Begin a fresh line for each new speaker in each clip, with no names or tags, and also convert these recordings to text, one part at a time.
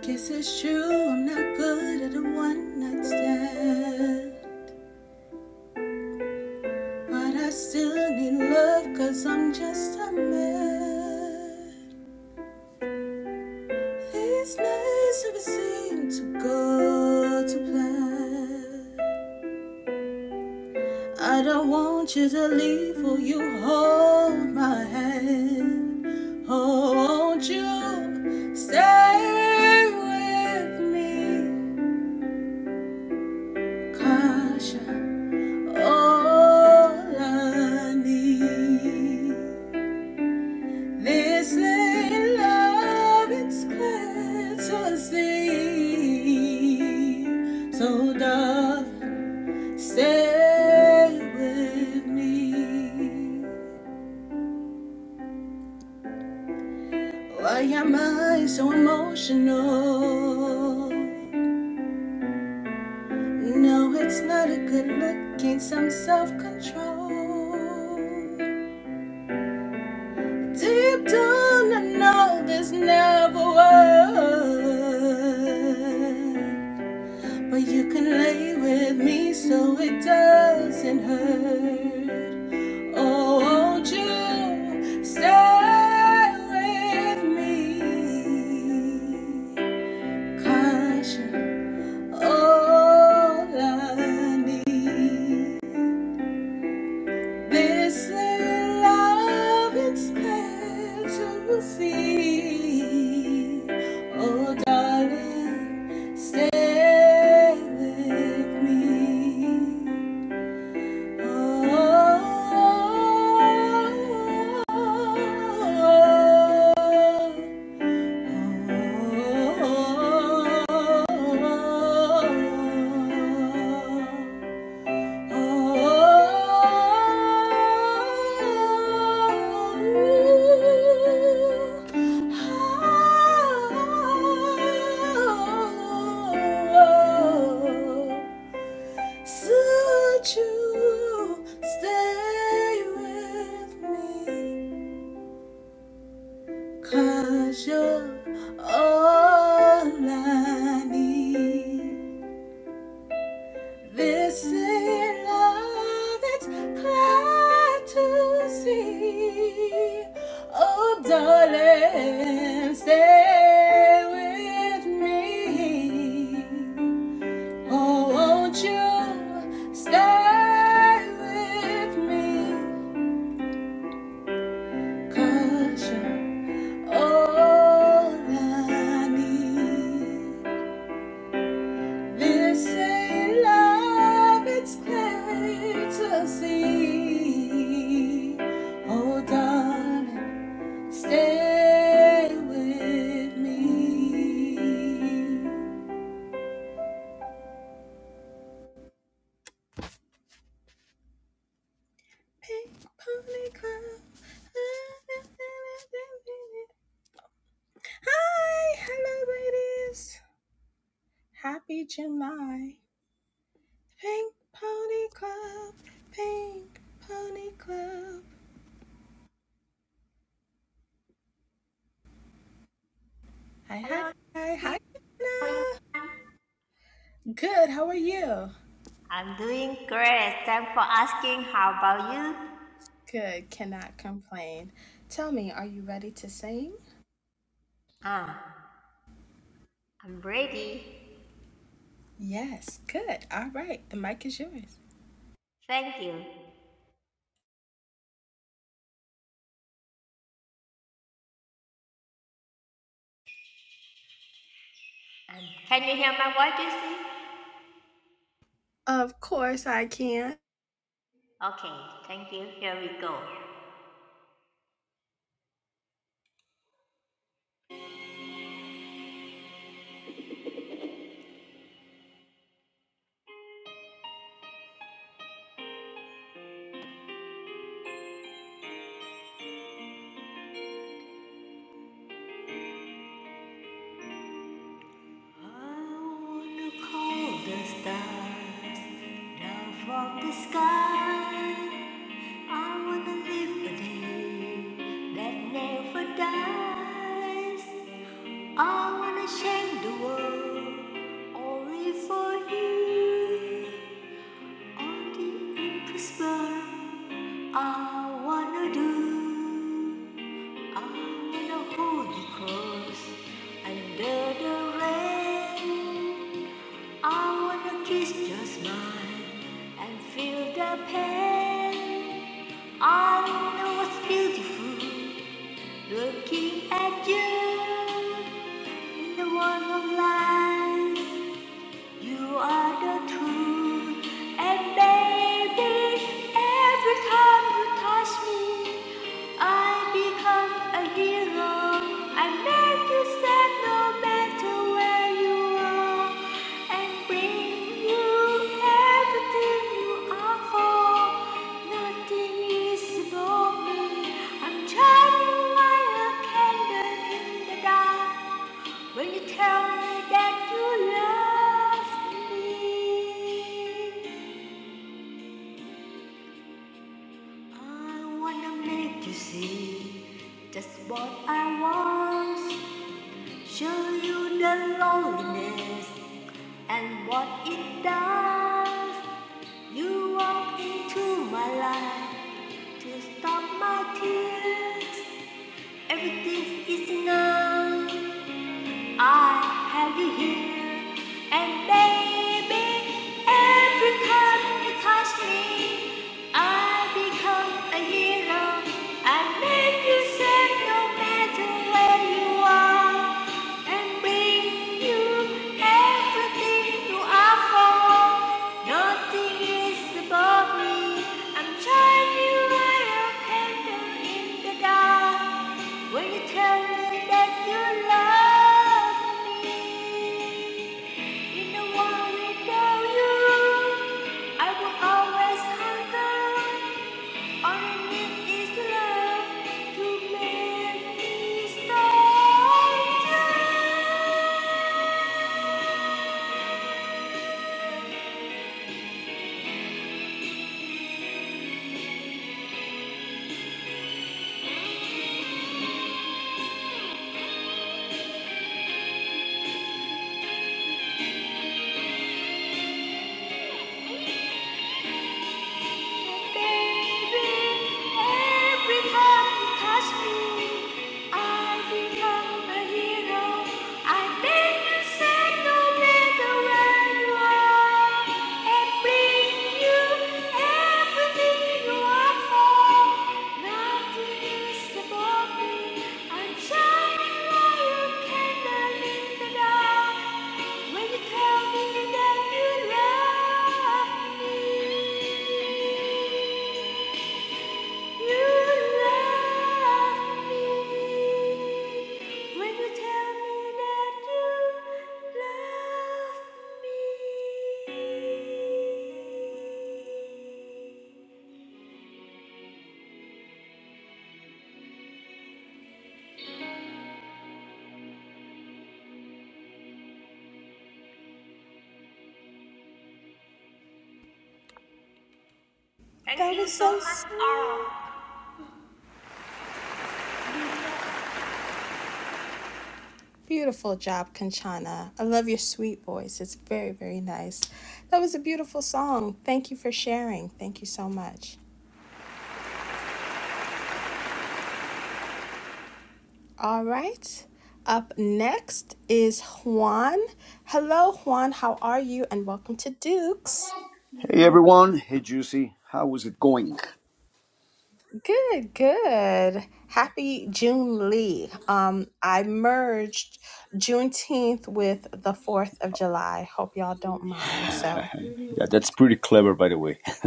Guess it's true, I'm not good at a one night stand. But I still need love, cause I'm just a man. These nights never seem to go to plan. I don't want you to leave. Will you hold my hand? Oh, won't you stay with me, 'cause you're All I need. This little love it's clear to see. So, darling, stay with me. Why am I so emotional? No, it's not a good look. Gain some self control. Deep down, I know this never worked. But you can lay with me so it doesn't hurt. Oh, won't you stay with me? Caution. all I need. This little love it's clear to see. Oh, darling, stay with me. Oh, oh, oh, oh. Oh, Such you stay with me, you you're all I need. This is love, it's glad to see. Oh, darling, stay with me. Oh, won't you stay with me? you you're all I need. This ain't love, it's clear to see. Oh, darling, stay with me. Pink pony club. Hi, hello, ladies. Happy July. Pink pony club. Pink pony club. Hi, hi,
Hello,
hi, hi.
everyone.
Anna. Good, how are you?
I'm doing great. Thanks for asking. How about you?
Good, cannot complain. Tell me, are you ready to sing?
Ah, I'm ready.
Yes, good. All right, the mic is yours.
Thank you. And can you hear my voice, Jesse?
Of course I can.
Okay, thank you. Here we go. I wanna call the stars down from the sky. I wanna live a day that never dies. I wanna change the world, only for you. Only in prosper, I wanna do. I wanna hold you close under the rain. I wanna kiss your smile and feel the pain. I know what's beautiful looking at you the world of life. You are the truth. And baby, every time you touch me, I become a hero. I make you sad no matter where you are. And bring you when you tell me that you love me, I wanna make you see just what I want. Show you the loneliness and what it does. You walk into my life. To stop my tears, everything is enough. I have you here, and baby, every time you touch me, I become a hero. I make you safe no matter where you are, and bring you everything you are for. Nothing is above me. I'm shining like a candle in the dark. When you tell me that you love me in a world without you, I will always hunger. All I need is love to make me stop. When you tell me that you love me Thank
That
you
was
so much
so
all.
sweet.
He said,
Beautiful job, Kanchana. I love your sweet voice. It's very, very nice. That was a beautiful song. Thank you for sharing. Thank you so much. All right. Up next is Juan. Hello, Juan. How are you? And welcome to Dukes.
Hey everyone, hey Juicy, how is it going?
Good, good. Happy June Lee. Um, I merged Juneteenth with the 4th of July. Hope y'all don't mind. So,
Yeah, that's pretty clever, by the way.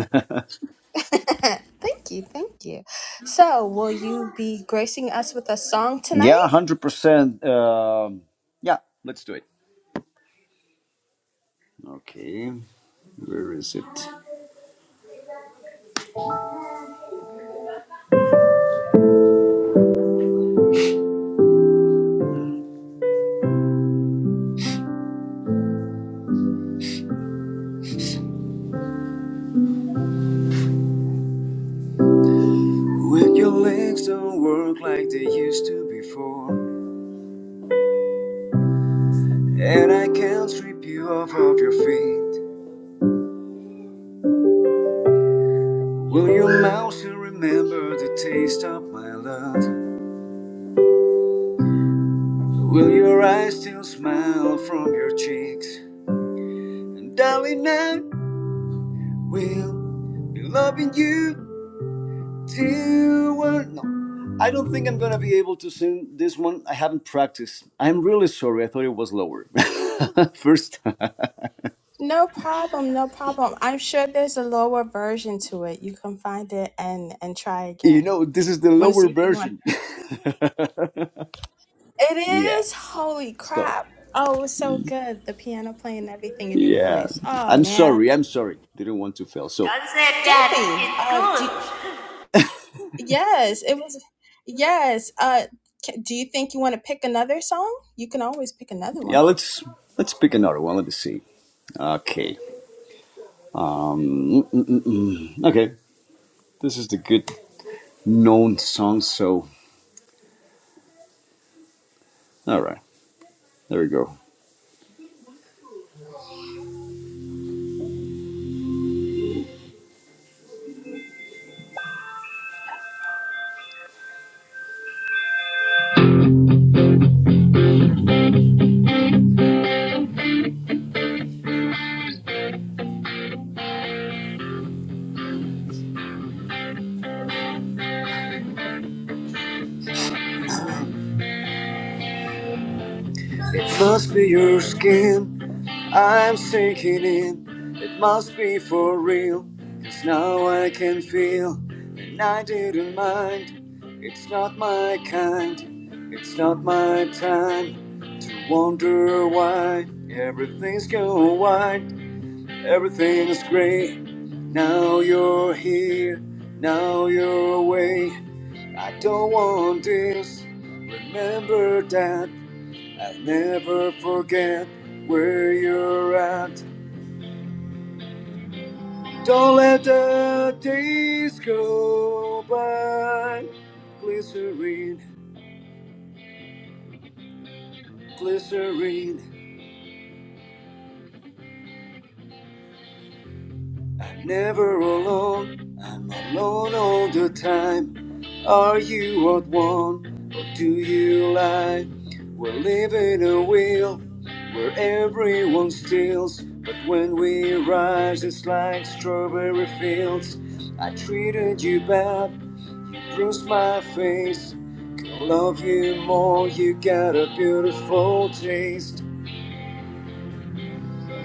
thank you, thank you. So, will you be gracing us with a song
Yeah,
tonight?
hundred percent. Um, yeah, let's do it. Okay, where is it? When your legs don't work like they used to before, and I can't strip you off of your feet, will your mouth still remember the taste of my love? Will your eyes still smile from your cheeks? And darling, I will be loving you Till No, I don't think I'm gonna be able to sing this one. I haven't practiced. I'm really sorry. I thought it was lower. First,
No problem, no problem. I'm sure there's a lower version to it. You can find it and and try
you
again.
know, this is the
Want to
lower
see if you want?
version.
It
yeah.
is. Holy
So,
crap! Oh, it was so good. The piano playing, everything in your
yeah.
voice. Oh
I'm
man.
sorry. I'm sorry. Didn't want to fail. So,
Don't be. Uh, do,
good,
yes, it was. Yes. Uh, ca do you think you want to pick another song? You can always pick another
yeah.
one.
Let's let's pick another one. Let me see. Okay. Mm-mm-mm-mm. Okay. This is the good known song. So, all right. There we go. It must be your skin. I'm sinking in, it must be for real, 'cause now I can feel, and I didn't mind. It's not my kind, it's not my time to wonder why everything's going white, everything's grey. Now you're here, now you're away. I don't want this, remember that. I'll never forget where you're at. Don't let the days go by. Glycerine, glycerine. I'm never alone. I'm alone all the time. Are you at one or do you lie? We're living a wheel where everyone steals. But when we rise, it's like strawberry fields. I treated you bad. Cross my face. Can love you more, you got a beautiful taste.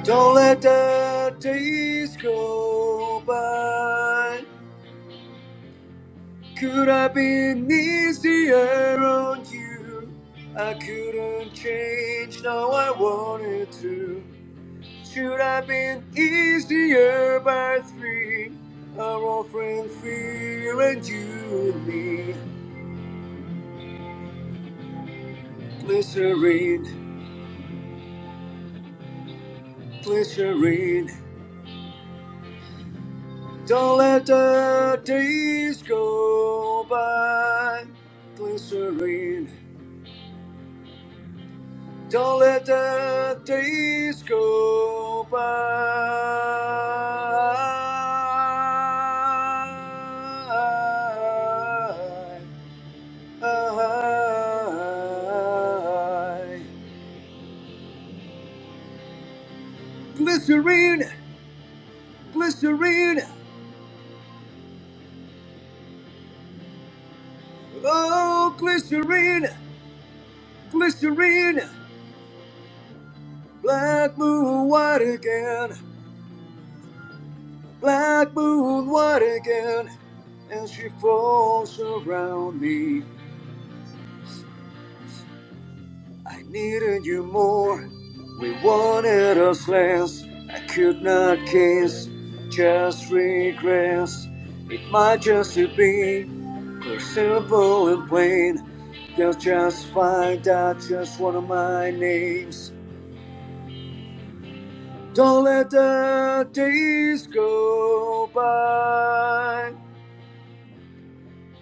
Don't let the days go by. Could I be easier on you? I couldn't change, now I wanted to. Should I been easier by three? Our old friend, fear and you and me. Glycerine, glycerine. Don't let the days go by glycerine. Don't let the days go by. Glycerine, glycerine, oh glycerine, glycerine, black moon white again. Black moon, what again? And she falls around me. I needed you more. We wanted us less. I could not kiss, just regress. It might just be so simple and plain. They'll just find out just one of my names. Don't let the days go by.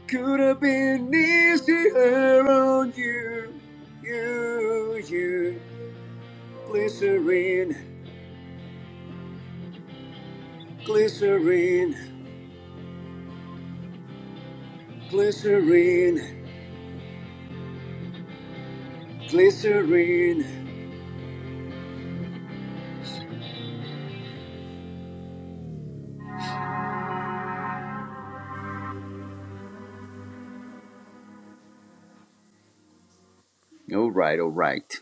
Could have been easier on you, you, you. Glycerine, glycerine, glycerine, glycerine. All right, all right.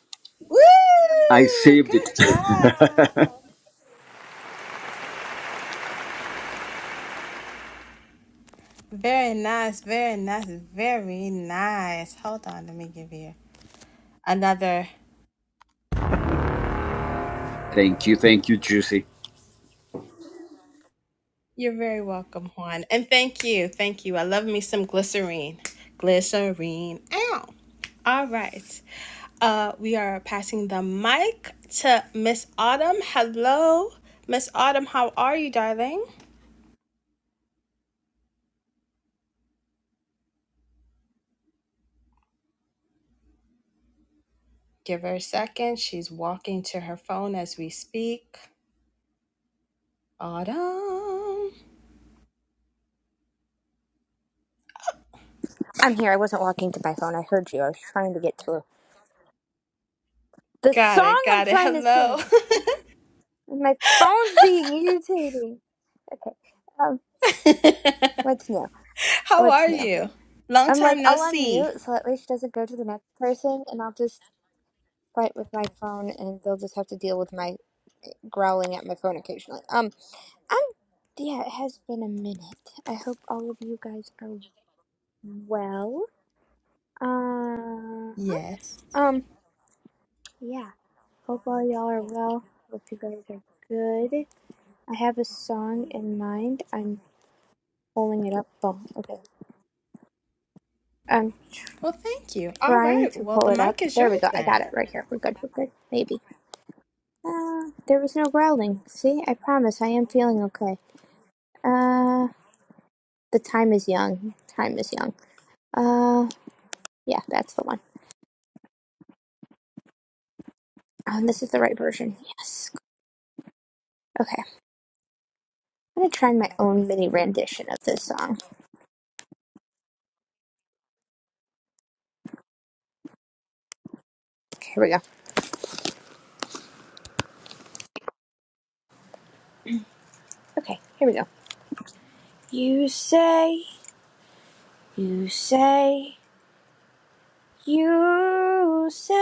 I
Woo!
saved it.
Good job. Very nice. Very nice. Very nice. Hold on. Let me give you another.
thank you, thank you, Juicy.
You're very welcome, Juan. And thank you. Thank you. I love me some glycerine. Glycerine. Ow. All right. Uh, we are passing the mic to Miss Autumn. Hello. Miss Autumn, how are you, darling? Give her a second. She's walking to her phone as we speak. Autumn.
I'm here. I wasn't walking to my phone. I heard you. I was trying to get to the
Got
song
it.
I'm
Got it.
trying to
Hello.
sing. My phone's being irritating. Okay. Um, what's new?
how
What's
are
new?
you? Long
I'm like,
time no
I'll
see.
unmute so at least it doesn't go to the next person and I'll just fight with my phone and they'll just have to deal with my growling at my phone occasionally. Um, I'm, yeah, it has been a minute. I hope all of you guys are well. Uh,
Yes.
um, yeah. Hope all y'all are well. Hope you guys are good. I have a song in mind. I'm pulling it up. Oh, okay. I'm
Well, thank you. All
trying
right.
to
Well,
pull
the
it up.
mic is
There we
yours
go. I
then.
got it right here. We're good. We're good. Maybe. Uh, there was no growling. See, I promise I am feeling okay. Uh, the time is young. Time is young. Uh, yeah, that's the one. Oh, and this is the right version. Yes. Okay. I'm gonna try my own mini rendition of this song. Okay, here we go. Okay, here we go. You say, you say. You say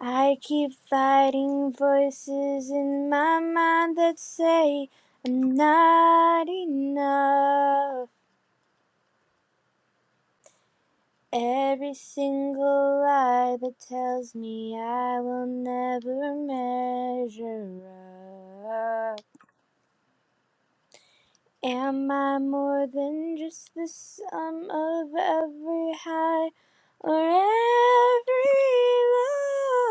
I keep fighting voices in my mind that say I'm not enough. Every single lie that tells me I will never measure up. Am I more than just the sum of every high or every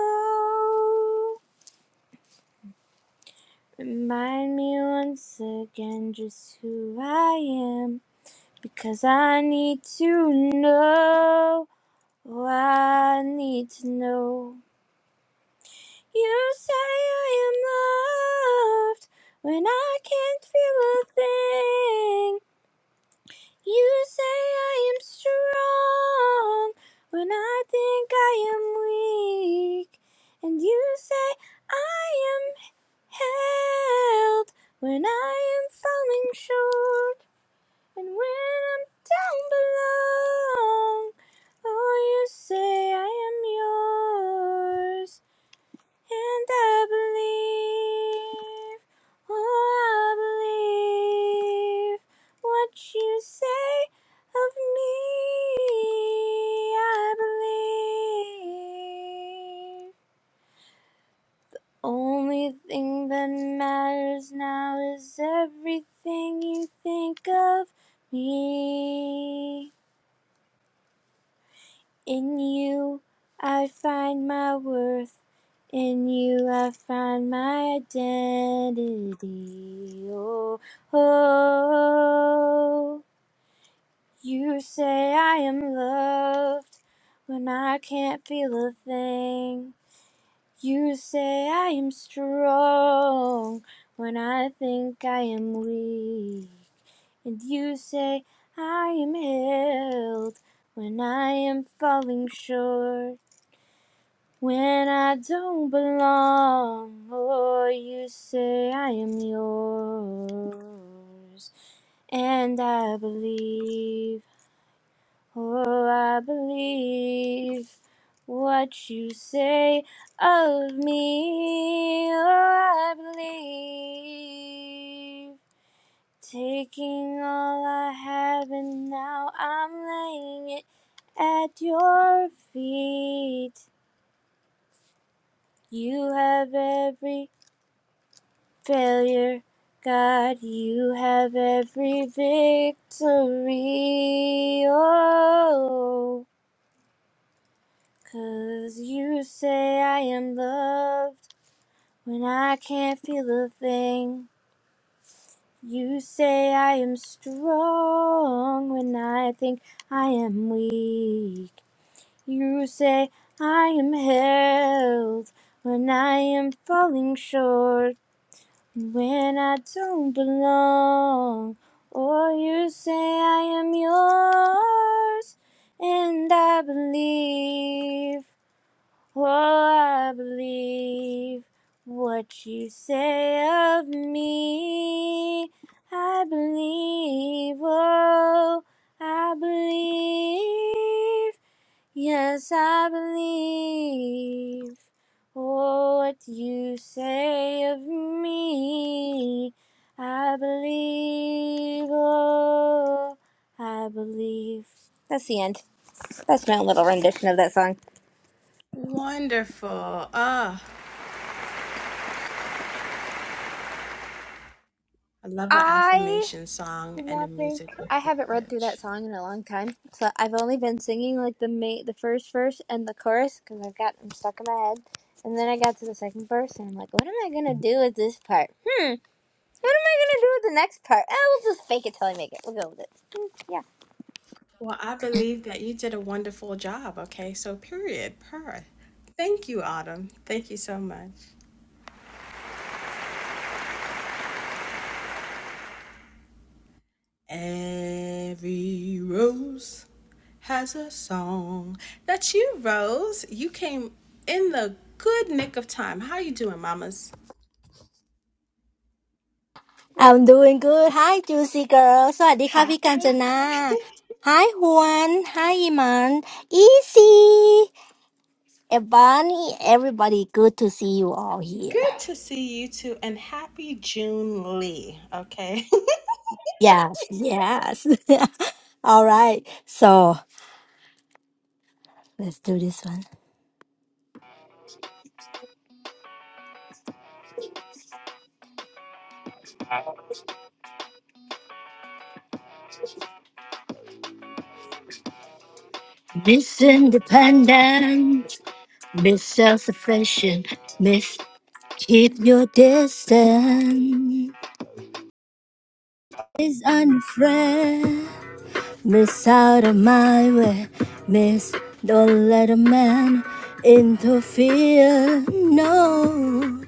low? Remind me once again just who I am. Because I need to know. I need to know. You say I am loved when I can't feel a thing. You say I am strong when I think I am weak. And you say I am. held when I am falling short and when I'm down below. Oh, you say I am yours, and I believe. Oh, I believe what you say of me. I believe. Only thing that matters now is everything you think of me. In you, I find my worth. In you, I find my identity. Oh, oh. You say I am loved when I can't feel a thing. You say I am strong when I think I am weak. And you say I am held when I am falling short. When I don't belong, oh, you say I am yours. And I believe. For I believe what you say of me. Oh, I believe. Taking all I have and now I'm laying it at your feet. You have every failure, God. You have every victory. Oh. Cause you say I am loved when I can't feel a thing. You say I am strong when I think I am weak. You say I am held when I am falling short and when I don't belong. Or you say I am yours and I believe. Oh, I believe what you say of me. I believe, oh, I believe. Yes, I believe Oh, what you say of me. I believe, oh, I believe. That's the end. That's my little rendition of that song.
Wonderful. Ah, I love an
I
affirmation song
did
and a
not think
music with
I haven't read through that
message.
song in a long time. So I've only been singing like the ma- the first verse and the chorus because I've got them stuck in my head. And then I got to the second verse and I'm like, what am I gonna do with this part? Hmm. What am I gonna do with the next part? I will just fake it till I make it. We'll go with it. Hmm, yeah.
Well, I believe that you did a wonderful job. Okay, so period, per. Thank you, Autumn. Thank you so much. Every rose has a song. That's you, Rose. You came in the good nick of time. How you doing, mamas?
I'm doing good. Hi, juicy girl.
Hi.
สวัสดีค่ะพี่กาญจนา Hi, Juan. Hi, Iman. Easy. Ebony, everybody. Good to see you all here.
Good to see you too, and happy June Lee. Okay.
Yes, yes. all right. So let's do this one. Miss Independent, Miss Self-Sufficient, Miss Keep Your Distance. Miss Unafraid. Miss out of my way, miss. Don't let a man interfere, no.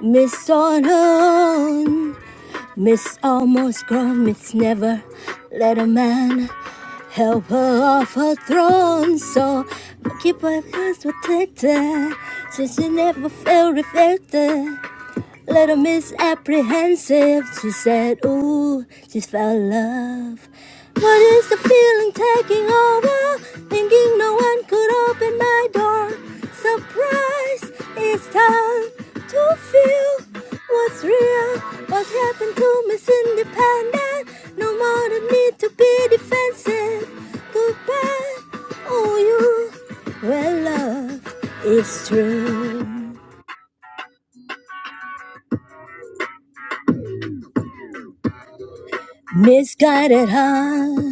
Miss on her own, miss almost grown, miss never let a man help her off her throne. So keep her hands protected, since she never felt reflected little misapprehensive. She said, Ooh, she felt love. What is the feeling taking over? Thinking no one could open my door. Surprise, it's time to feel what's real. What's happened to Miss Independent? No more the need to be defensive. Goodbye, oh you. Well, love is true. Misguided heart,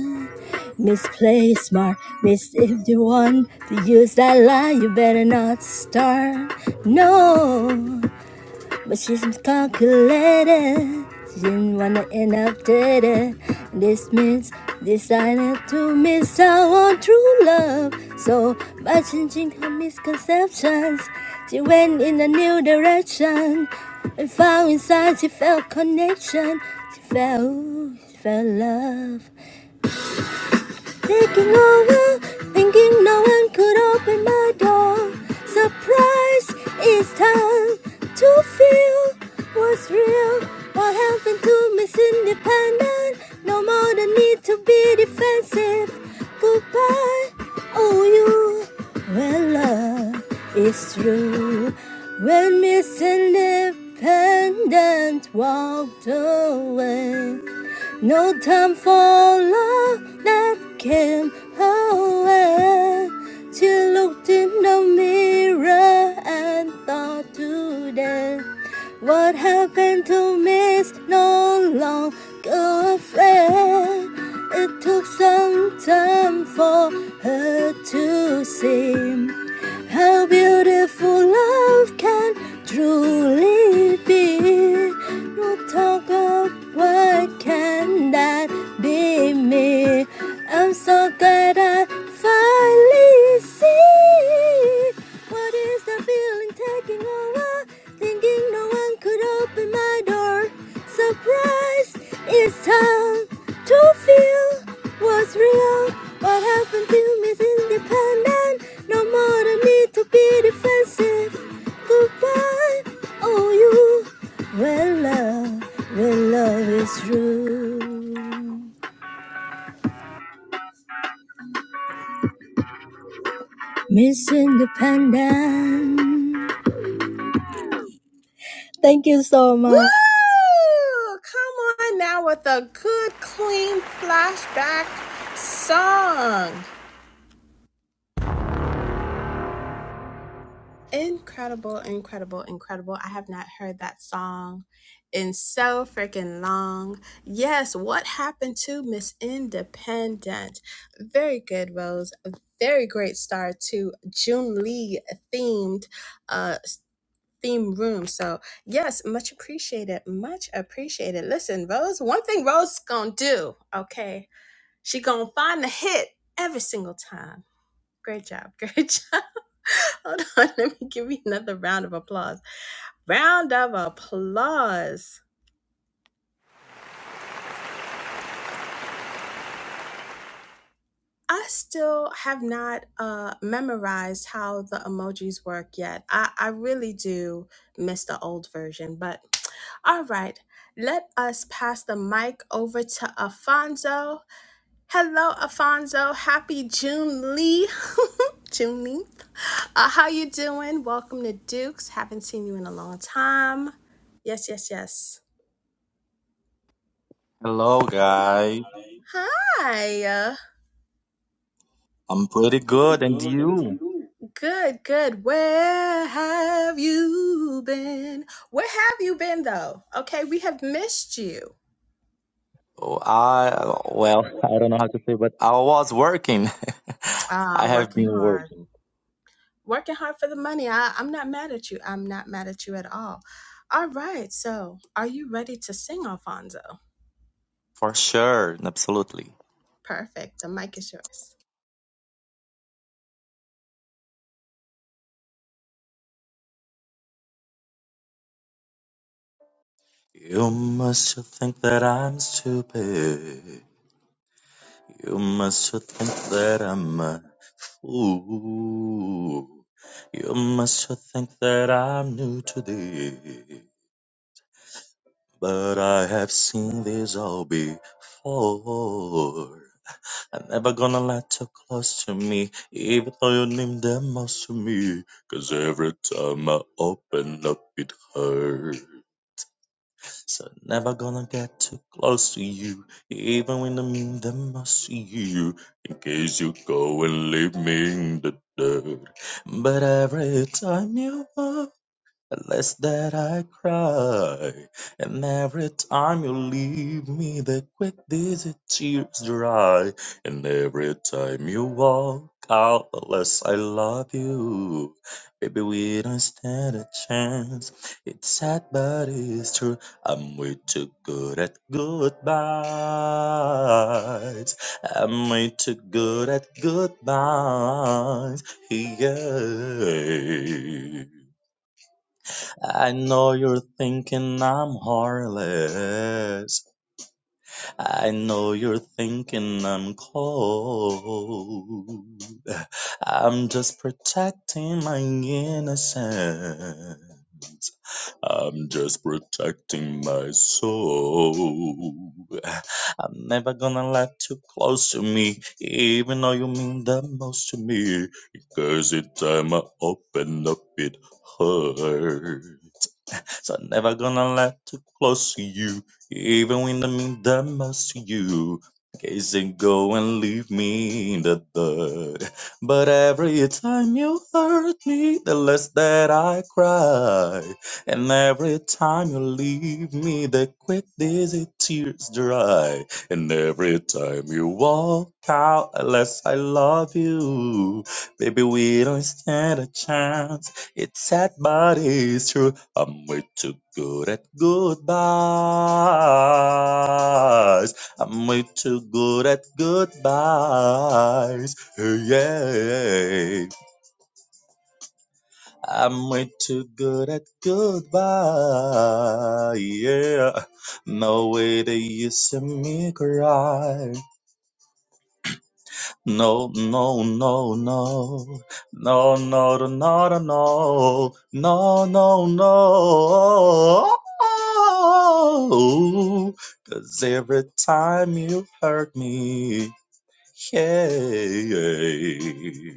misplaced smart, miss if you want to use that lie, you better not start. No, but she's calculated. She didn't wanna end up dead. This means decided to miss out on true love. So by changing her misconceptions, she went in a new direction. And found inside she felt connection. She felt, she felt love. Taking over, thinking no one could open my door. Surprise, it's time to feel what's real. What happened to Miss Independent? No more the need to be defensive. Goodbye, oh you. When love is true, when Miss Independent walked away. No time for love that came can hold. She looked in the mirror and thought "Today, What happened to Miss No Longer a Friend? It took some time for her to see. How beautiful love can truly be. we talk of what can that be me. I'm so glad I finally see what is the feeling taking over? Thinking no one could open my door. Surprise! It's time to feel what's real. What happened to me is independent. No more the need to be defensive. Goodbye, oh you. When love, when love is true. Miss Independent. Thank you so
Woo!
much.
Come on now with a good, clean flashback song. Incredible, incredible, incredible. I have not heard that song in so freaking long. Yes, what happened to Miss Independent? Very good, Rose. very great start to June Lee themed uh theme room. So yes, much appreciated. Much appreciated. Listen, Rose, one thing Rose is gonna do, okay? She gonna find the hit every single time. Great job. Great job. Hold on. Let me give you another round of applause. Round of applause. I still have not uh, memorized how the emojis work yet. I, I really do miss the old version, but all right, let us pass the mic over to Afonso. Hello, Alfonso. Happy June Lee. Juneteenth. Uh, how you doing? Welcome to Dukes. Haven't seen you in a long time. Yes, yes, yes.
Hello, guy.
Hi. Uh,
I'm pretty good, and you?
Good, good. Where have you been? Where have you been though? Okay, we have missed you.
Oh, I well, I don't know how to say, but I was working. I
Ah,
have
working
been
hard.
working
Working hard for the money. I, I'm not mad at you. I'm not mad at you at all. All right. So, are you ready to sing, Alfonso?
for sure, and absolutely.
Perfect. The mic is yours.
You must think that I'm stupid. You must think that I'm a fool. You must think that I'm new today, but I have seen this all before. I'm never gonna let you close to me, even though you mean the most to me. Cause every time I open up, it hurts. So never gonna get too close to you, even when I mean the most to you. In case you go and leave me in the dirt. But every time you walk. Less that I cry, and every time you leave me, the quick dizzy tears dry, and every time you walk out, the less I love you. Baby, we don't stand a chance. It's sad, but it's true. I'm way too good at goodbyes. I'm way too good at goodbyes. Yeah. I know you're thinking I'm heartless. I know you're thinking I'm cold. I'm just protecting my innocence. I'm just protecting my soul. I'm never gonna let you close to me, even though you mean the most to me. Because each time I open up, it hurts. So I'm never gonna let too close to you, even when I mean the most to you. Case and go and leave me in the dirt. But every time you hurt me, the less that I cry. And every time you leave me, the quick dizzy tears dry. And every time you walk out, unless I love you, baby, we don't stand a chance. It's sad, but it's true. I'm way too good at goodbyes. I'm way too good at goodbyes. Hey, yeah. I'm way too good at goodbyes. Yeah. No way that you see me cry. No, no, no, no, no, no, no, no, no, no, no, no, no. 'Cause every time you hurt me, yeah,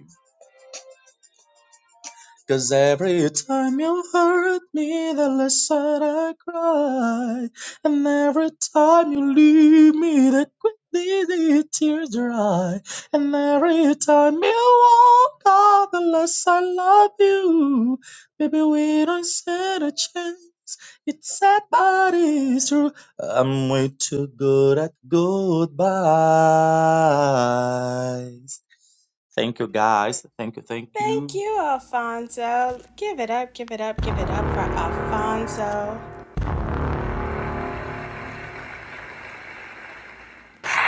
Cause every time you hurt me, the less that I cry. And every time you leave me, the quickly the tears dry. And every time you walk out, the less I love you. Baby, we don't stand a chance. It's sad, but it's true. I'm way too good at goodbyes. Thank you, guys. Thank you, thank
Thank
you.
you, Alfonso. Give it up, give it up, give it up for Alfonso,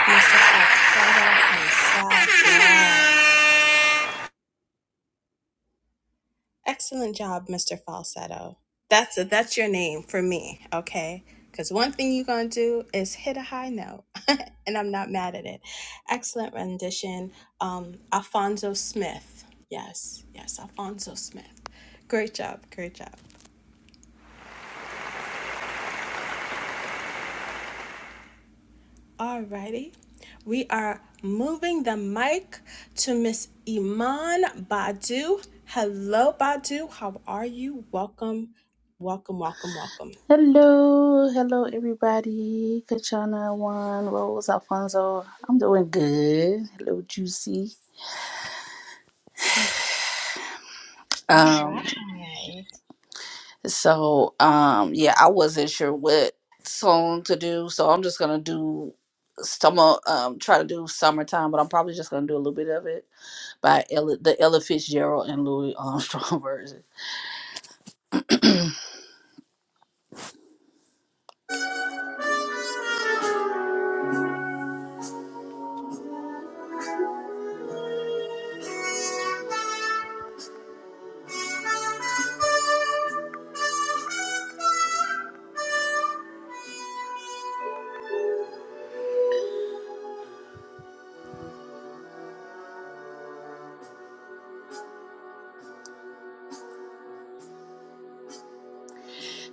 Mr. Falsetto himself. Yes. Excellent job, Mr. Falsetto. That's that's your name for me, okay? Because one thing you're gonna do is hit a high note, and I'm not mad at it. Excellent rendition, um, Alfonso Smith. Yes, yes, Alfonso Smith. Great job, great job. Alrighty. We are moving the mic to Miss Iman Badu. Hello, Badu. How are you? Welcome, welcome, welcome, welcome.
Hello, hello everybody. Kachana One, Rose, Alfonso. I'm doing good. Hello, Juicy.
All
Um,
right.
so um yeah, I wasn't sure what song to do, so I'm just gonna do summer um try to do summertime, but I'm probably just gonna do a little bit of it by Ella, the Ella Fitzgerald and Louis Armstrong version.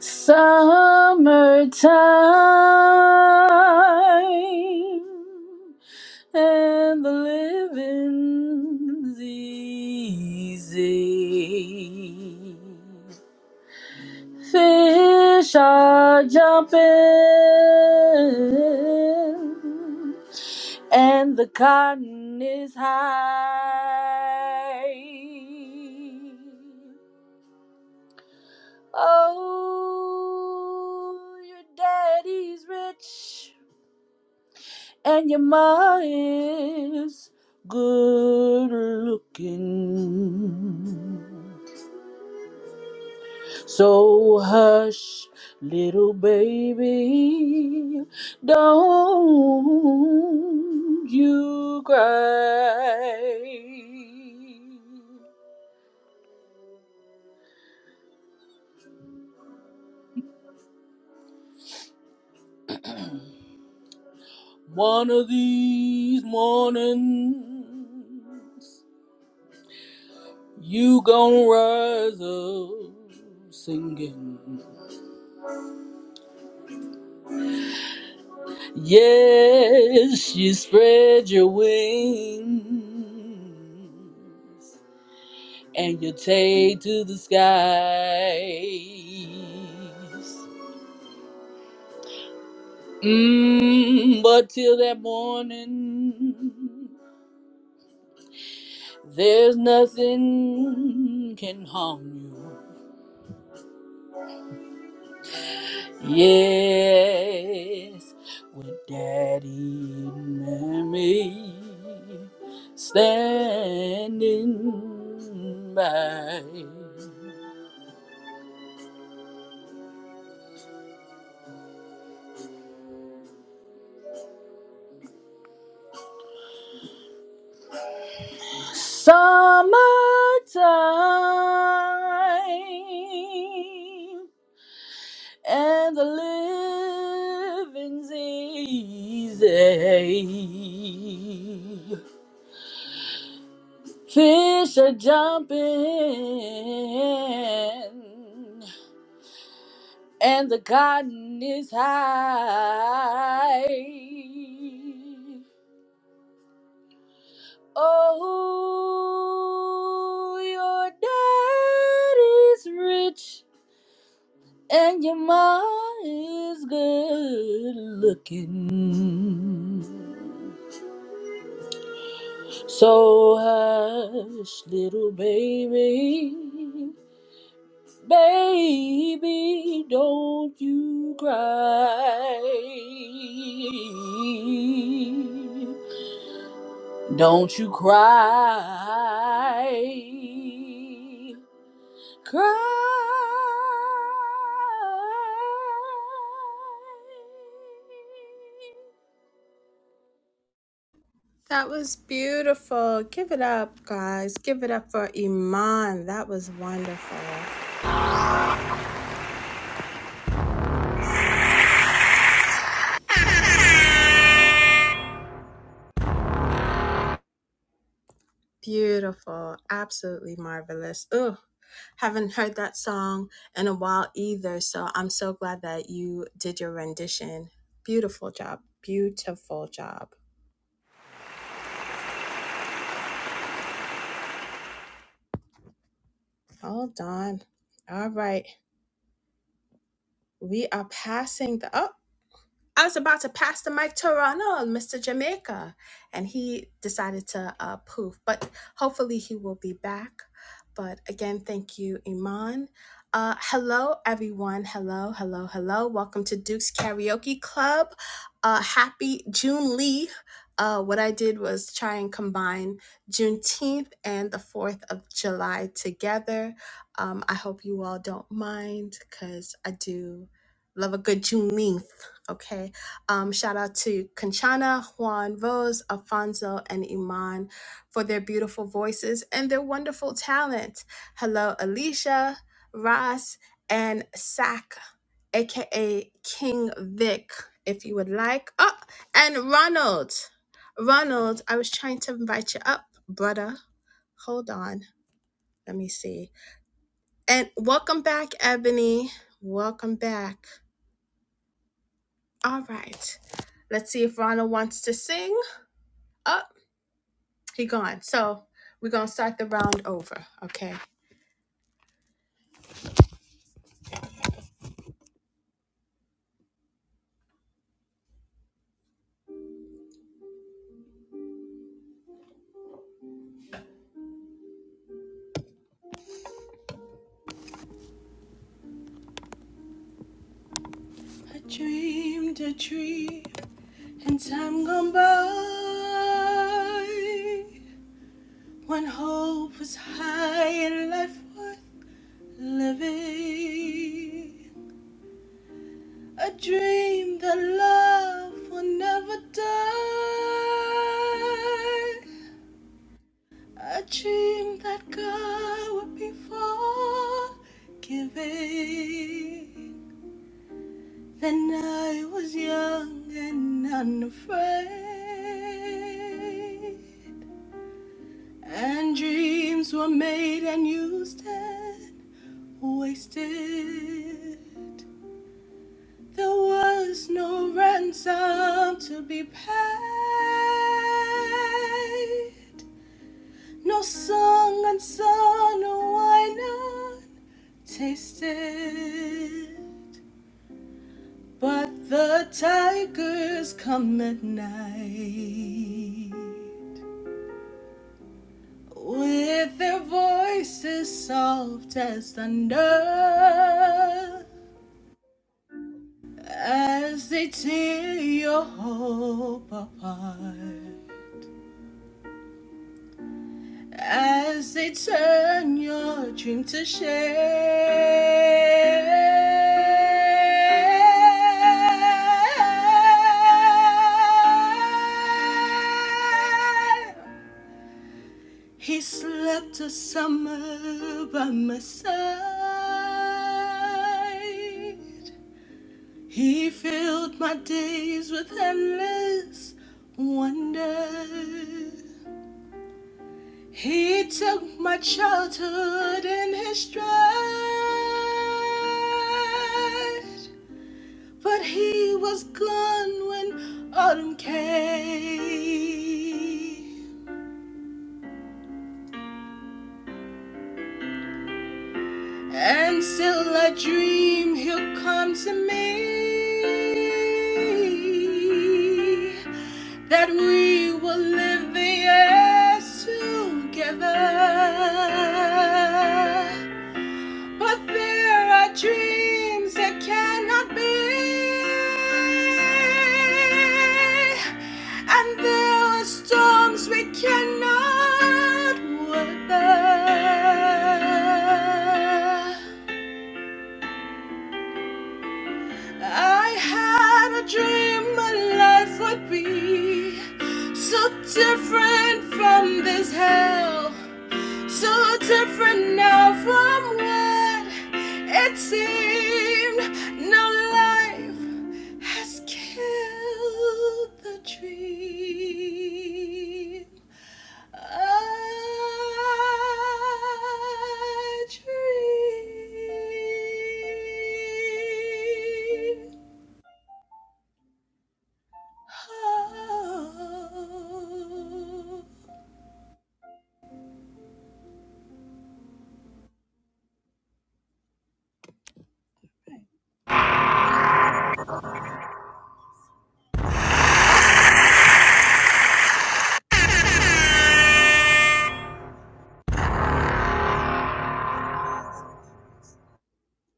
Summertime and the living's easy. Fish are jumping and the cotton is high. Oh, your daddy's rich and your ma is good looking. So hush, little baby, don't you cry. One of these mornings. You gonna rise up singing. Yes, you spread your wings and you take to the skies. Mm, but till that morning, there's nothing can harm you. Yes, with daddy and mommy standing by. Summertime and the living's easy. Fish are jumping and the garden is high. Oh, your dad is rich and your mom is good looking. So hush, little baby. Baby, don't you cry. Don't you cry. Cry.
That was beautiful. Give it up, guys. Give it up for Iman. That was wonderful. Beautiful. Absolutely marvelous. Ugh. Haven't heard that song in a while either, so I'm so glad that you did your rendition. Beautiful job. Beautiful job. Hold on. All right. We are passing the up. I was about to pass the mic to Ronald, Mr. Jamaica, and he decided to uh, poof. But hopefully he will be back. But again, thank you, Iman. Uh, hello, everyone. Hello, hello, hello. Welcome to Duke's Karaoke Club. Uh, happy June Lee. Uh, what I did was try and combine Juneteenth and the 4th of July together. Um, I hope you all don't mind because I do love a good Juneteenth. Okay. Um, shout out to Conchana, Juan Rose, Alfonso, and Iman for their beautiful voices and their wonderful talent. Hello, Alicia, Ross, and Sack, aka King Vic, if you would like. Oh, and Ronald. Ronald, I was trying to invite you up, brother. Hold on. Let me see. And welcome back, Ebony. Welcome back. All right. Let's see if Ronald wants to sing. Oh, he gone. So we're gonna start the round over. Okay. I dreamed a dream and time gone by when hope was high and life worth living. A dream that love will never die. A dream that God would be forgiving. Then I was young and unafraid, and dreams were made and used and wasted. There was no ransom to be paid, no song unsung, no wine untasted. But the tigers come at night with their voices soft as thunder as they tear your hope apart, as they turn your dream to shame. He slept a summer by my side. He filled my days with endless wonder. He took my childhood in his stride. But he was gone when autumn came. And still I dream he'll come to me. That we will live the years together. But there are dreams that cannot be. And there are storms we cannot weather. I had a dream my life would be so different from this hell, so different now from what it seemed. Now life has killed the dream. I dream.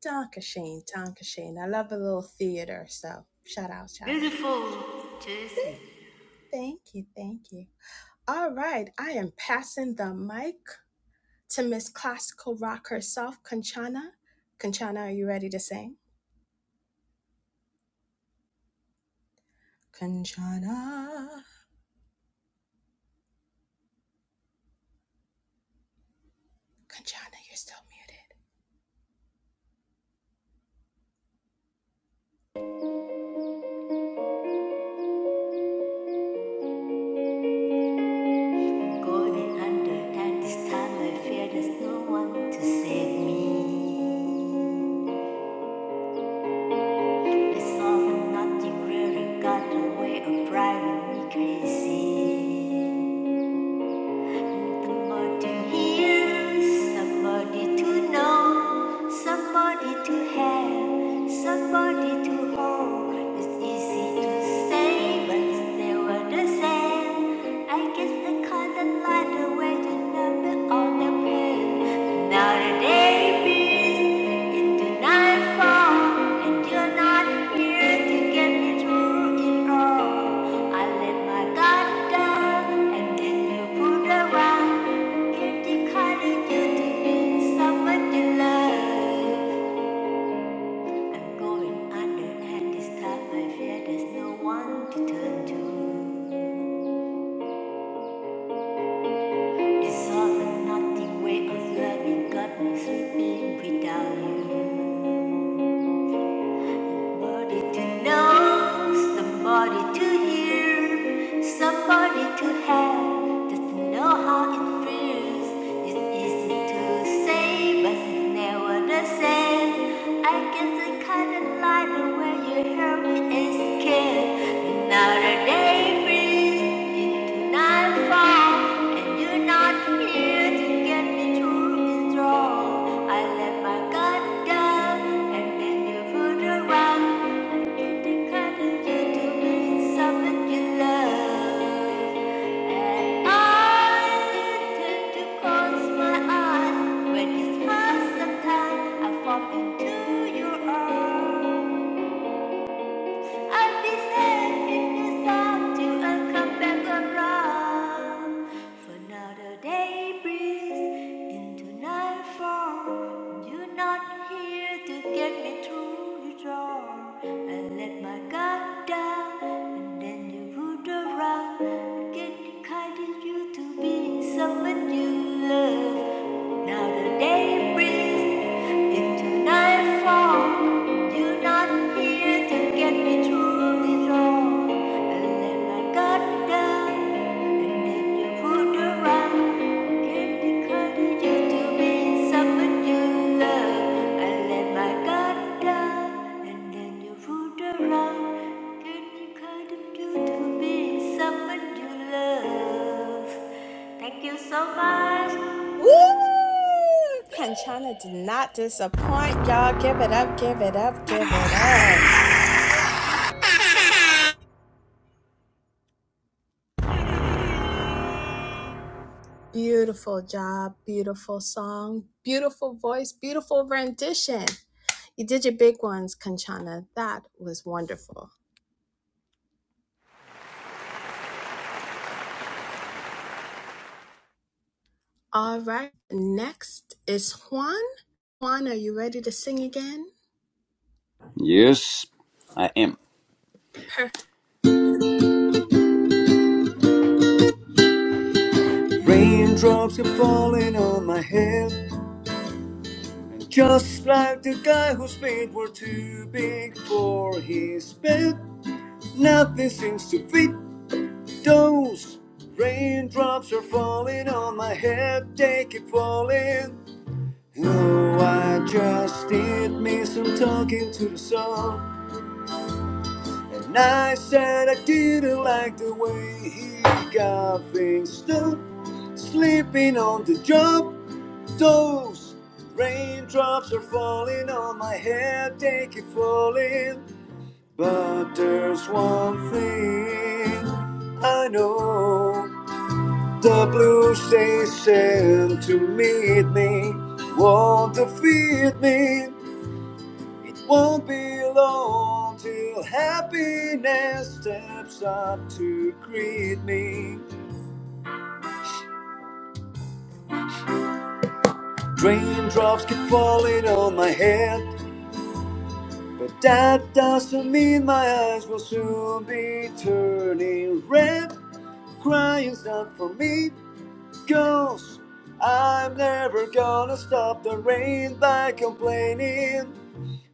Tonka Shane, Tonka Shane. I love a little theater, so shout out, shout out.
beautiful, juicy,
Thank you, thank you. All right, I am passing the mic to Miss Classical Rock herself, Kanchana. Kanchana, are you ready to sing? Kanchana. Kanchana, you're still muted.
golden under, and this time I fear there's no one to save me. It's saw that nothing really got away of driving me crazy. Somebody here, somebody to know, somebody to have, somebody to hold. It's easy to say, but it's never the same. I guess they call it life the way to numb all the pain. Not a day beats into nightfall, and you're not here to get me through it all. I let my guard down, and then you pulled around, guilty calling you to be someone you love. I'm going under, and this time I fear there's no one to turn to. This all or nothing way of loving got me sleeping without you. Somebody to know, somebody to hear, somebody to have, just to know how it feels. It's easy to say, but it's never the same. I guess I kinda like it when you help me escape, another day breathes into nightfall, and you're not here to get me through this wrong. I let my guard down and then you food around in the cotton you to me something you love. And I tend to close my eyes when you smile sometimes I fall into your arms. At this end, it is up to a comeback or run. For now the day breathes into nightfall. You're not here to get me through the door. I let my guard down, and then you rode around. Again, guided you to be someone you love. Now the day breathes into night i fall, you're not here to get me through this all. And then I got down, and then you fooled around. Candy crush used to be someone you love. And then I got down, and then you fooled around. Candy crush used to be someone you love. Thank you so much.
Woo! Kanchana did not disappoint, y'all. Give it up, give it up, give it up. Beautiful job, beautiful song, beautiful voice, beautiful rendition. You did your big ones, Kanchana. That was wonderful. All right, next is Juan. Juan, are you ready to sing again?
Yes, I am. Raindrops are falling on my head, just like the guy whose feet were too big for his bed. Nothing seems to fit. Those raindrops are falling on my head, they keep falling. Oh, I just did me some talking to the sun. And I said I didn't like the way he got things done. Sleeping on the job, those raindrops are falling on my head, they keep falling. But there's one thing I know. The blue station to meet me won't defeat me. It won't be long till happiness steps up to greet me. Raindrops keep falling on my head, but that doesn't mean my eyes will soon be turning red. Crying's not for me, girls. I'm never gonna stop the rain by complaining.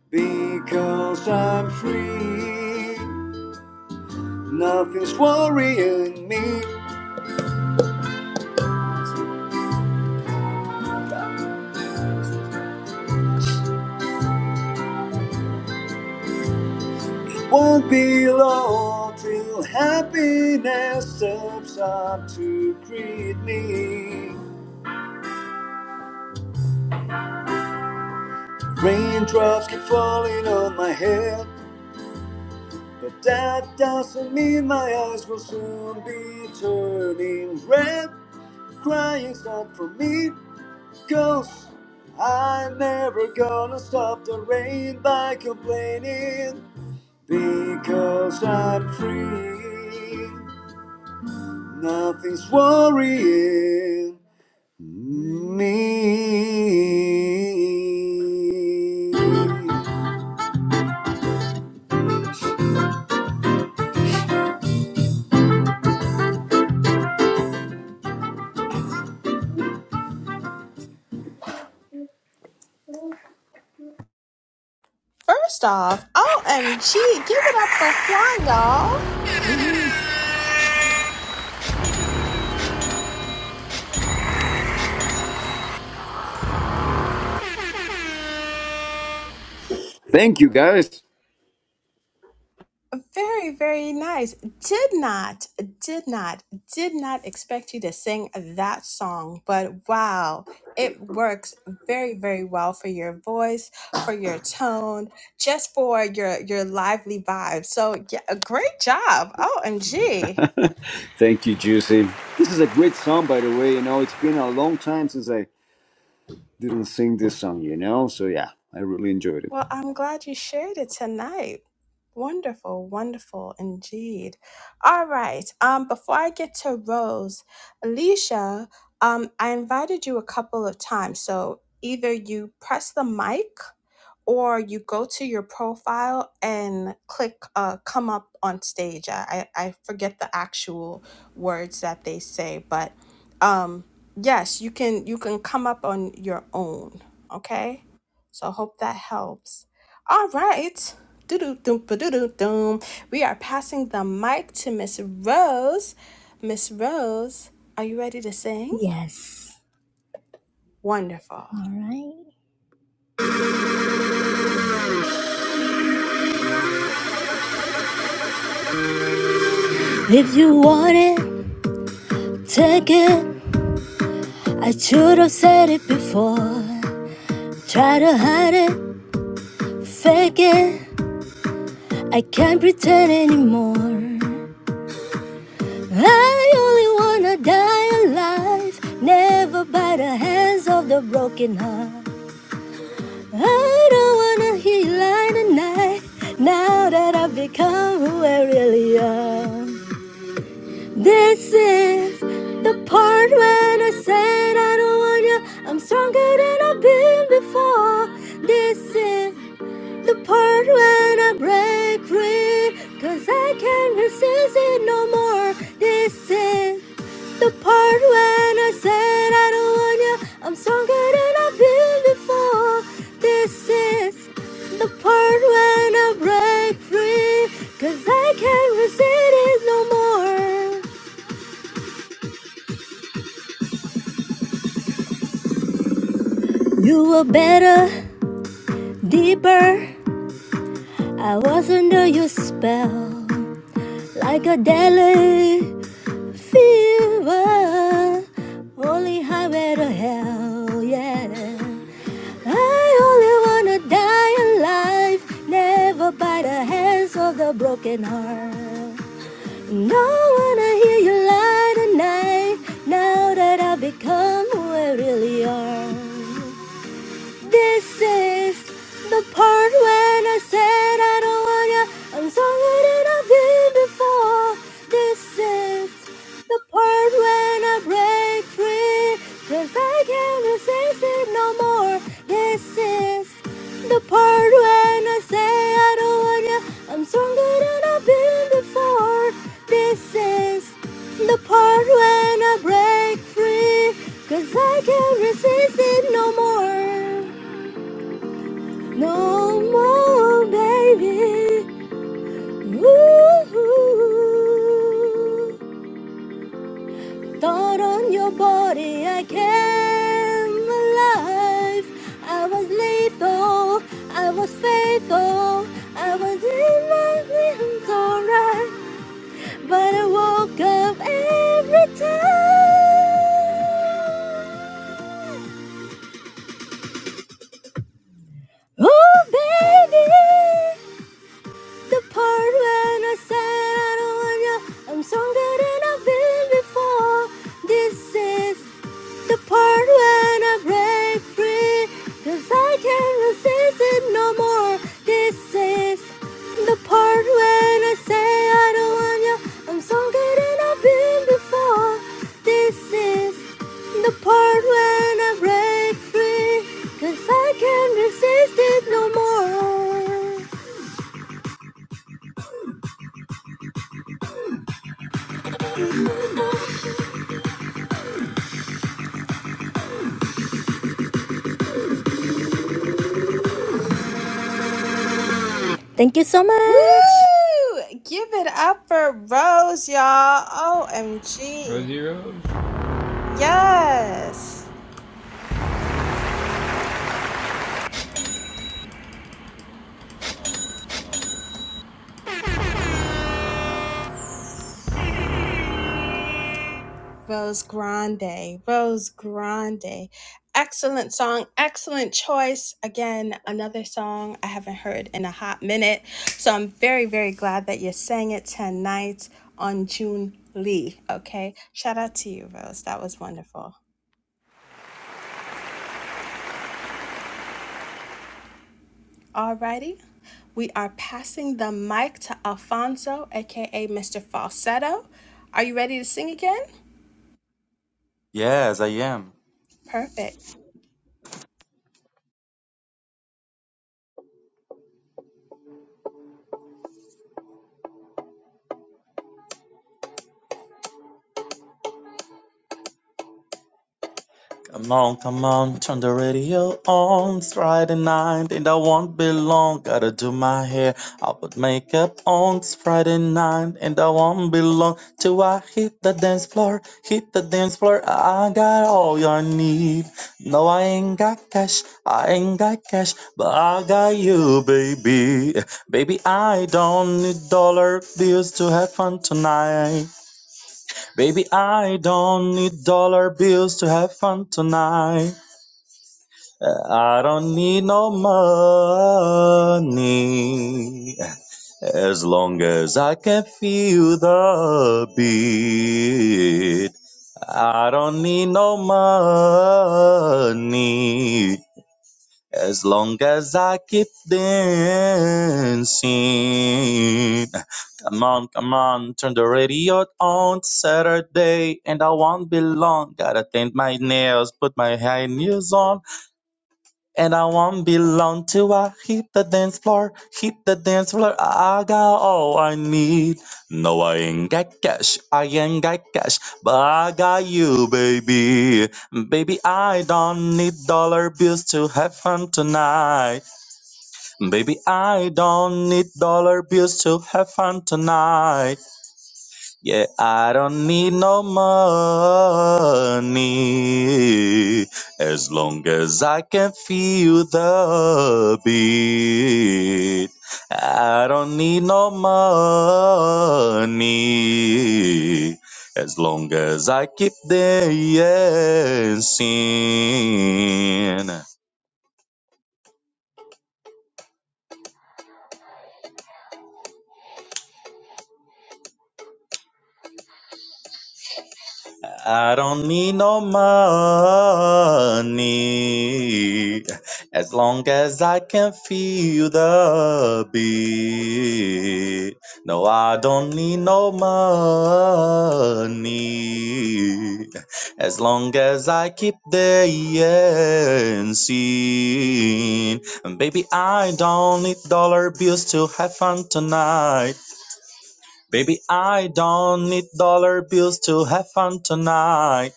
Because I'm free, nothing's worrying me. Won't be long till happiness steps up to greet me. Raindrops keep falling on my head, but that doesn't mean my eyes will soon be turning red. Crying's not for me, i I'm never gonna stop the rain by complaining. Because I'm free, nothing's worrying me.
First off, OMG, give it up for Juan, y'all.
Thank you, guys.
Very, very nice. Did not, did not, did not expect you to sing that song, but wow, it works very, very well for your voice, for your tone, just for your your lively vibe. So yeah, a great job. OMG.
Thank you, Juicy. This is a great song, by the way. You know, it's been a long time since I didn't sing this song, you know? So, yeah, I really enjoyed it.
Well, I'm glad you shared it tonight. Wonderful, wonderful indeed. All right. Um, before I get to Rose, Alicia, um, I invited you a couple of times. So either you press the mic or you go to your profile and click uh, come up on stage. I, I I forget the actual words that they say, but um, yes, you can you can come up on your own. Okay. So I hope that helps. All doo ba doo Doo-doo-doom-ba-doo-doo-doom. We are passing the mic to Miss Rose. Miss Rose, are you ready to sing?
Yes.
Wonderful.
Alright. If you want it, take it. I should have said it before. Try to hide it, fake it. I can't pretend anymore. I only wanna die alive, never by the hands of the broken heart. I don't wanna hear you lie tonight, now that I've become who I really am. This is the part when I said I don't want you. I'm stronger than I've been before. This is the part when I break free, 'cause I can't resist it no more. This is the part when I said I don't want you, I'm stronger than I've been before. This is the part when I break free, cause I can't resist it no more. You were better, deeper, I was under your spell. Like a deadly fever, only highway to hell, yeah. I only wanna die alive, never by the hands of the broken heart. Don't wanna hear you lie tonight, now that I've become who I really are. This is the part when I said I don't want you. I'm stronger than I've been before. This is the part when I break free, 'cause I can't resist it no more. This is the part when I say I don't want you. I'm stronger than I've been before. This is the part when I break free, 'cause I can't resist it no more. No more, baby. Ooh. Thought on your body, I came alive. I was lethal, I was faithful, I was in my dreams, alright. but I woke up every time. Oh, baby, The part when I said I don't want you, I'm stronger than I've been before. This is the part when I break free, cause I can't resist it no more. This is the part when I say I don't want you, I'm stronger than I've been before. This is the part when I break free, cause I can't resist it no more. Thank you so
Woo!
much.
Give it up for Rose, y'all. OMG. Yes. Rose Grande, Rose Grande. Excellent song, excellent choice. Again, another song I haven't heard in a hot minute. So I'm very, very glad that you sang it tonight on June Lee. Okay. Shout out to you, Rose. That was wonderful. Alrighty. We are passing the mic to Alfonso, aka Mr. Falsetto. Are you ready to sing again?
Yes, I am.
Perfect.
Come on, come on, turn the radio on. It's Friday night and I won't be long. Gotta do my hair, I put makeup on. It's Friday night and I won't be long. Till I hit the dance floor, hit the dance floor. I got all your need. No, I ain't got cash, I ain't got cash, but I got you, baby. Baby, I don't need dollar bills to have fun tonight. Baby, I don't need dollar bills to have fun tonight. I don't need no money as long as I can feel the beat. I don't need no money as long as I keep dancing. Come on, come on, turn the radio on Saturday, and I won't be long. Gotta paint my nails, put my high heels on. And I won't be long till I hit the dance floor, hit the dance floor. I got all I need. No, I ain't got cash, I ain't got cash, but I got you, baby. Baby, I don't need dollar bills to have fun tonight. Baby, I don't need dollar bills to have fun tonight. Yeah, I don't need no money as long as I can feel the beat. I don't need no money as long as I keep dancing. I don't need no money as long as I can feel the beat. No, I don't need no money as long as I keep dancing. And baby, I don't need dollar bills to have fun tonight. Baby, I don't need dollar bills to have fun tonight.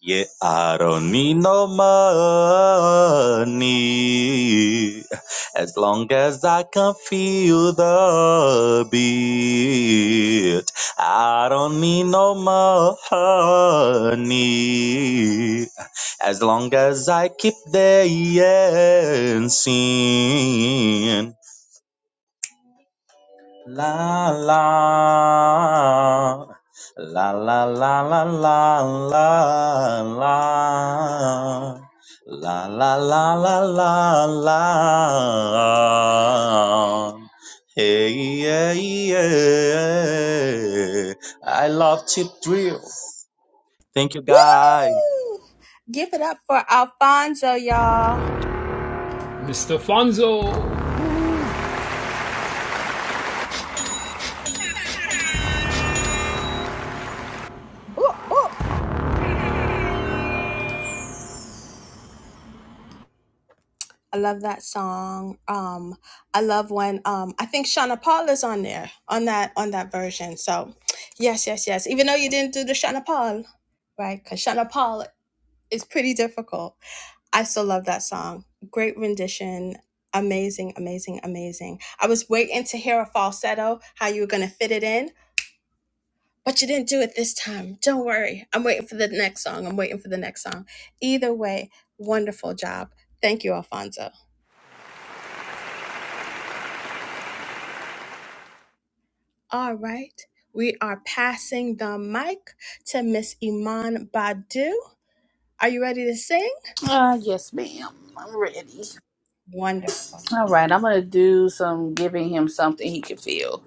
Yeah, I don't need no money as long as I can feel the beat. I don't need no money as long as I keep dancing. La la la la la la la la la la la la la la la Hey yeah yeah I love chip drill. Thank you guys.
Woo! Give it up for Alfonso, y'all. Ooh, ooh. I love that song. Um, I love when um, I think Shauna Paul is on there on that on that version. So, yes, yes, yes. Even though you didn't do the Shauna Paul, right? Because Shauna Paul is pretty difficult. I still love that song. Great rendition. Amazing, amazing, amazing. I was waiting to hear a falsetto, how you were gonna fit it in, but you didn't do it this time. Don't worry. I'm waiting for the next song. I'm waiting for the next song. Either way, wonderful job. Thank you, Alfonso. All right. We are passing the mic to Miss Iman Badu. Are you ready to sing?
Uh, yes, ma'am. I'm ready.
Wonderful.
All right, I'm gonna do some giving him something he can feel.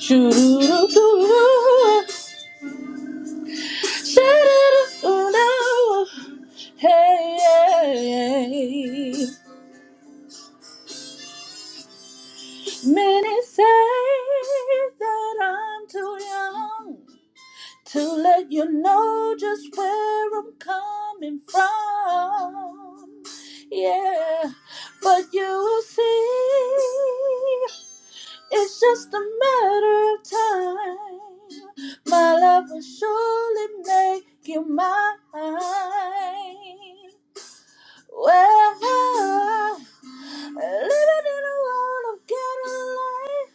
Shoo-doo-doo-doo. Shoo-doo-doo-doo. Hey, hey, hey. many say that I'm too young to let you know just where I'm coming from. Yeah, but you see, it's just a matter of time. My love will surely make you mine. Well, Living in a world of ghetto life,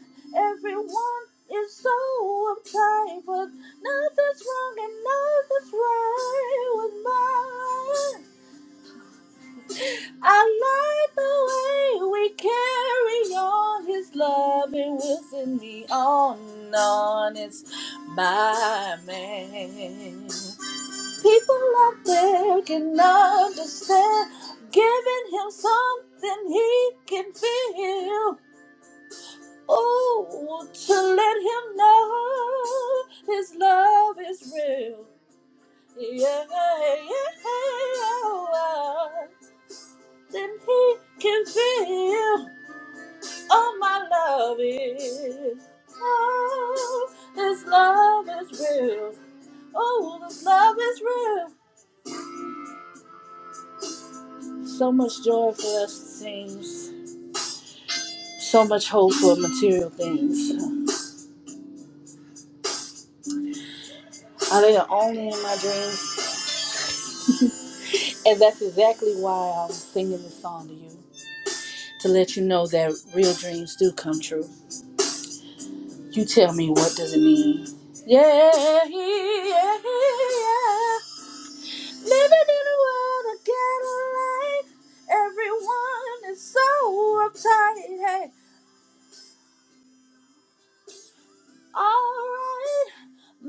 everyone is so uptight, but nothing's wrong and nothing's right with mine. I like the way we carry on. His love it will send me on and on. It's my man. People out there can understand, giving him something he can feel. Oh, to let him know his love is real. Yeah, yeah. oh, Then he can feel all my love is. Oh, his love is real. Oh, this love is real. So much joy for us it seems. So much hope for material things. Are they the only in my dreams? And that's exactly why I'm singing this song to you. to let you know that real dreams do come true. You tell me what does it mean? Yeah, yeah, yeah. Living in a world of ghetto life. Everyone is so uptight. Hey, alright, my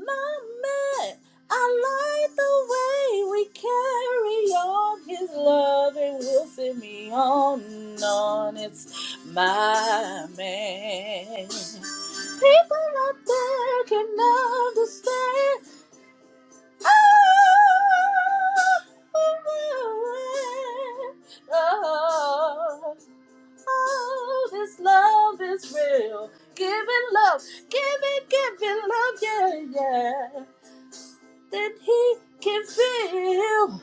man. I like the way we carry on his love and will send me on and on. It's my man. People out there can understand. Oh, oh, oh, oh, this love is real. Giving love, giving, giving love, yeah, yeah. Then he can feel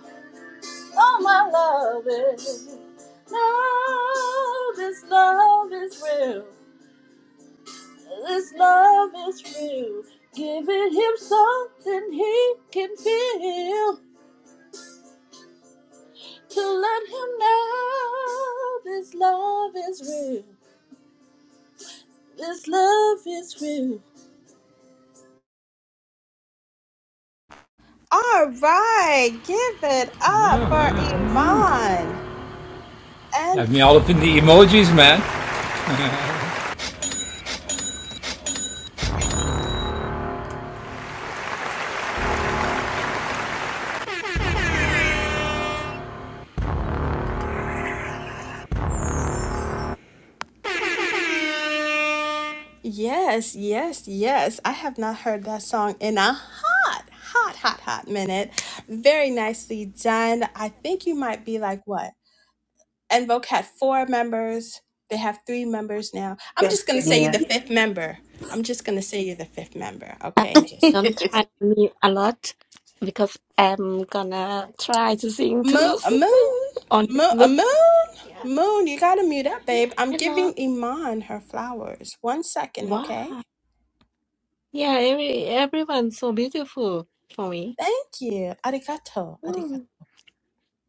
all my love is. No, this love is real. This love is real. Giving him something he can feel to let him know this love is real. This love is real.
All right. Give it up for Iman. And yes, yes, yes. I have not heard that song in a hot, hot, hot, hot minute. Very nicely done. I think you might be like, what? And Voc had four members. They have three members now. I'm just gonna say you're
Yeah.
the fifth member. I'm just gonna say you're the fifth member,
Uh,
okay? And just
Don't try on me a lot because I'm gonna try to sing
moon,
too
moon,
on this
moon,
loop.
moon,
Yeah,
moon. You gotta mute up, babe.
yeah,
I'm
I love.
giving Iman her flowers. One second, okay?
Wow. Yeah, every everyone's so beautiful for me.
Thank you. Arigato.
Mm.
Arigato.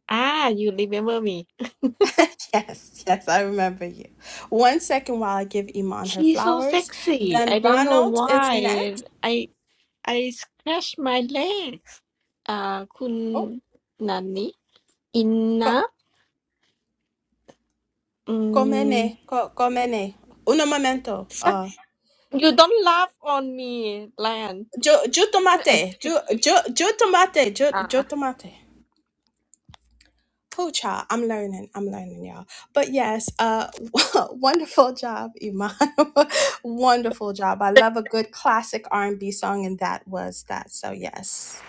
Ah, you remember me.
yes, yes, I remember you. One second while I give Iman her
She's so
flowers.
sexy. I
Then
don't know
Ronald is
why.
next.
I I scratched my leg. Uh,
Oh,
kun nani?
co-
Inna? Mm.
comene, co- comene. Un momento. Uh,
Shut- You don't laugh on me, Lion.
Joe Joe
I
Tomate.
see
Joe
you
Joe Joe Tomate. Joe Joe
are.
Tomate. Cool child. I'm learning. I'm learning, y'all. But yes, uh wonderful job, Iman. wonderful job. I love a good classic R&B song and that was that. So yes.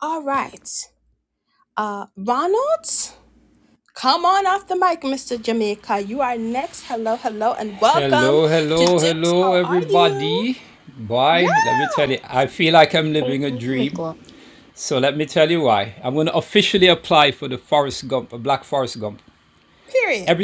All right. Uh Ronald, come on off the mic, Mr. Jamaica. You are next. Hello, hello, and welcome to Dukes. How are you? Yeah,
Oh my god.
period.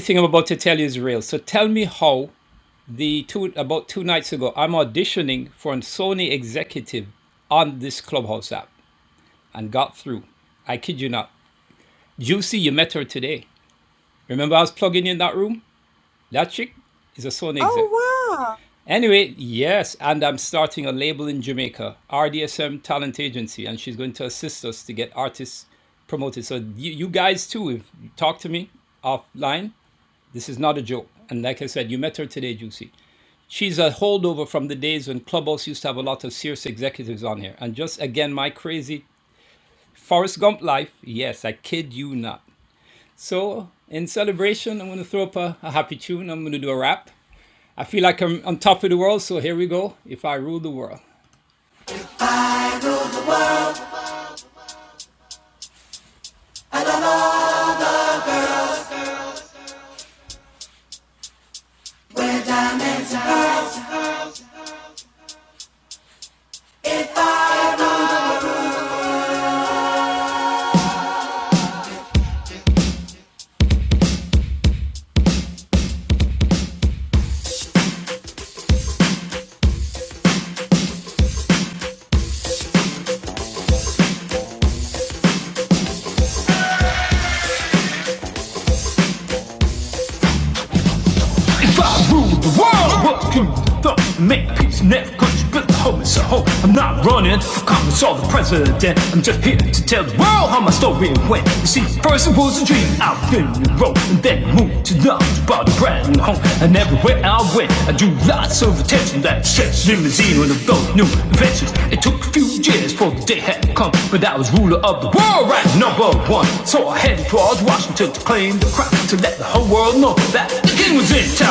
If I rule the world, what can thump? Make peace, never country, build a home, it's a home. I'm not running for Congress or the president. I'm just here to tell the world how my story went. You see, first it was a dream out in the road, and then I moved to London, bought a brand new home. And everywhere I went, I drew lots of attention. That stretched limousine with a those new inventions. It took a few years for the day had come, but I was ruler of the world, right? Number one. So I headed towards Washington to claim the crown, to let the whole world know that it was his turn.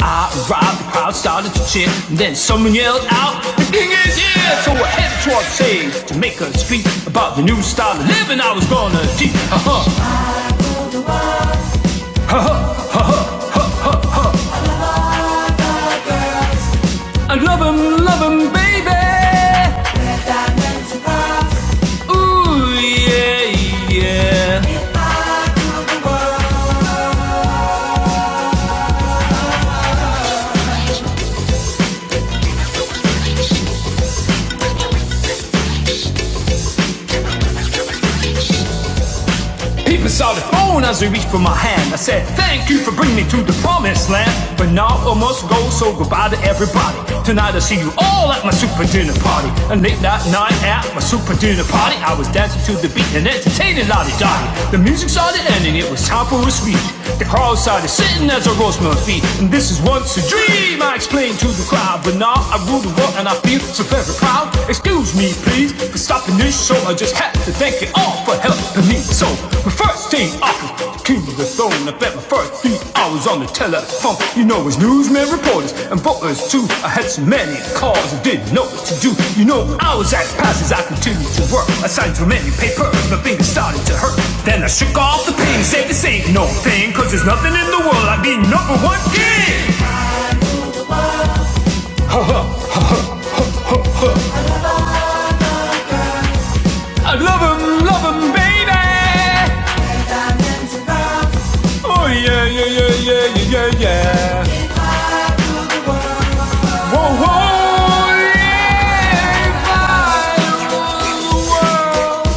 I robbed the crowd, started to cheer, and then someone yelled out, "The king is here!" So I headed towards stage to make a speech about the new style of living I was gonna teach. Uh-huh. Love him, love him, baby. Ooh, yeah, yeah. If I ruled the world. Even saw the phone as he reached for my hand. I said, Thank you for bringing me to the promised land. But now I must go, so goodbye to everybody. Tonight I see you all at my super dinner party. And late that night at my super dinner party, I was dancing to the beat and entertaining Lottie Dottie. The music started ending, it was time for a speech. The crowd started sitting as I rose my feet. And this is once a dream, I explained to the crowd. But now I rule the world and I feel so very proud. It's Excuse me, please, for stopping this show. I just had to thank you all for helping me. So, my first thing off, King of the Throne. I bet my first beat, hours on the telephone. You know, as newsmen, reporters, and voters too. I had so many calls, I didn't know what to do. You know, I was at passes, I continued to work. I signed so many papers, my fingers started to hurt. Then I shook off the pain, said this ain't no thing 'cause there's nothing in the world like being number one king. I love 'em, love 'em, baby. Oh yeah, yeah, yeah, yeah, yeah, yeah, yeah. Whoa, whoa, yeah. If I rule the world.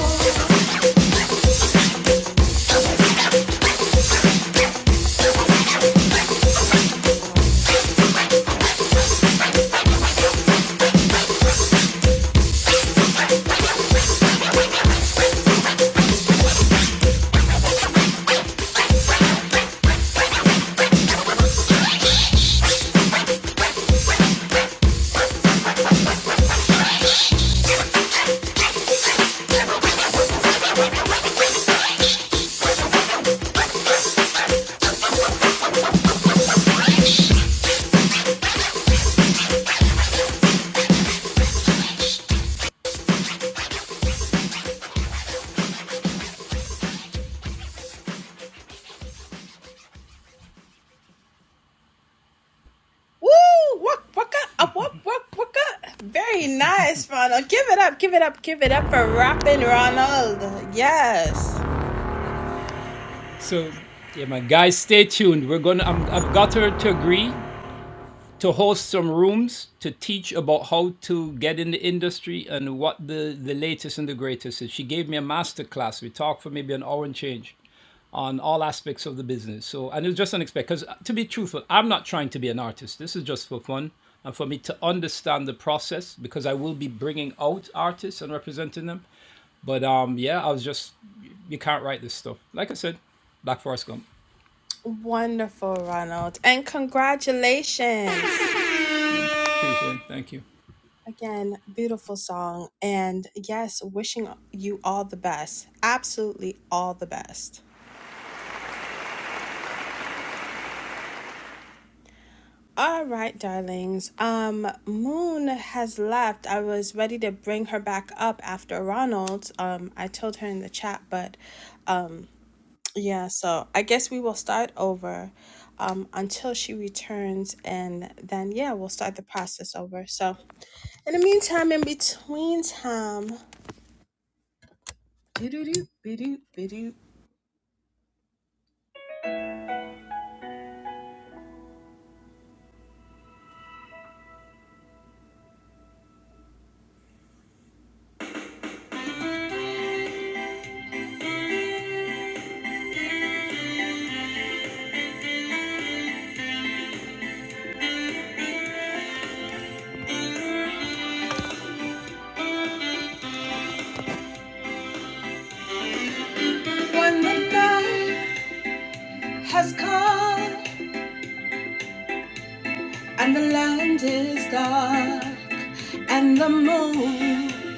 Woo! Waka, waka, up, up, up, waka. Very nice, Ronald. Give it up, give it up, give it up for rapping, Ronald. Yes. Wonderful, Ronald. And congratulations. Again, beautiful song. And yes, wishing you all the best. Absolutely all the best. All right, darlings. Um, Moon has left. I was ready to bring her back up after Ronald. Um, I told her in the chat, but um. Yeah, so I guess we will start over um, until she returns, and then, yeah, we'll start the process over. So, in the meantime, in between time, doo-doo-doo, bidoo, bidoo. when the night has come and the land is dark and the moon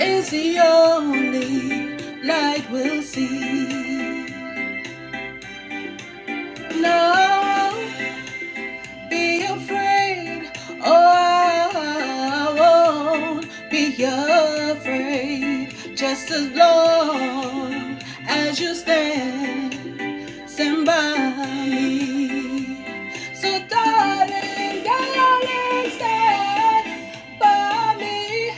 is the only light we'll see. No. be afraid. Oh, I won't be afraid. Just as long as you stand, stand by me. So, darling, darling, stand by me.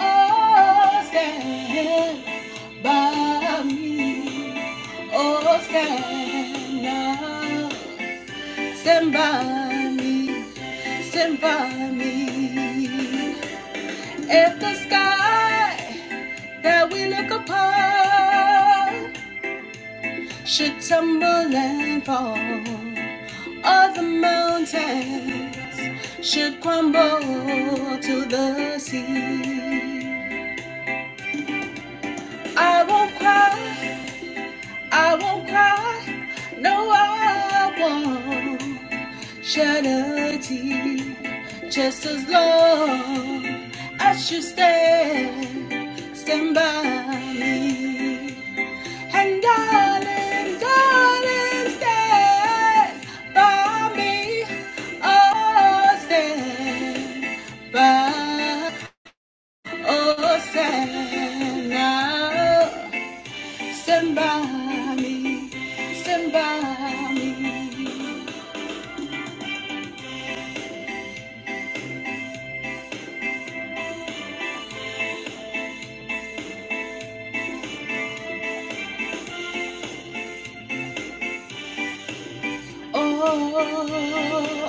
Oh, stand by me. Oh, stand now. Stand by me, stand by me. If the sky that we look upon should tumble and fall, or the mountains should crumble to the sea. I won't cry, I won't cry, no, I won't. charity. Just as long as you stand, stand by me. And darling, darling, stand by me. Oh, stand by, oh, stand now. Stand by me, stand by me. oh,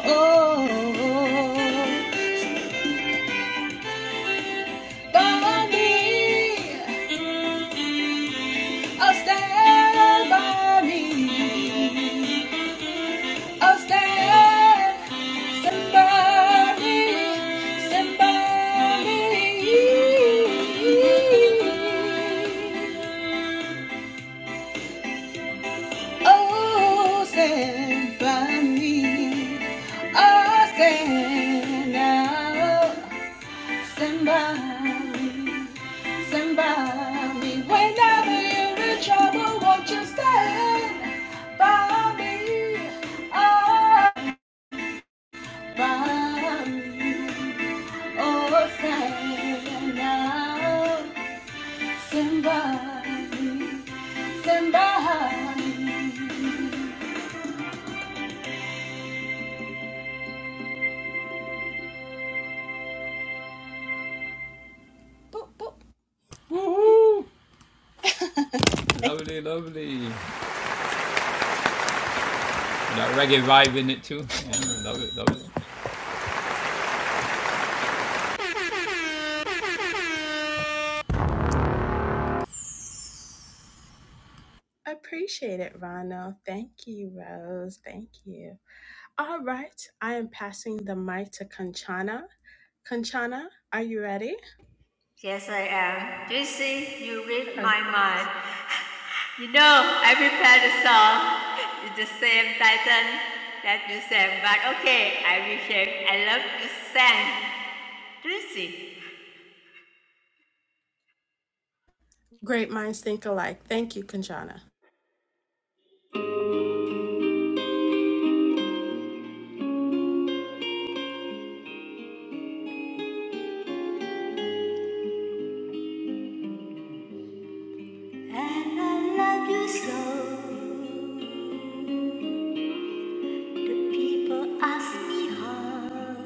oh, by me. Oh, stand by me. Oh, stand, stand by me. Stand by me. Oh, stand by me. Oh, stand now. Somebody, somebody, whenever you're in trouble, won't you stand by me? Oh, by me. Oh, stand now. Somebody, somebody. Boop, boop. Appreciate it, Rano. Thank you, Rose. Thank you. All right, I am passing the mic to Kanchana. Kanchana, are you ready?
Yes, I am. Do you see? you read my
Perfect.
mind. You know, I prepared a song. It's the same title that you sang, but okay, I will share. I love you sang, Tracy.
Great minds think alike. Thank you, Kanchana.
And I love you so. The people ask me how,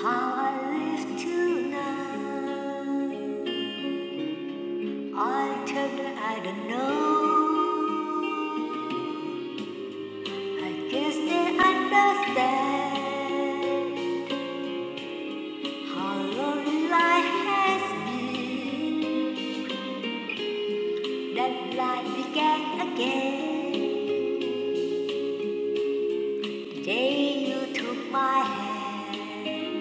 how I live till now. I tell them I don't know. I guess they understand. How lonely life has been. That light began again. The day you took my hand.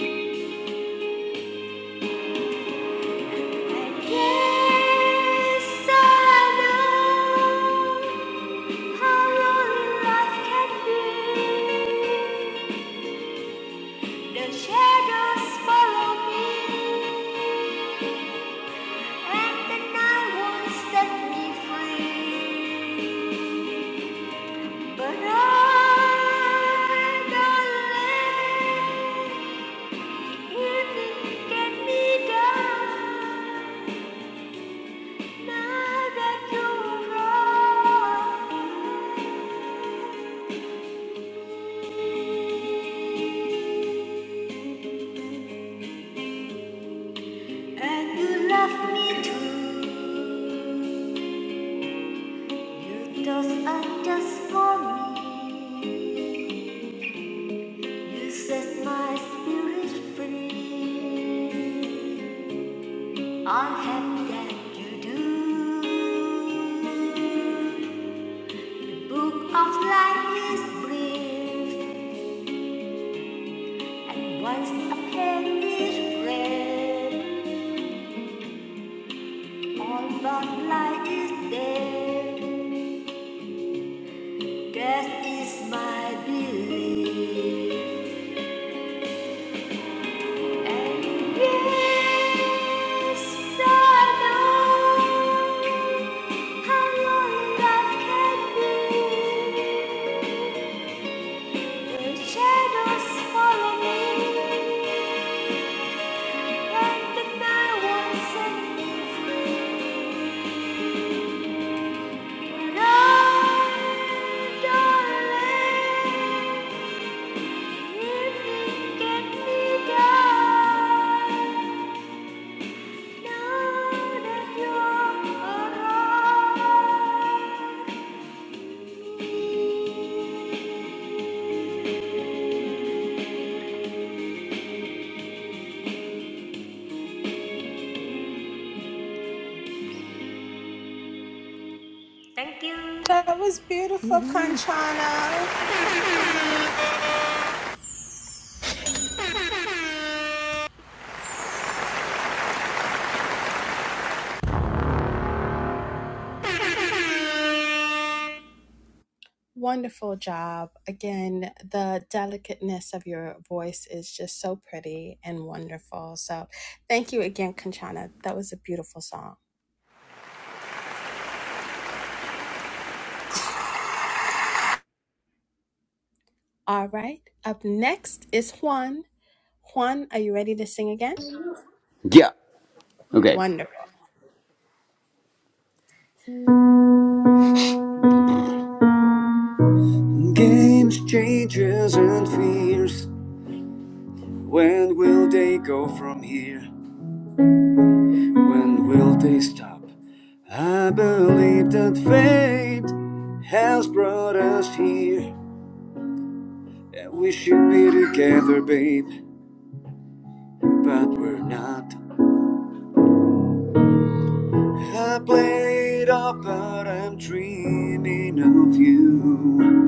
And yes, I know how lonely life can be. The shadows follow me, and the night won't set me free. But I, darling. Just for me, you set my spirit free. I'm happy that you do. The book of life is brief, and once a pen is read, All that light is dead. This is my belief. And yes, I know how long life can be. The shadows follow me, and the night won't set me free. But oh, darling, if you get me down. Thank you.
Anna. Wonderful job. Again, the delicateness of your voice is just so pretty and wonderful. So, thank you again, Kanchana. That was a beautiful song. All right. Up next is Juan. Juan, are you ready to sing again?
Yeah, okay.
Wonderful
Games, changes, and fears. When will they go from here? When will they stop? I believe that fate has brought us here. And we should be together, babe, but we're not. I played off, but I'm dreaming of you.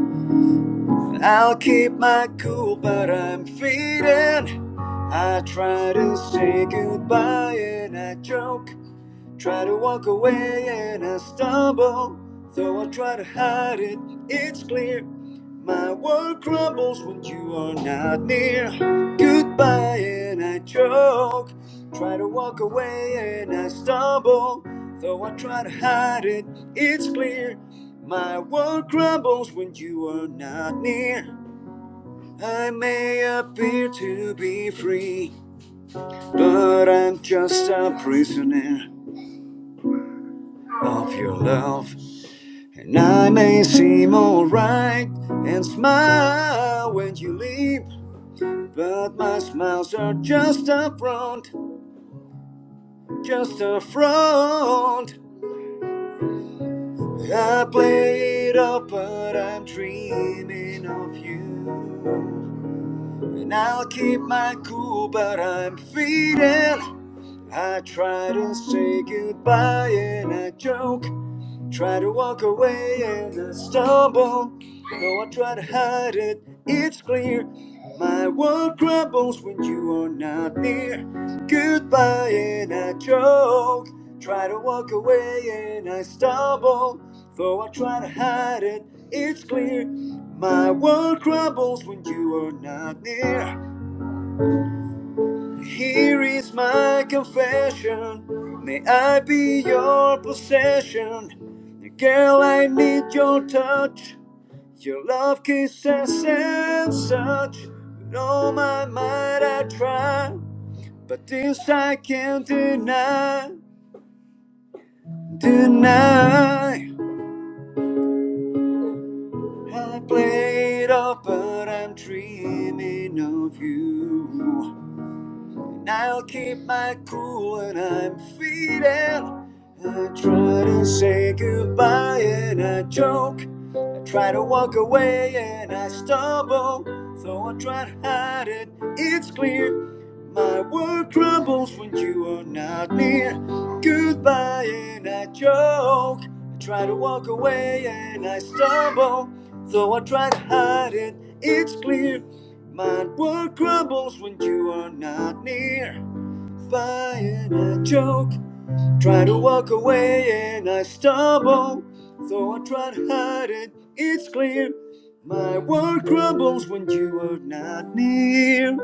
I'll keep my cool, but I'm fading. I try to say goodbye and I joke. Try to walk away and I stumble. Though I try to hide it, it's clear. My world crumbles when you are not near. Goodbye and I choke. Try to walk away and I stumble. Though I try to hide it, it's clear. My world crumbles when you are not near. I may appear to be free, but I'm just a prisoner of your love. And I may seem alright and smile when you leave, but my smiles are just a front, just a front. I play it up, but I'm dreaming of you. And I'll keep my cool, but I'm feeding. I try to say goodbye and I joke. Try to walk away and I stumble. Though I try to hide it, it's clear. My world crumbles when you are not near. Goodbye and I choke. Try to walk away and I stumble. Though I try to hide it, it's clear. My world crumbles when you are not near. Here is my confession. May I be your possession. Girl, I need your touch. Your love kisses and such. With all my might I try. But this I can't deny. Deny. I played off, but I'm dreaming of you. And I'll keep my cool when I'm feeding. I try to say goodbye and I joke. I try to walk away and I stumble. Though I try to hide it, it's clear. My world crumbles when you are not near. Goodbye, and I choke. I try to walk away and I stumble. Though I try to hide it, it's clear. My world crumbles when you are not near. Goodbye, and I choke. Try to walk away and I stumble. Though I try to hide it, it's clear. My world crumbles when you are not near.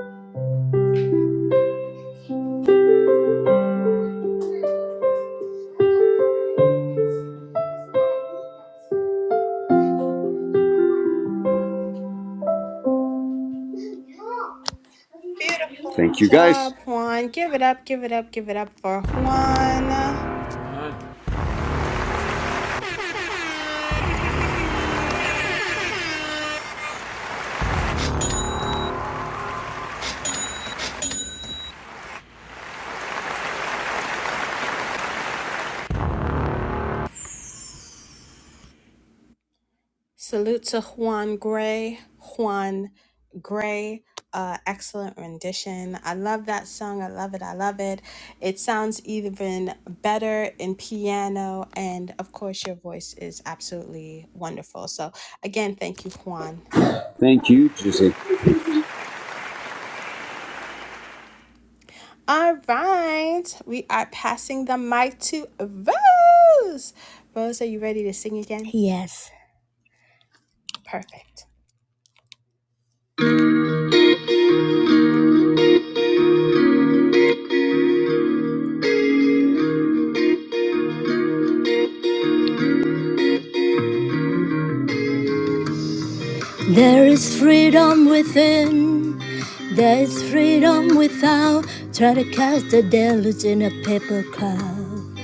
Thank you guys.
job, Juan. Give it up, give it up, give it up. Salute to Juan Gray. Juan Gray, uh, excellent rendition. I love that song. I love it. I love it. It sounds even better in piano. And of course, your voice is absolutely wonderful. So, again, thank you, Juan.
Thank you, Jesse.
All right. We are passing the mic to Rose. Rose, are you ready to sing again?
Yes.
Perfect.
There is freedom within. There is freedom without. Try to cast the deluge in a paper cloud.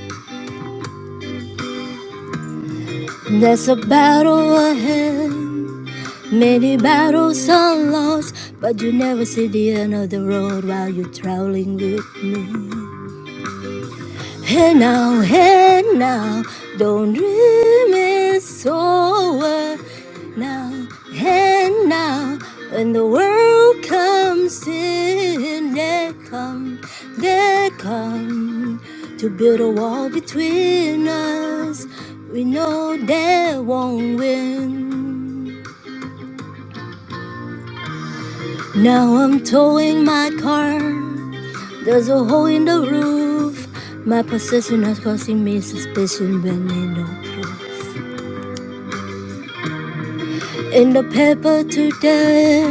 There's a battle ahead. Many battles are lost, but you never see the end of the road while you're traveling with me. Hey now, hey now, don't dream it's over now, hey now, when the world comes in, they come, they come to build a wall between us. We know they won't win. Now I'm towing my car. There's a hole in the roof. My possession is causing me suspicion, but need no proof. In the paper today,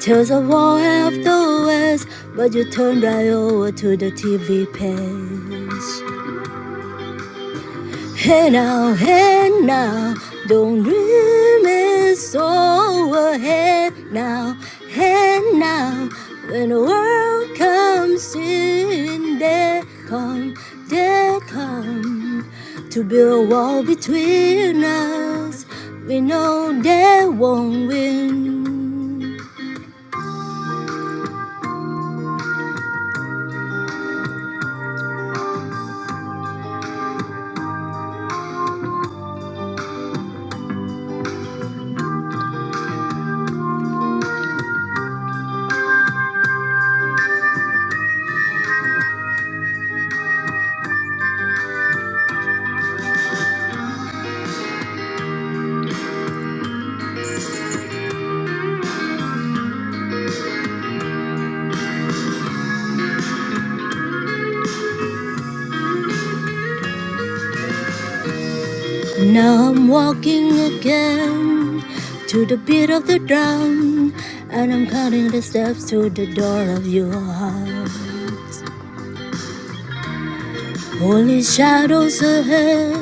tells a war after West, but you turn right over to the TV page. Hey now, hey now, don't dream it's over. Hey now, hey now, when the world comes in, they come, they come to build a wall between us. We know they won't win. Now I'm walking again to the beat of the drum, and I'm counting the steps to the door of your heart. Only shadows ahead,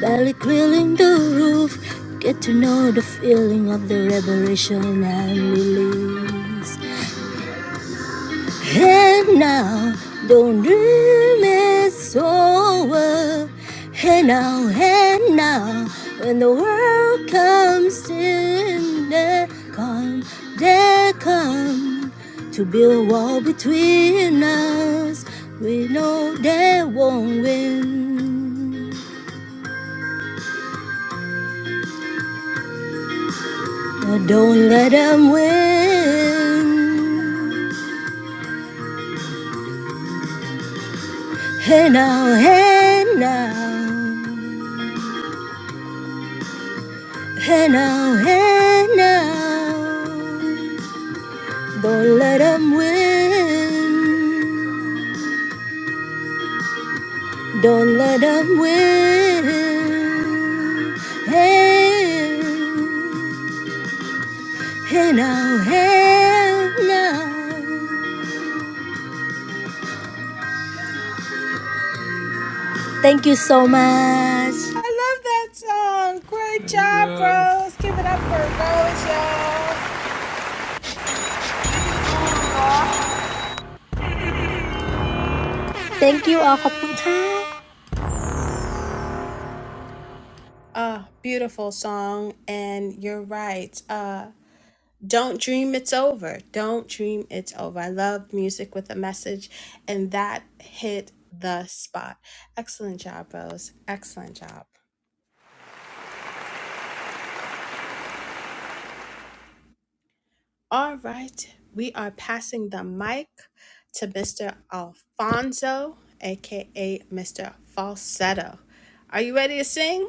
barely clearing the roof. Get to know the feeling of the liberation and release. And now, don't dream it's over. And now, and now, when the world comes to an end, come, they come to build a wall between us. We know they won't win, but don't let them win. Hey now, hey now. Hello, hello. Don't let 'em win. Don't let 'em win. Hey, hello, hello. Thank you so much.
I love that song. Great job, Rose. Give it up for Rose, y'all.
Good Lord,
Thank you all. ขอบคุณค่ะ
Ah, beautiful song. And you're right. Uh, don't dream it's over. Don't dream it's over. I love music with a message, and that hit the spot. Excellent job, Rose. Excellent job. All right. We are passing the mic to Mr. Alfonso, aka Mr. Falsetto. Are you ready to sing?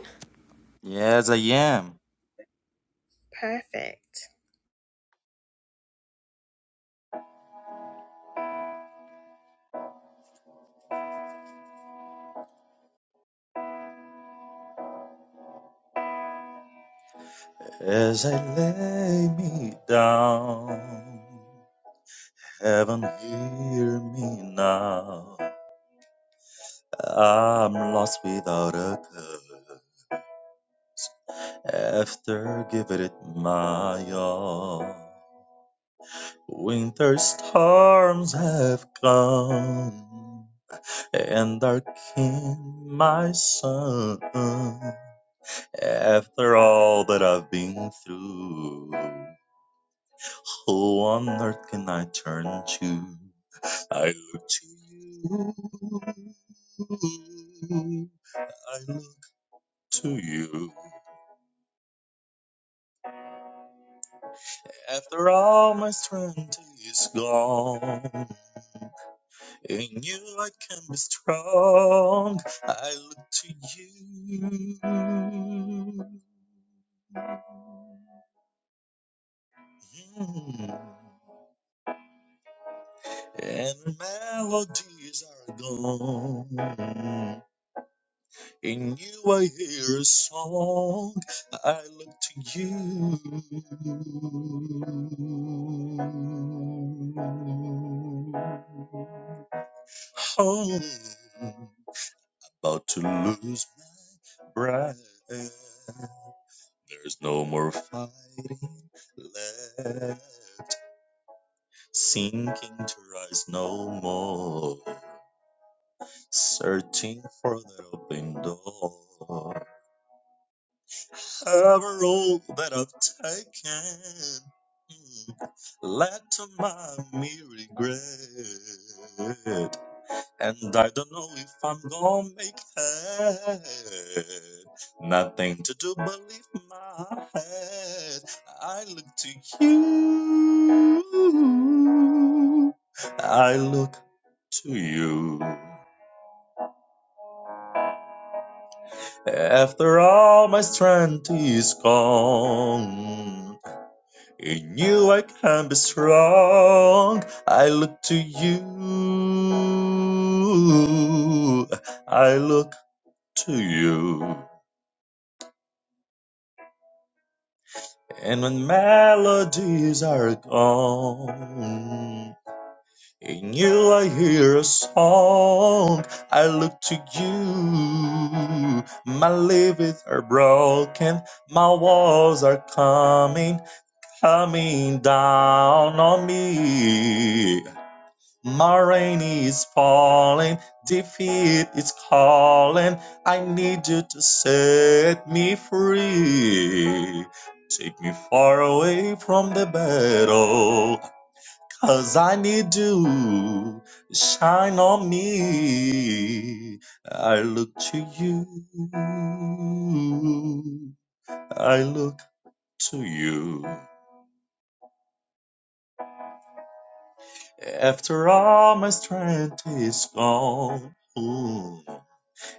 Yes I am.
Perfect.
As I lay me down, heaven hear me now. I'm lost without a clue. after giving it my all. Winter storms have come and darkened my sun. After all that I've been through, who on earth can I turn to? I look to you. I look to you. After all my strength is gone, in you I can be strong. I look to you, Mm. and melodies are gone. In you I hear a song. I look to you. Oh. About to lose my breath. There's no more fighting left. Sinking to rise no more. Searching for that open door. Every road that I've taken mm, led to my mere regret. And I don't know if I'm gonna make it. Nothing to do but lift my head. I look to you. I look to you. After all my strength is gone, in you I can be strong. I look to you. I look to you. And when melodies are gone, in you I hear a song. I look to you. My livers are broken, my walls are coming, coming down on me. My rain is falling, defeat is calling. I need you to set me free. Take me far away from the battle, 'cause I need you to shine on me. I look to you, I look to you. After all my strength is gone. ooh.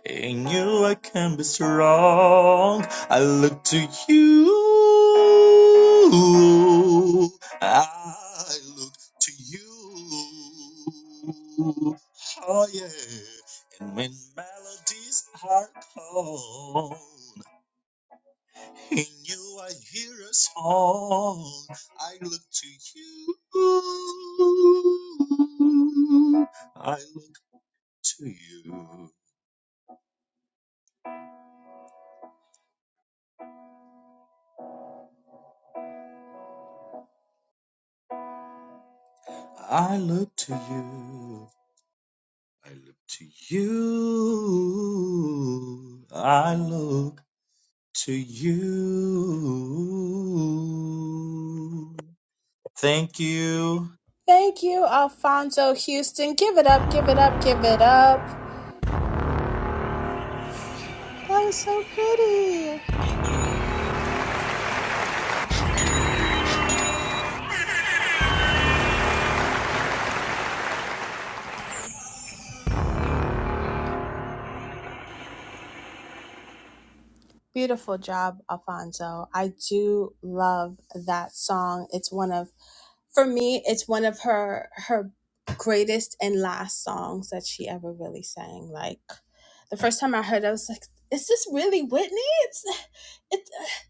In you I can be strong. I look to you. I look to you. Oh yeah. And when melodies are cold, in you I hear a song. I look to you. I look to you. I look to you. I look to you. I look to you. Thank you.
Give it up, give it up. That was so pretty. Beautiful job, Alfonso. I do love that song. It's one of for me it's one of her her greatest and last songs that she ever really sang like the first time i heard it, i was like is this really whitney it's it's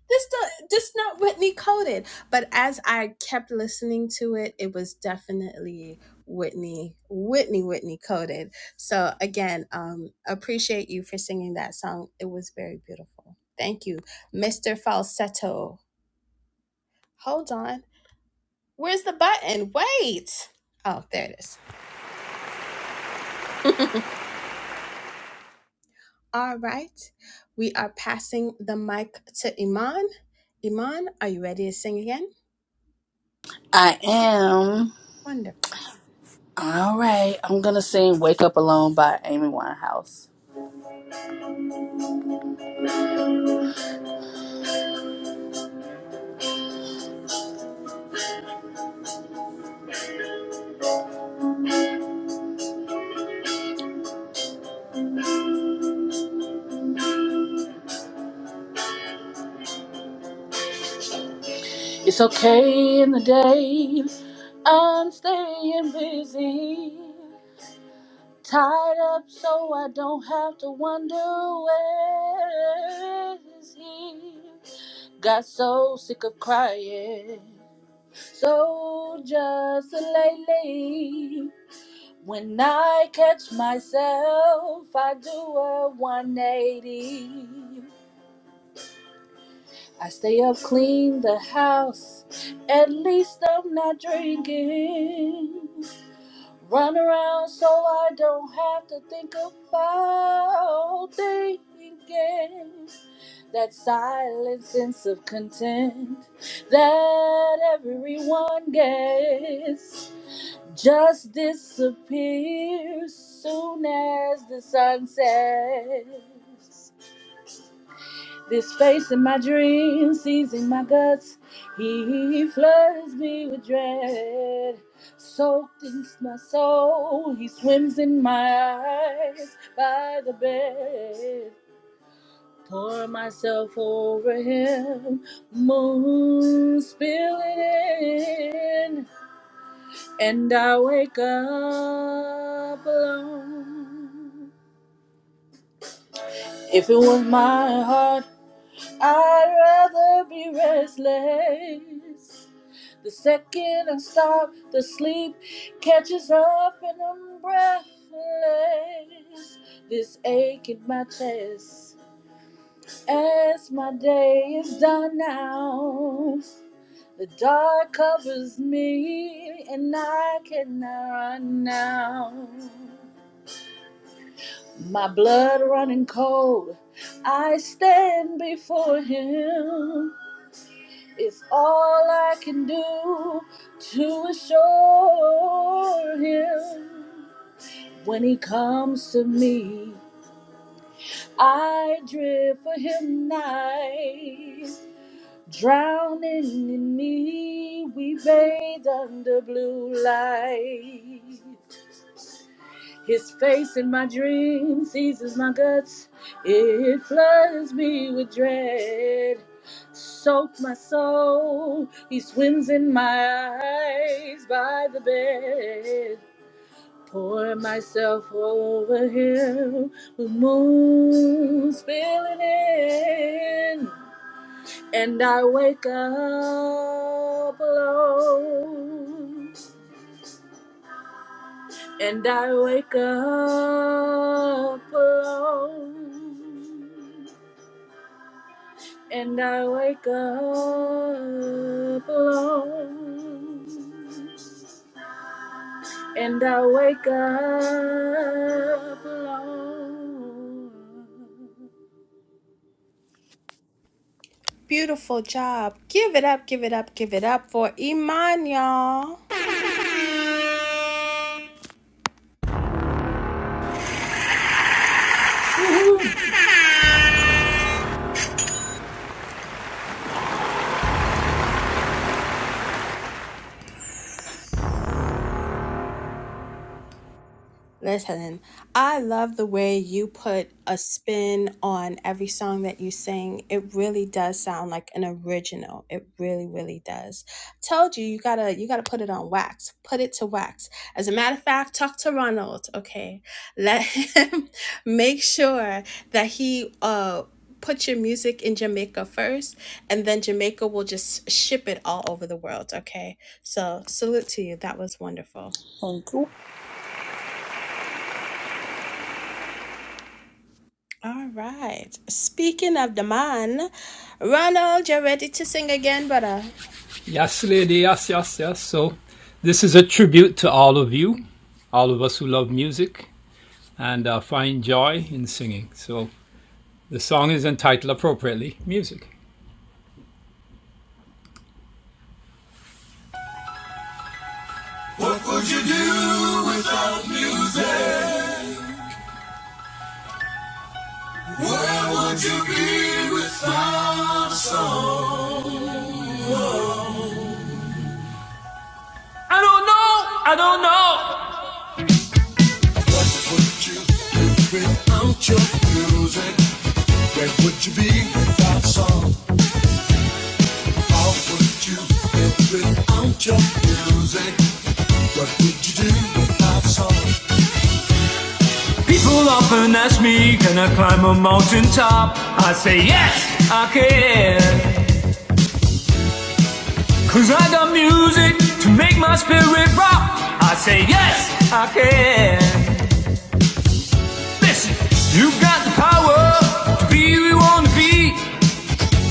this not this not whitney coded but as i kept listening to it it was definitely whitney whitney whitney coded so again um appreciate you for singing that song it was very beautiful thank you mr falsetto hold on Where's the button? Wait. Oh, there it is. All right. We are passing the mic to Iman. Iman, are you ready to sing again?
I am.
Wonderful.
All right, I'm gonna sing "Wake Up Alone" by Amy Winehouse. It's okay in the day. I'm staying busy. Tied up so I don't have to wonder where is he. Got so sick of crying. So just lately, when I catch myself, I do a 180. I stay up, clean the house. At least I'm not drinking. Run around so I don't have to think about thinking. That silent sense of content that everyone gets just disappears soon as the sun sets. This face in my dreams, seizing my guts, he floods me with dread. Soaked in my soul, he swims in my eyes by the bed. Pour myself over him, moon spilling in, and I wake up alone. If it was my heart, I'd rather be restless The second I stop, the sleep catches up and I'm breathless. This ache in my chest as my day is done now. The dark covers me and I cannot run now. My blood running cold, I stand before him. It's all I can do to assure him when he comes to me. I drift for him night, drowning in me. We bathe under blue light. His face in my dream seizes my guts. It floods me with dread. Soak my soul. He swims in my eyes by the bed. Pour myself over him with moon spilling in. And I wake up alone. And I wake up alone. And I wake up alone. And I wake up alone.
Beautiful job. Give it up, give it up, give it up for Iman, y'all. Listen, I love the way you put a spin on every song that you sing. It really does sound like an original. It really, really does. Told you you gotta you gotta put it on wax. Put it to wax. As a matter of fact, talk to Ronald. Okay, let him make sure that he uh put your music in Jamaica first, and then Jamaica will just ship it all over the world. Okay, so salute to you. That was wonderful.
Thank you.
All right. Speaking of the man, Ronald, you're ready to sing again, brother.
I don't know, I don't know. People often ask me, can I climb a mountain top? I say yes, I can, 'cause I got music to make my spirit rock. I say yes, I can. Listen, you've got the power to be who you want to be.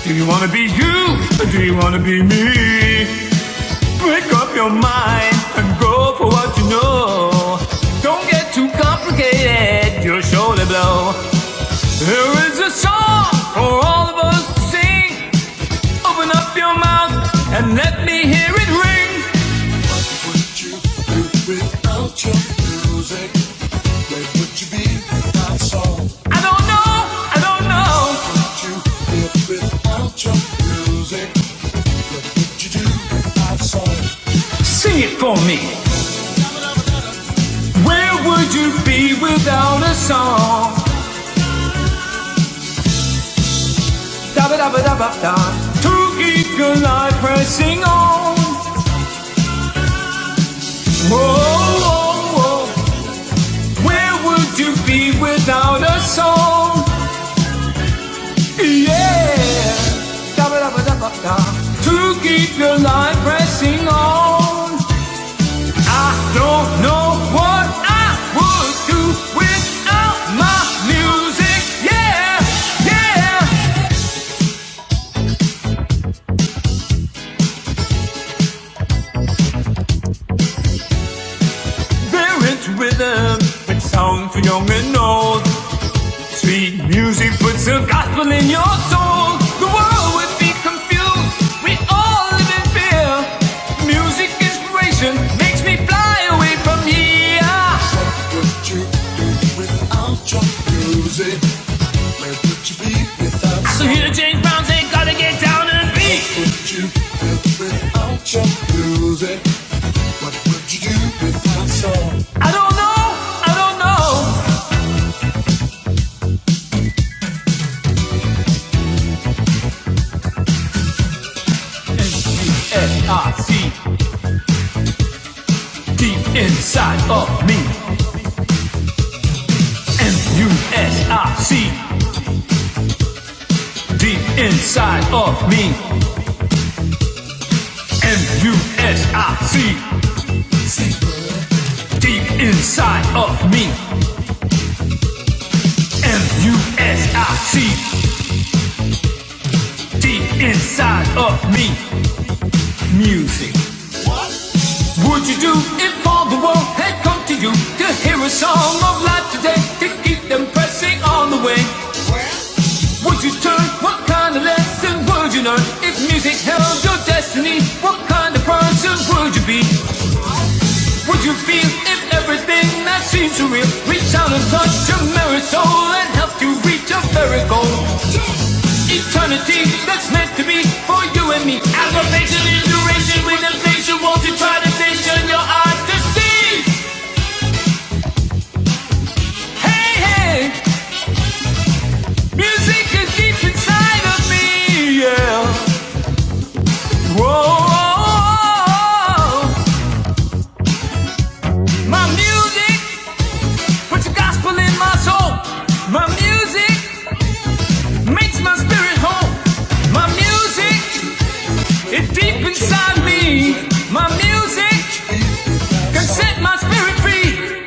Do you want to be you or do you want to be me? Break up your mind and go for what you know. Don't get too complicated, you'll surely blow. There is a song for all of us to sing. Open up your mouth and let me hear it ring. I don't know, I don't know. Sing it for me. Where would you be without a song? To keep your life pressing on. Whoa, whoa, whoa. Where would you be without a song? Yeah. Da, da, da. To keep your life pressing on. I don't know what I would do without my music. Yeah, yeah. There is rhythm and sound for young and old. Sweet music puts the gospel in your soul. The world would be confused. We all live in fear. Music inspiration makes me fly away from here. So here James Brown say, gotta get down and beat. I don't know, I don't know. M-U-S-I-C, deep inside of me. M-U-S-I-C, deep inside of me. M-U-S-I-C. Deep inside of me, M U S I C. Deep inside of me, music. Would you do if all the world had come to you to hear a song of life today to keep them pressing on the way? Would you turn? What kind of lesson would you learn if music held your destiny? What kind of person would you be? Would you feel if everything that seems real reached out and touched your merry soul and helped you reach a very goal? Eternity that's meant to be for you and me. Aggravation and duration with inflation. Won't you try to station your eyes to see? Hey, hey, music is deep inside of me, yeah. Whoa, whoa. my music, put your gospel in my soul. My music. Makes my spirit whole. My music, it deep inside me. My music can set my spirit free.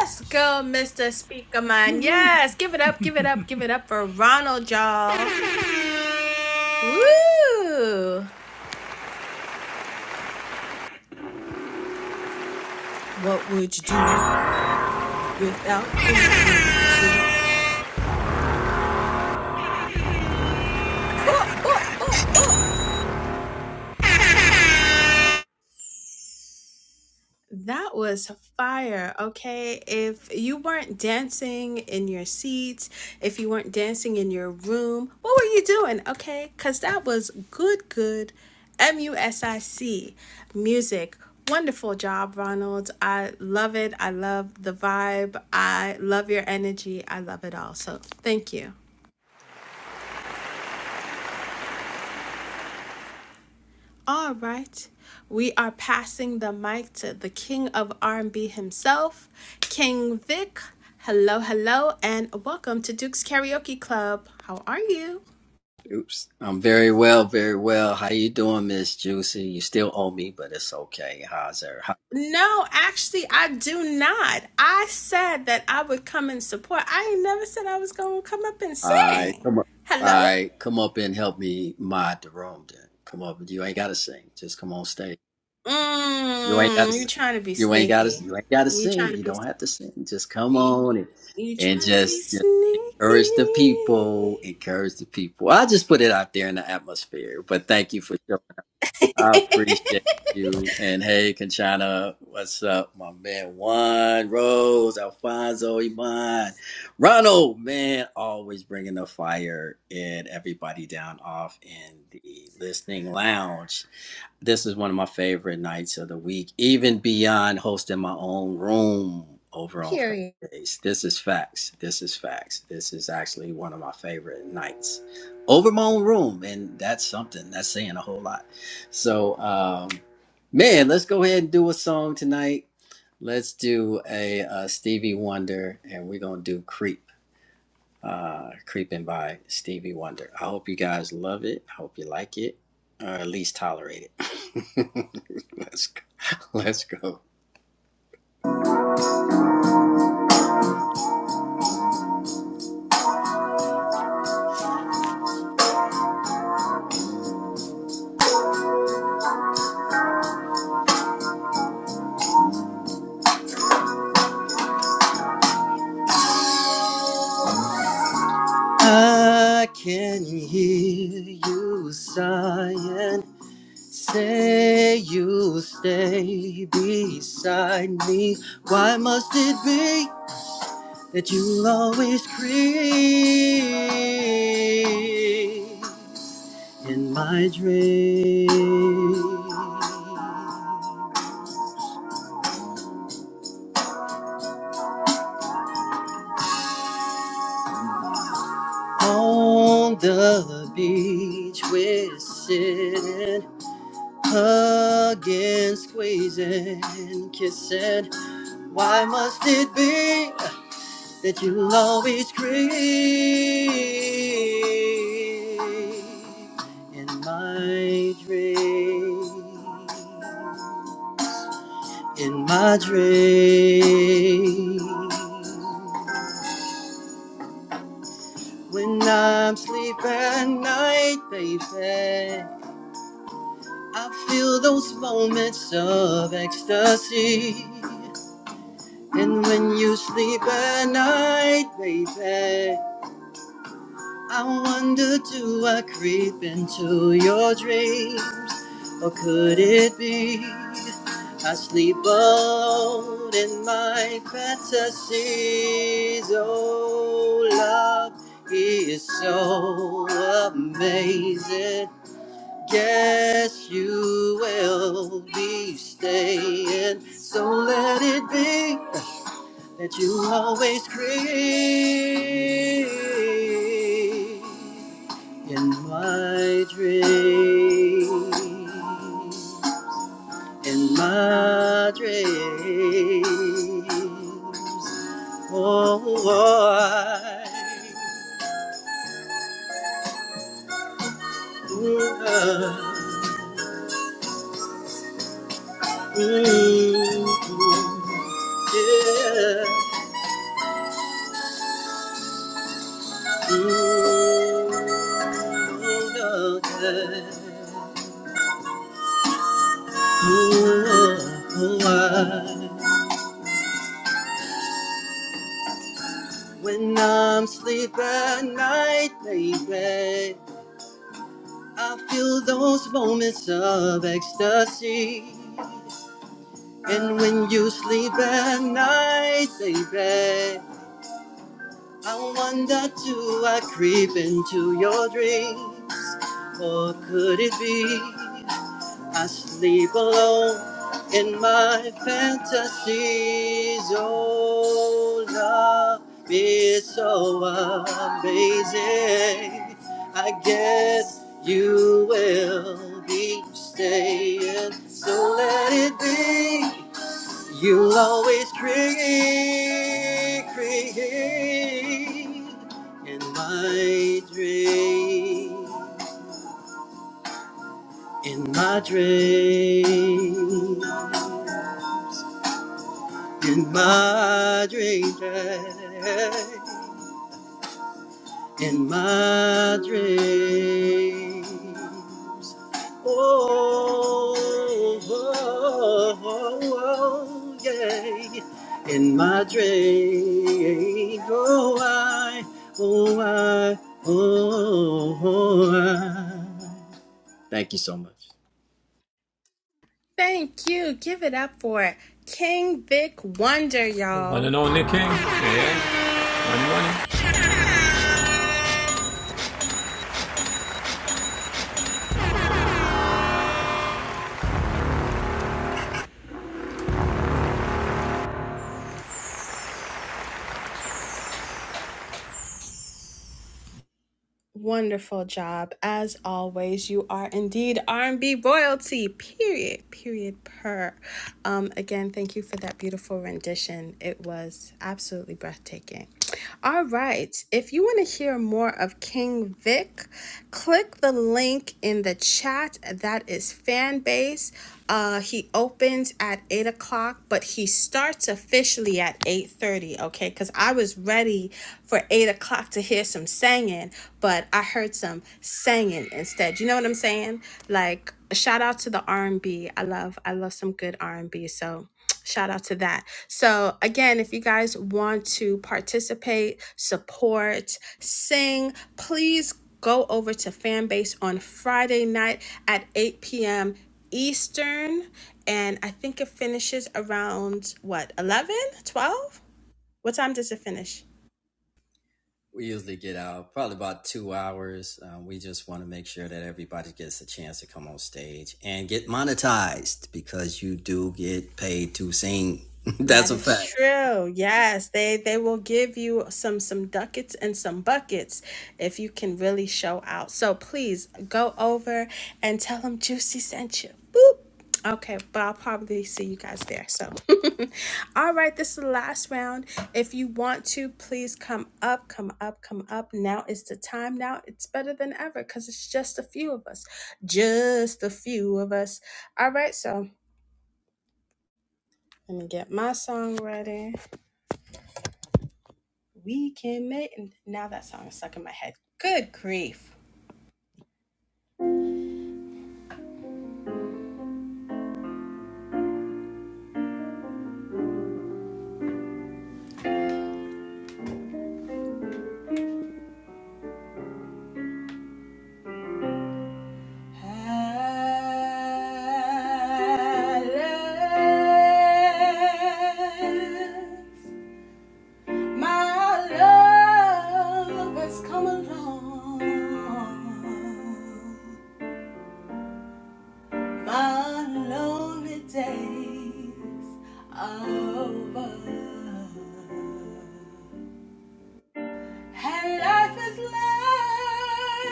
Let's go, Mr. Speaker Man. Yes, give it up, give it up, give it up for Ronald, y'all. Woo! What would you do without good music? Oh, oh, oh, oh. That was fire. Okay. If you weren't dancing in your seats, if you weren't dancing in your room, what were you doing? Okay. Because that was good, good M U S I C music. Wonderful job, Ronald. I love it. I love the vibe. I love your energy. I love it all. So thank you. All right. We are passing the mic to the king of R&B himself, King Vic. Hello, hello, and welcome to Duke's Karaoke Club. How are you? No, actually, I do not. I said that I would come and support. I ain't never said I was going to come up and sing. Hello? Mmm, you trying to be sneaky. You trying to be you trying to be sneaky. Period.
On the beach, we're sitting, hugging, squeezing, kissing. Why must it be that you'll always creep in my dream? In my dream, when I'm sleeping at night, baby. I feel those moments of ecstasy. And when you sleep at night, baby, I wonder do I creep into your dream? Or could it be I sleep alone in my fantasies? Oh, love is so amazing. Yes, you will be staying. So let it be that you always create in my dream. In my dreams. Oh, I. Mm, uh, mm, mm, yeah. When I'm asleep at night, baby, I feel those moments of ecstasy. And when you sleep at night, baby, I wonder do I creep into your dreams? Or could it be? I sleep alone in my fantasy zone. Love is so amazing. I guess you will be staying. So let it be. You'll always create, create in my dream in my dream. In my dream, in my dreams. Oh, oh, oh, oh, yeah. In my dreams, oh, I, oh, I, oh, oh, I.
Thank you. Give it up for King Vic Wonder,
One
y'all.
and only king. Yeah.
Wonderful job. As always, you are indeed R&B royalty. Period. Period per. Um again, thank you for that beautiful rendition. It was absolutely breathtaking. All right. If you want to hear more of King Vic, click the link in the chat. That is fan base. Uh, he opens at eight o'clock, but he starts officially at eight thirty. Okay, because I was ready for for eight o'clock to hear some singing, but I heard some singing instead. You know what I'm saying? Like shout out to the R and B. I love I love some good R and B. So shout out to that. So again, if you guys want to participate, support, sing, please go over to Fanbase on Friday night at 8 p.m. Eastern. And I think it finishes around what 11, 12. What time does it finish? That is true. Yes, they they will give you some some ducats and some buckets if you can really show out. So please go over and tell them Juicy sent you. Boop. Okay, but I'll probably see you guys there. So, all right, this is the last round. If you want to, please come up, come up, come up. Now is the time. Now it's better than ever because it's just a few of us. Just a few of us. All right, so let me get my song ready. We can make. and Now that song is stuck in my head. Good grief. My love has come along. My lonely days are over. And life is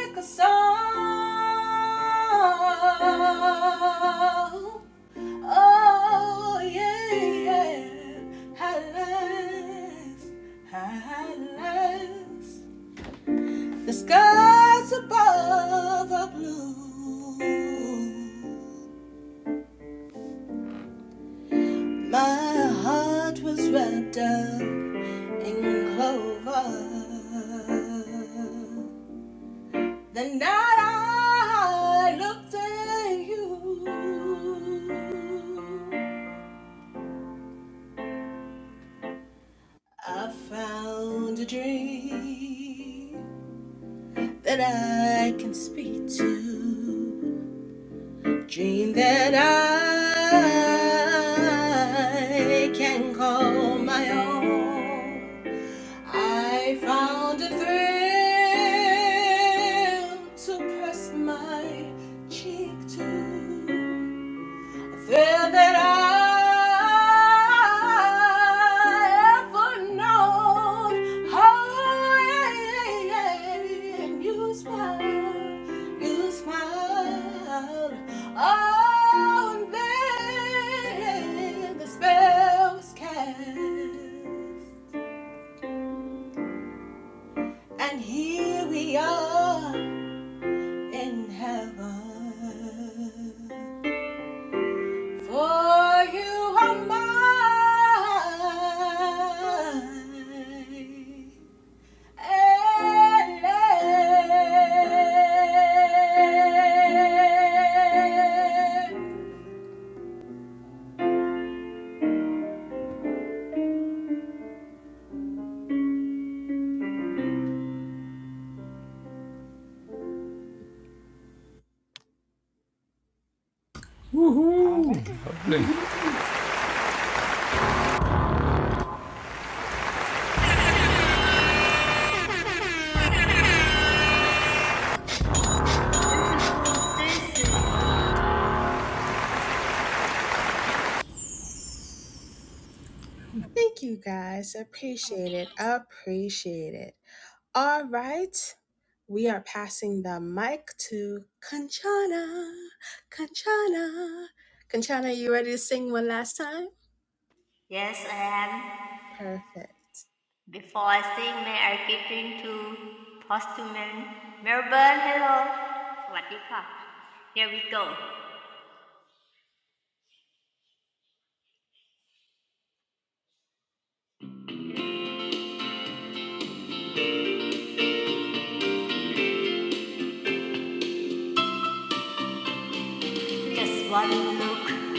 like a song. Oh, yeah, yeah. How life, how life. The skies above are blue. My heart was wrapped up in clover. The night I looked at you, I found a dream that I can speak to, dream that I can call my own. I found a thrill to press my cheek to. Said that I ever known how you smile, you smile. Oh, then the spell was cast. And here we are in heaven. For you are mine. and
beautiful Jason.
Thank you guys. Appreciate it. Appreciate it. All right. We are passing the mic to Kanchana. Kanchana. Kanchana, you ready to sing one last time?
Yes, I am.
Perfect.
Before I sing, may I get into postman Melbourne. Hello. Swadika. Here we go. Just one look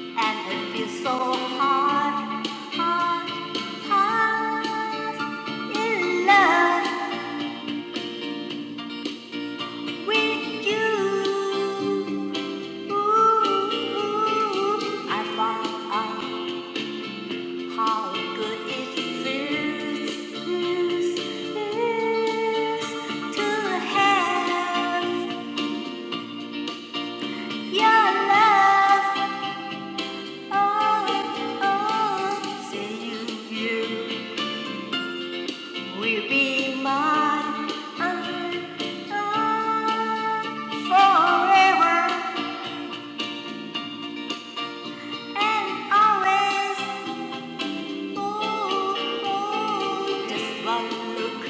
and it feels so hard, hard, hard in love with you. I found out how good it feels to have your love. Oh, oh, say you will be mine uh, uh, forever and always. Oh, oh, just one look.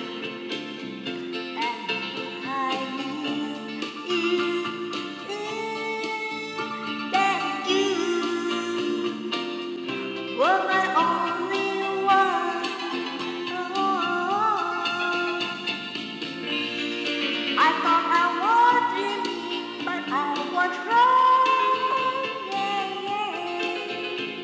I thought I was dreaming, but I was wrong. Yeah, yeah.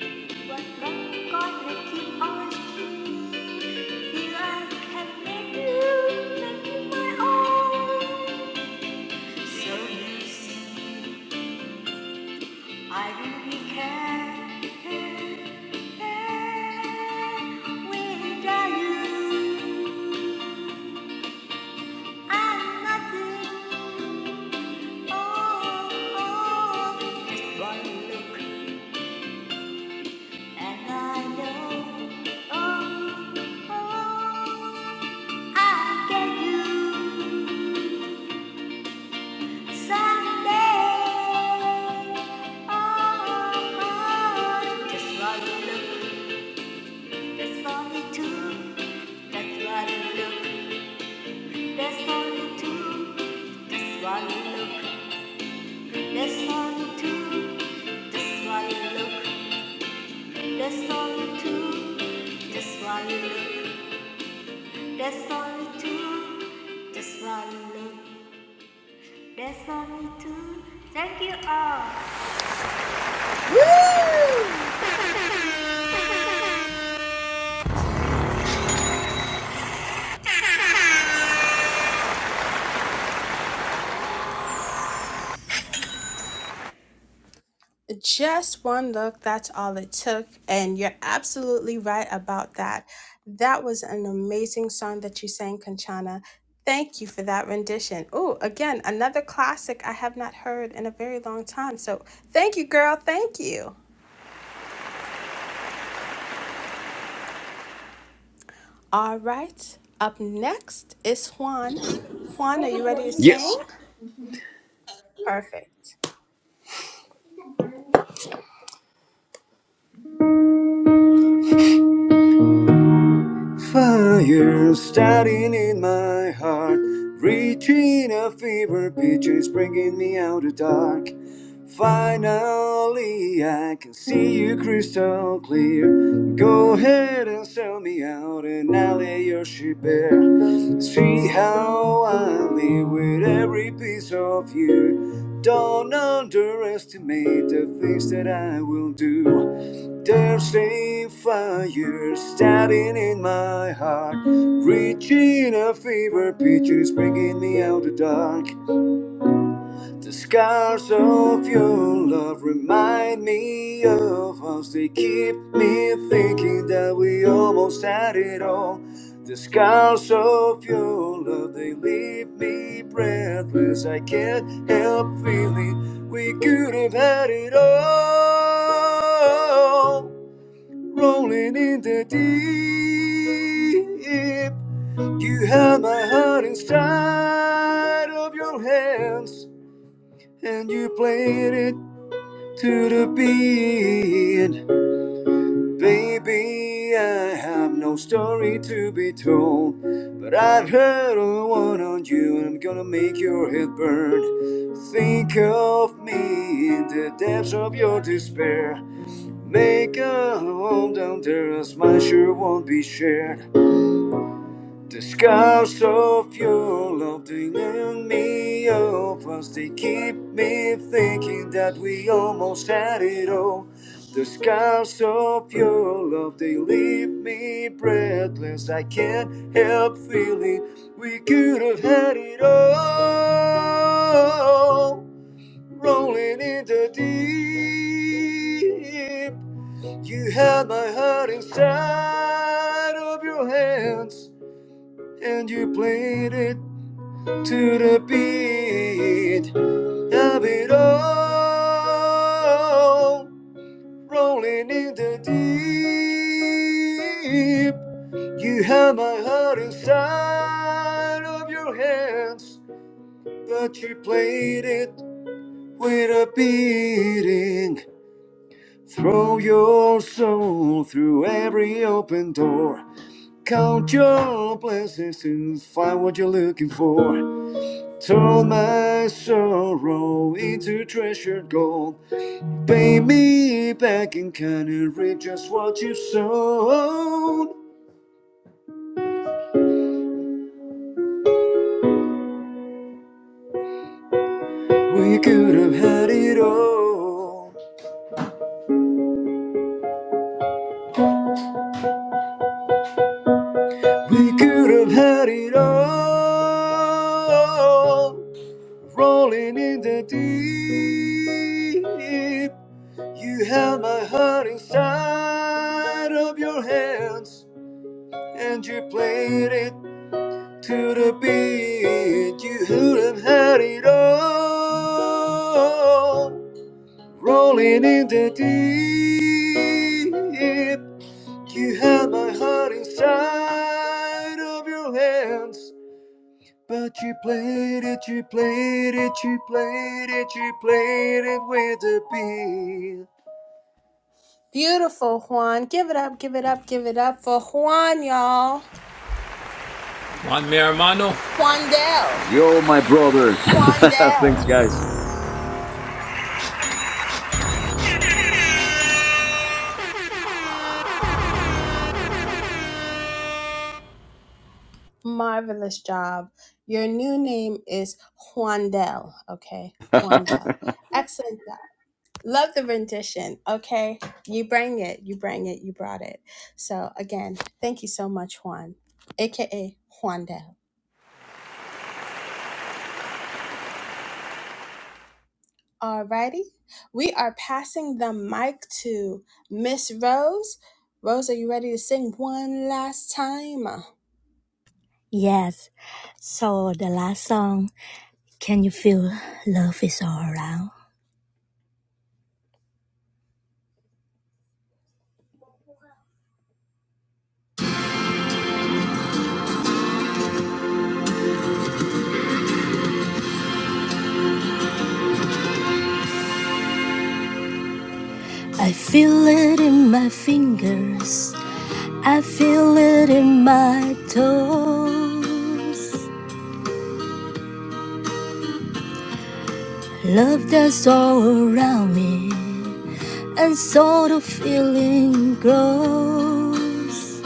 But thank God keep on streaming. Here I can make you, make you my own. So you see. I really care without you. I'm nothing. Oh, oh, just one look and I know. Oh, oh, I'll get you someday. Oh, oh, just one look. That's for me too. That's one look. That's only two. That's why you look. That's only two. That's why you look. That's only two. That's why you look. That's only two. That's why you look. That's only two. Thank you all.
Just one look, that's all it took. And you're absolutely right about that. That was an amazing song that you sang, Conchana. Thank you for that rendition. Oh, again, another classic I have not heard in a very long time. So thank you, girl. Thank you. All right. Up next is Juan. Juan, are you ready to
Yes.
sing? Perfect.
Fire starting in my heart, reaching a fever pitch, is bringing me out of dark. Finally, I can see you crystal clear. Go ahead and sell me out, and I'll lay your ship bare. See how I live with every piece of you. Don't underestimate the things that I will do. There's a fire starting in my heart, reaching a fever pitch, is bringing me out of the dark. The scars of your love remind me of us. They keep me thinking that we almost had it all. The scars of your love, they leave me breathless. I can't help feeling we could have had it all rolling in the deep. You have my heart inside of your hands, and you played it to the beat. Baby, I have no story to be told, but I've heard a one on you, and I'm gonna make your head burn. Think of me in the depths of your despair. Make a home down there, as mine sure won't be shared. The scars of your love, they learn me up as they keep me thinking that we almost had it all. The scars of your love, they leave me breathless. I can't help feeling we could have had it all. Rolling in the deep. You held my heart inside of your hands, and you played it to the beat of it all, rolling in the deep. You held my heart inside of your hands, but you played it with a beating. Throw your soul through every open door. Count your blessings to find what you're looking for. Turn my sorrow into treasured gold. Pay me back in kind and reap just what you have sown. We could have had it all. We could have had it all. Rolling in the deep. You held my heart inside of your hands. and you played it to the beat. You wouldn't had it all, rolling in the deep. You had my heart inside of your hands. But you played it, you played it, you played it, you played it with a beat.
Beautiful, Juan. Give it up, give it up, give it up for Juan, y'all. Juan Del.
Yo, my brother.
Juan Del.
Thanks, guys.
Marvelous job. Your new name is Juandel, okay? Juandel. Excellent job. Love the rendition, okay? You bring it, you bring it, you brought it. So again, thank you so much, Juan, aka Juandel. Alrighty. We are passing the mic to Miss Rose. Rose, are you ready to sing one last time?
Yes. So the last song, Can You Feel Love Is All Around? I feel it in my fingers. I feel it in my toes. Love that's all around me. And so the feeling grows.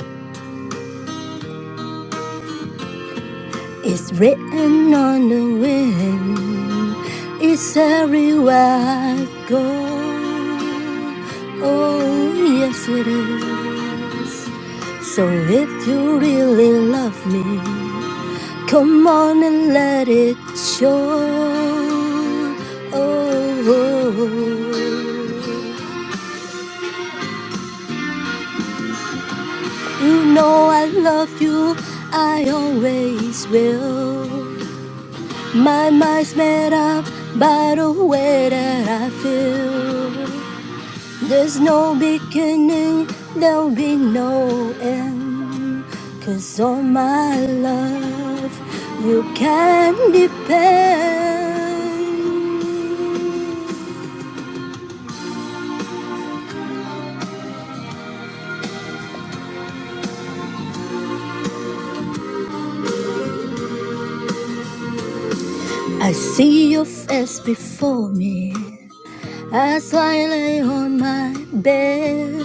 It's written on the wind. It's everywhere I go. Oh, yes, it is. So if you really love me. Come on and let it show. Oh, oh. you know I love you, I always will. My mind's made up by the way that I feel. There's no beginning, there'll be no end. 'Cause on my love, you can depend. I see your face before me as I lay on my bed.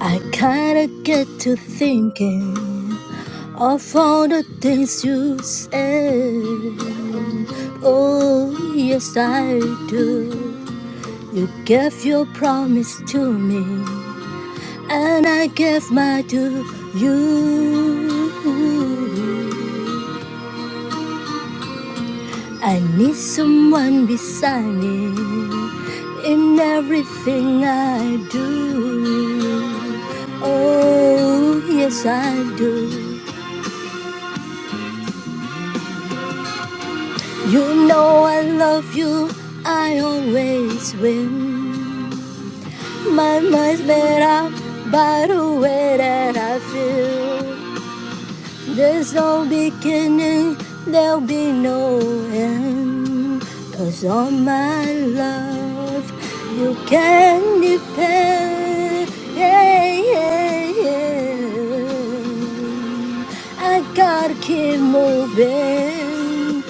I kinda get to thinking of all the things you said. Oh, yes, I do. You gave your promise to me, and I gave mine to you. I need someone beside me in everything I do. Oh, yes, I do. You know I love you, I always win. My mind's made up by the way that I feel. There's no beginning, there'll be no end. 'Cause on my love, you can depend. Yeah, yeah, yeah. I gotta keep moving.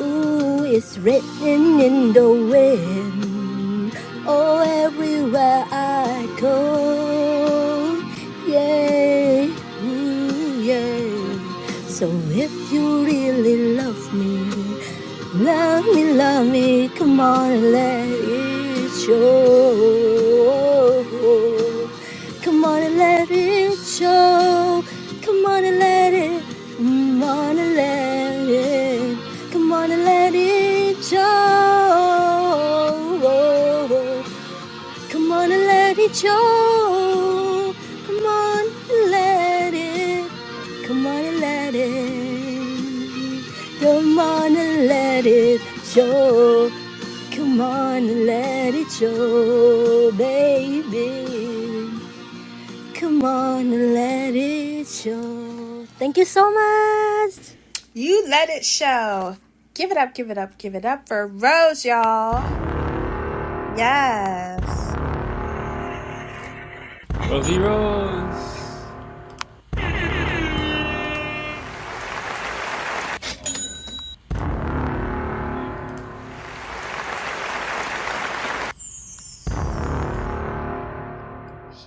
Ooh, it's written in the wind. Oh, everywhere I go. Yeah. mm yeah. So if you really love me, love me, love me, come on and let it show. Come on and let it show. Come on and let it, come on and let it, come on and let it show. Come on and let it show. Come on and let it. Come on and let it. Come on and let it show. Come on and let it show, baby. Come on and let it show. Thank you so much.
You let it show. Give it up, give it up, give it up for Rose, y'all. Yes.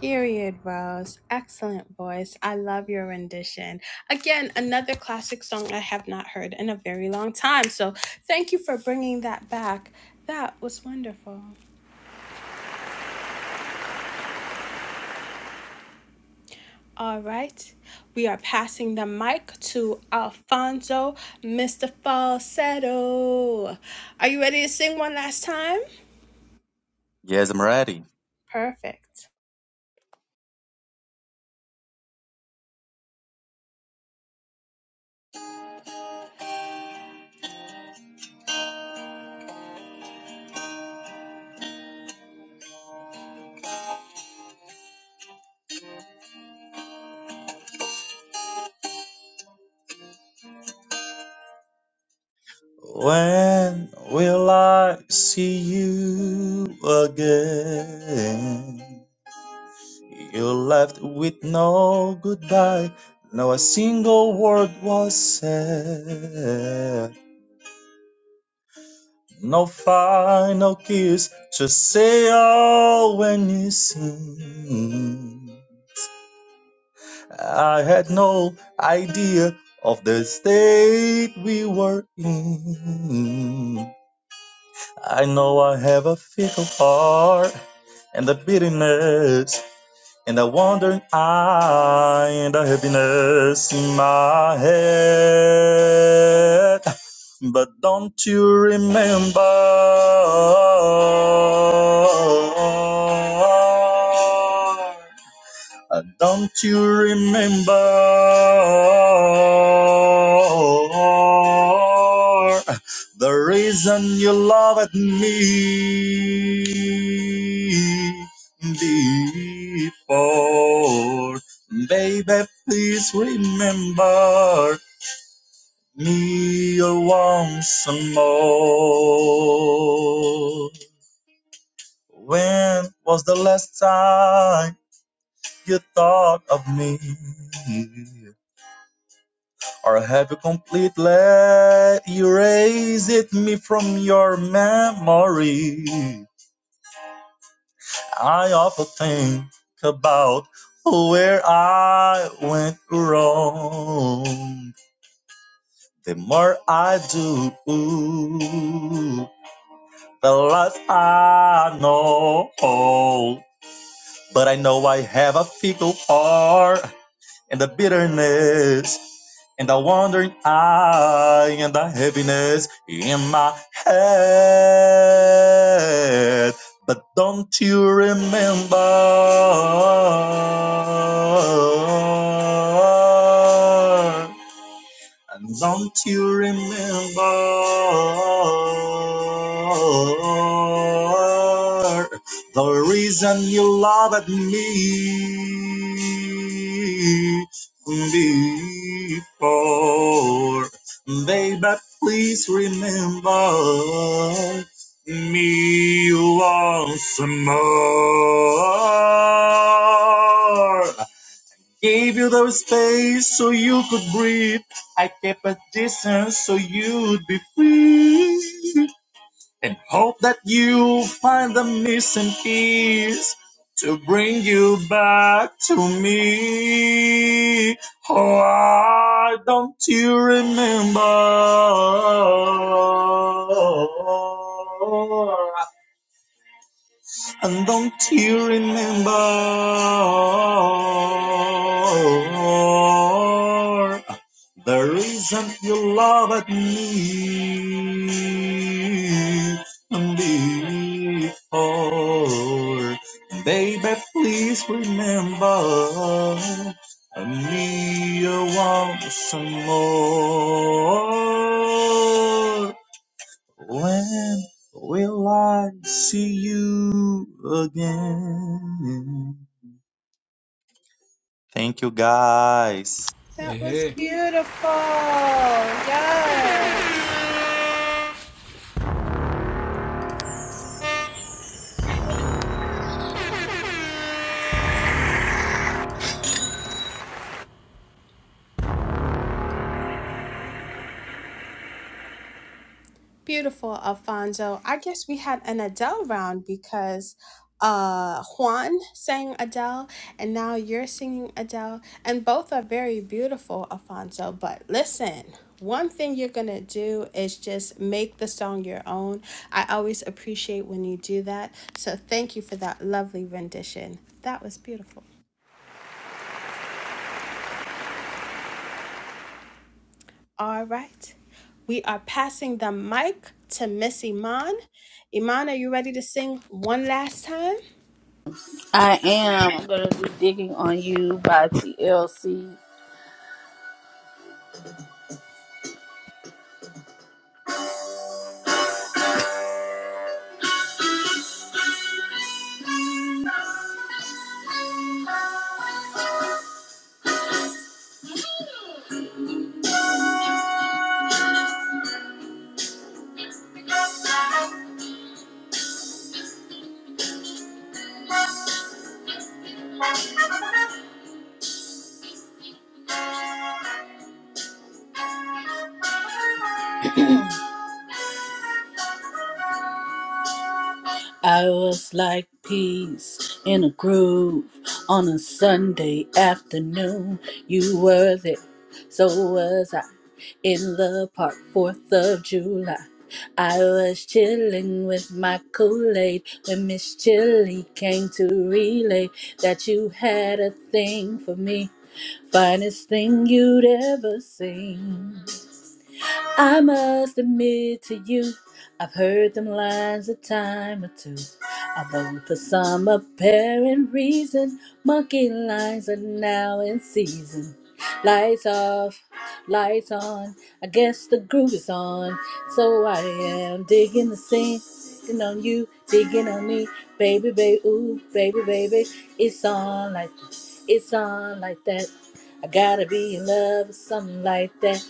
Period, Rose. Excellent voice. I love your rendition. Again, another classic song I have not heard in a very long time. So thank you for bringing that back. That was wonderful. All right. We are passing the mic to Alfonso, Mr. Falsetto. Are you ready to sing one last time?
Yes, I'm ready.
Perfect.
When will I see you again? You left with no goodbye, no a single word was said. No final kiss, just say oh when you sing. I had no idea of the state we were in. I know I have a fickle heart and the bitterness and a wandering eye and a happiness in my head. But don't you remember? Uh, Don't you remember the reason you loved me before? Baby, please remember me once more. When was the last time you thought of me? or have you completely erased me from your memory? I often think about where I went wrong. The more I do, the less I know. But I know I have a fickle heart. and the bitterness and the wandering eye and the heaviness in my head. But don't you remember? And don't you remember the reason you loved me before? Baby, please remember me once more. Gave you the space so you could breathe. I kept a distance so you'd be free. And hope that you find the missing piece to bring you back to me. Oh, why don't you remember? And don't you remember the reason you loved me before? Baby, please remember me once more. When will I see you again? Thank you, guys.
That was beautiful. Yes. Beautiful, Alfonso. I guess we had an Adele round because uh Juan sang Adele and now you're singing Adele and both are very beautiful, Alfonso. But listen, one thing you're going to do is just make the song your own. I always appreciate when you do that. So thank you for that lovely rendition. That was beautiful. All right. We are passing the mic to Miss Iman. Iman, are you ready?
I am. going to be digging on you by TLC. I was like peace in a groove on a Sunday afternoon. You were there, so was I in the park, 4th of July. I was chilling with my Kool Aid when Miss Chili came to relay that you had a thing for me, finest thing you'd ever seen. I must admit to you, I've heard them lines a time or two. Although for some apparent reason, monkey lines are now in season. Lights off, lights on, I guess the groove is on. So I am digging the scene, digging on you, digging on me. Baby, baby, ooh, baby, baby, it's on like that, it's on like that. I gotta be in love with something like that.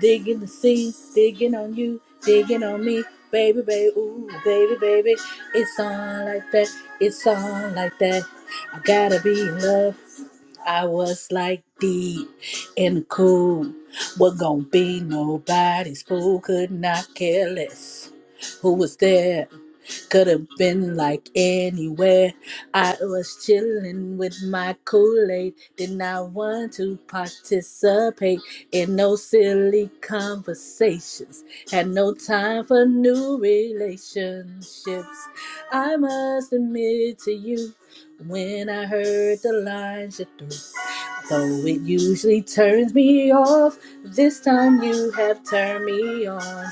Digging the scene, digging on you, digging on me. Baby, baby, ooh, baby, baby. It's on like that, it's on like that. I gotta be in love. I was like deep in the cool. What gonna be nobody's fool, could not care less. Who was there? could have been like anywhere. I was chilling with my Kool Aid, did not want to participate in no silly conversations, had no time for new relationships. I must admit to you, when I heard the lines you threw, though it usually turns me off, this time you have turned me on.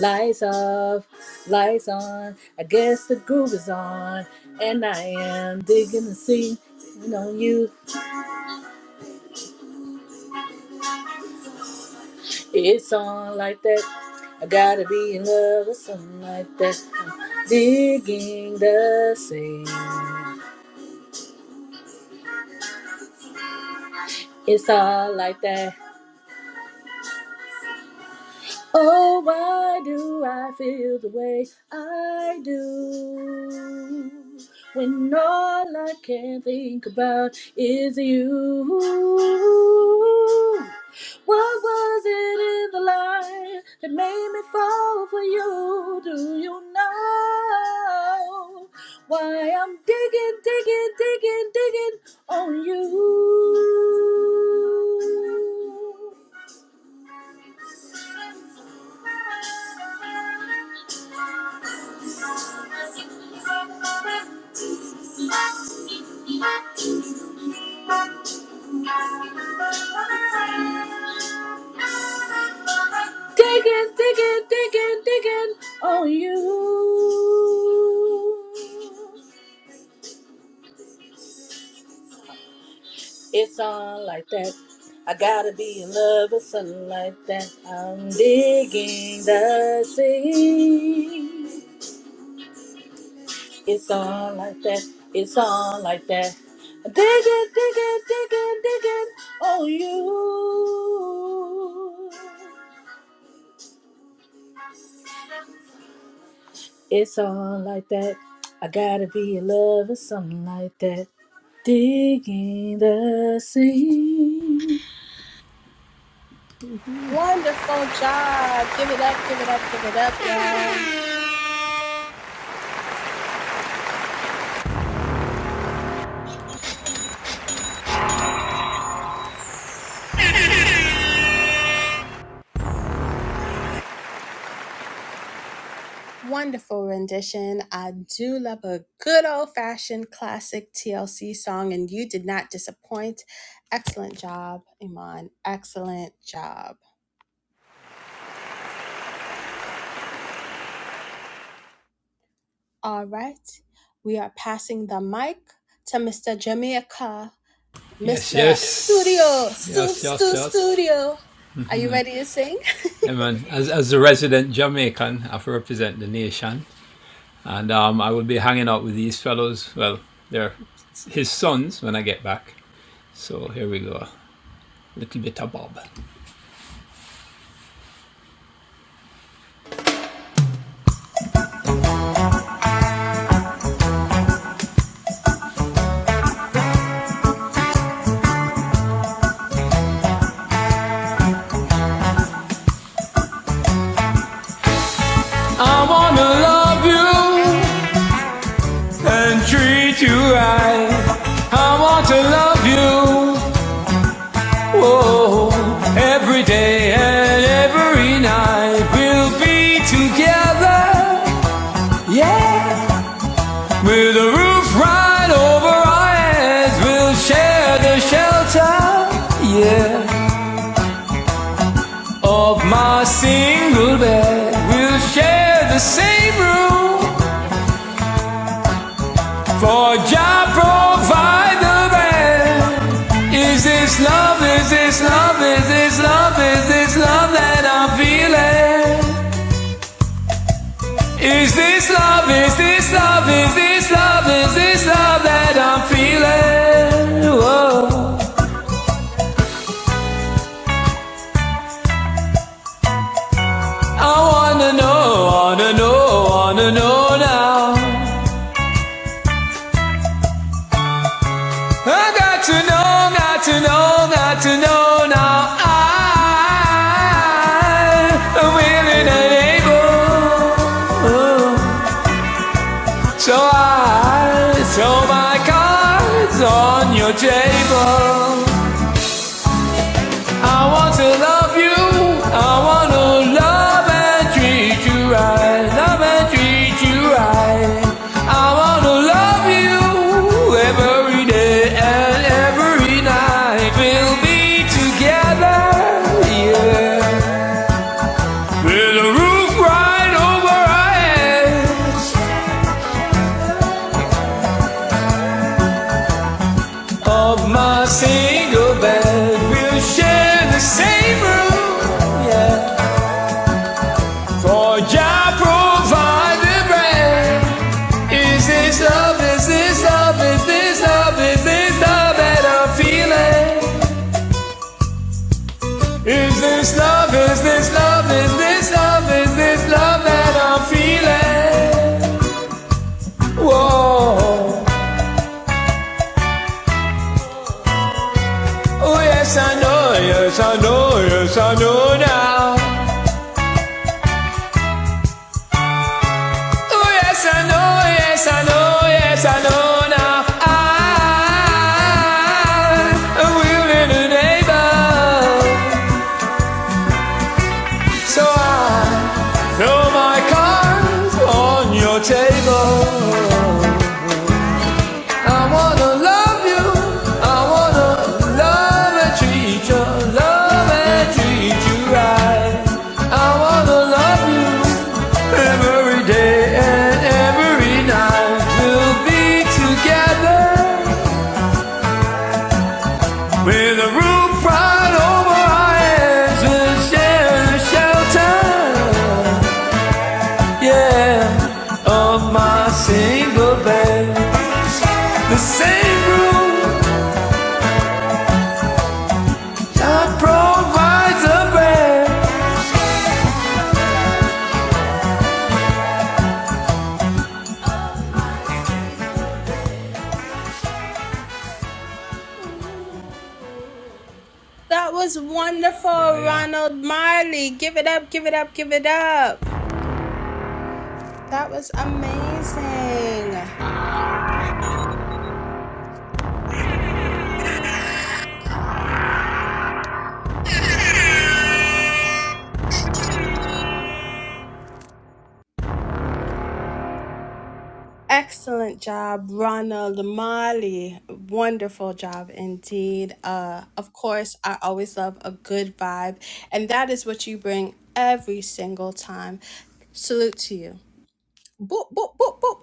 Lights off, lights on. I guess the groove is on, and I am digging the sea. Leaning on you, it's on like that. I gotta be in love with something like that. I'm digging the sea, it's all like that. Oh, why do I feel the way I do? When all I can think about is you. What was it in the light that made me fall for you? Do you know why I'm digging, digging, digging, digging on you? Digging, digging, digging, digging on you. It's on like that. I gotta be in love with something like that. I'm digging the sea. It's on like that. It's on like that. Dig it, dig it, dig it, dig it. Oh, you. It's on like that. I gotta be in love with something like that. Digging the sea.
Wonderful job. Give it up. Wonderful rendition. I do love a good old fashioned classic TLC song, and you did not disappoint. Excellent job, Iman. Excellent job. All right, we are passing the mic to Mr. Jamaica, Mr. Studio, Stu, Stu, Studio. Are you ready to sing?
Whoa, every day and every night we'll be together. Yeah, with a roof right over our heads, we'll share the shelter. Yeah. of my single bed. We'll share the same room, for Jah provide the bed. Is this love? Is this love? Is this love? Is this love that I'm feeling? Is this love? Is this love? Is this love? Is this love that I'm feeling? Whoa. I wanna know, wanna know, wanna know now. I got to know, got to know, got to know now. I am willing and able. So I throw my cards on your table. I want to love you. I want to love and treat you right. Love and treat you right. I want to love you every day and every night. We'll be together, yeah. With a roof right over our heads of my single bed. We'll share the same room, yeah. For Jah provide the bread. Is this love? Is this love? Is this love? Is this love that I'm feeling? Is this love? Is this love? Is this love? Is this love that I'm feeling? Whoa! Oh yes, I know. Yes, I know. Yes, I know now. Oh yes, I know, yes, I know, yes, I know now. I will in a neighbor. So I throw my cards on your table. I wanna love you. I wanna love and treat you, love and treat you right. I wanna love you every day and every night. We'll be together with a roof right over our heads. We'll share the shelter, yeah, of my single bed. The same room. that provides a bread.
That was wonderful, Ronald Marley. Give it up, give it up, give it up. That was amazing. Excellent job, Rana Lamali. Wonderful job indeed. Uh, of course, I always love a good vibe, and that is what you bring every single time. Salute to you. Boop, boop, boop, boop.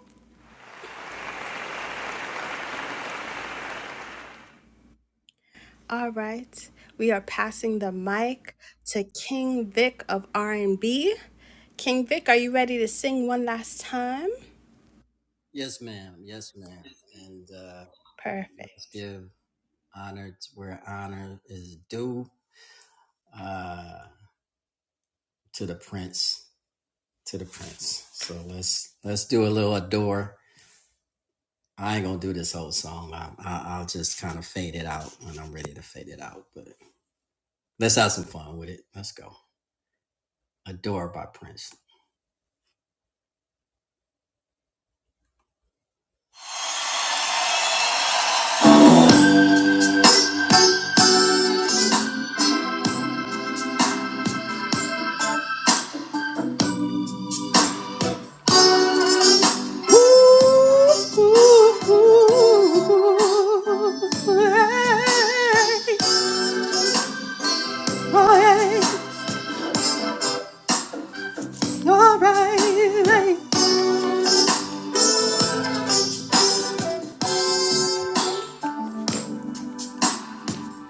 All right, we are passing the mic to King Vic of R&B. King Vic, are you ready to sing one last time? Perfect.
Ooh, ooh, ooh, ooh, hey, oh, hey. You're right.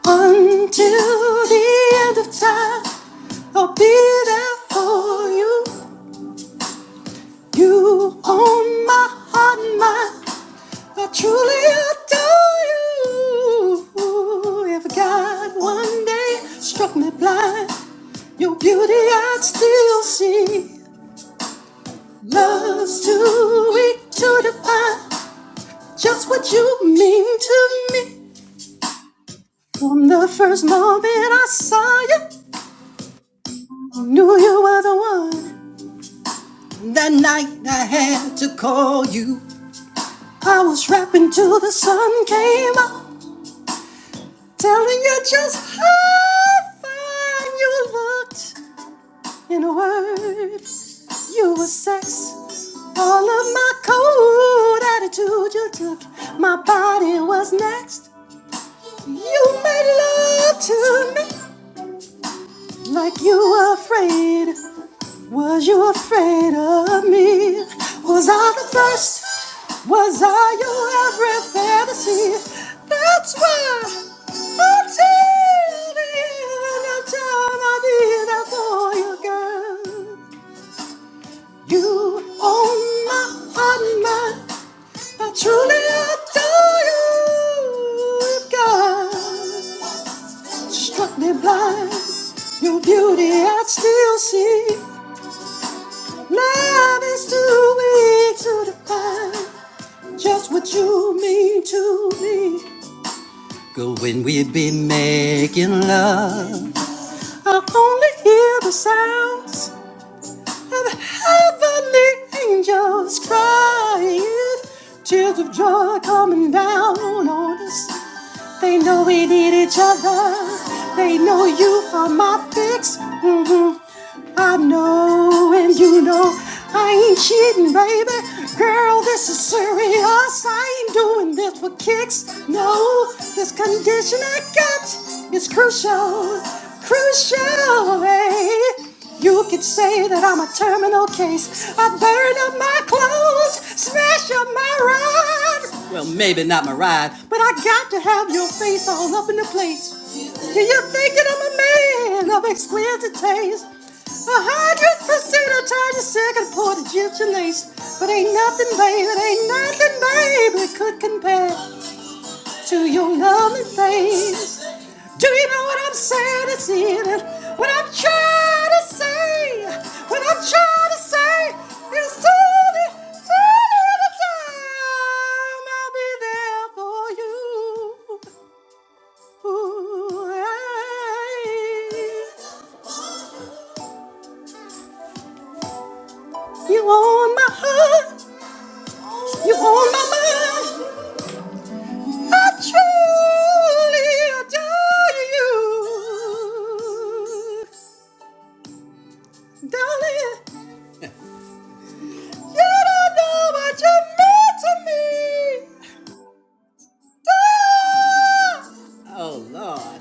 Until the end of time, I'll be there for you. You own my heart and mind. I truly adore you. If God one day struck me blind, your beauty I'd still see. Love's too weak to define just what you mean to me. From the first moment I saw you. I Knew you were the one. That night I had to call you. I was rapping till the sun came up, telling you just how fine you looked. In a word, you were sex. All of my cold attitude you took. My body was next. You made love to me like you were afraid. Was you afraid of me? Was I the first? Was I your every fantasy? That's why until the end of time I'll be there for you, girl. You own my heart and mind. I truly adore you. If God struck me blind, your beauty I'd still see. Love is too big to define just what you mean to me. Good when we've been mad. I only hear the sounds of heavenly angels crying. Tears of joy coming down on us. They know we need each other. They know you are my fix. hmm I know and you know I ain't cheating, baby. Girl, this is serious. I ain't doing this for kicks. No, this condition I got is crucial, crucial. eh? You could say that I'm a terminal case. I burn up my clothes, smash up my rod but I got to have your face all up in the place. Do you think that I'm a man of exquisite taste? A hundred percent I tried to second port Egyptian lace, but ain't nothing, baby, ain't nothing, baby, could compare to your loving face. Do you know what I'm saying? It's in it. What I'm trying to say, what I'm trying to say is slowly, slowly at a time, I'll be there for you. Ooh, hey. You own my heart, you own my mind. I truly adore you, darling. You don't know what you meant to me. Dear, Oh Lord.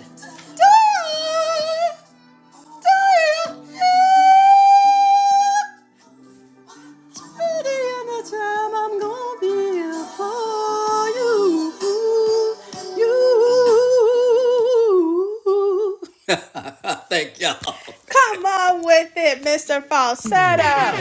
dear, dear. Till the end of time, I'm gonna be here for you. You.
Come on with it, Mr. Falsetto.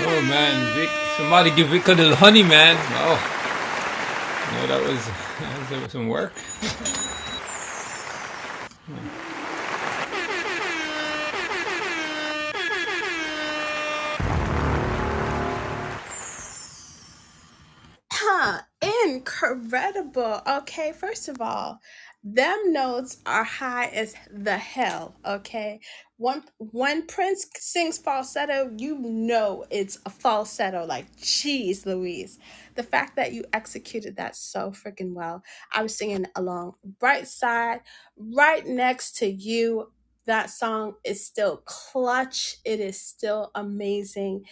Huh, incredible. Okay, first of all, them notes are high as the hell. Okay, one when Prince sings falsetto, you know it's a falsetto. Like, geez, Louise, the fact that you executed that so freaking well. I was singing along right side, right next to you. That song is still clutch. It is still amazing,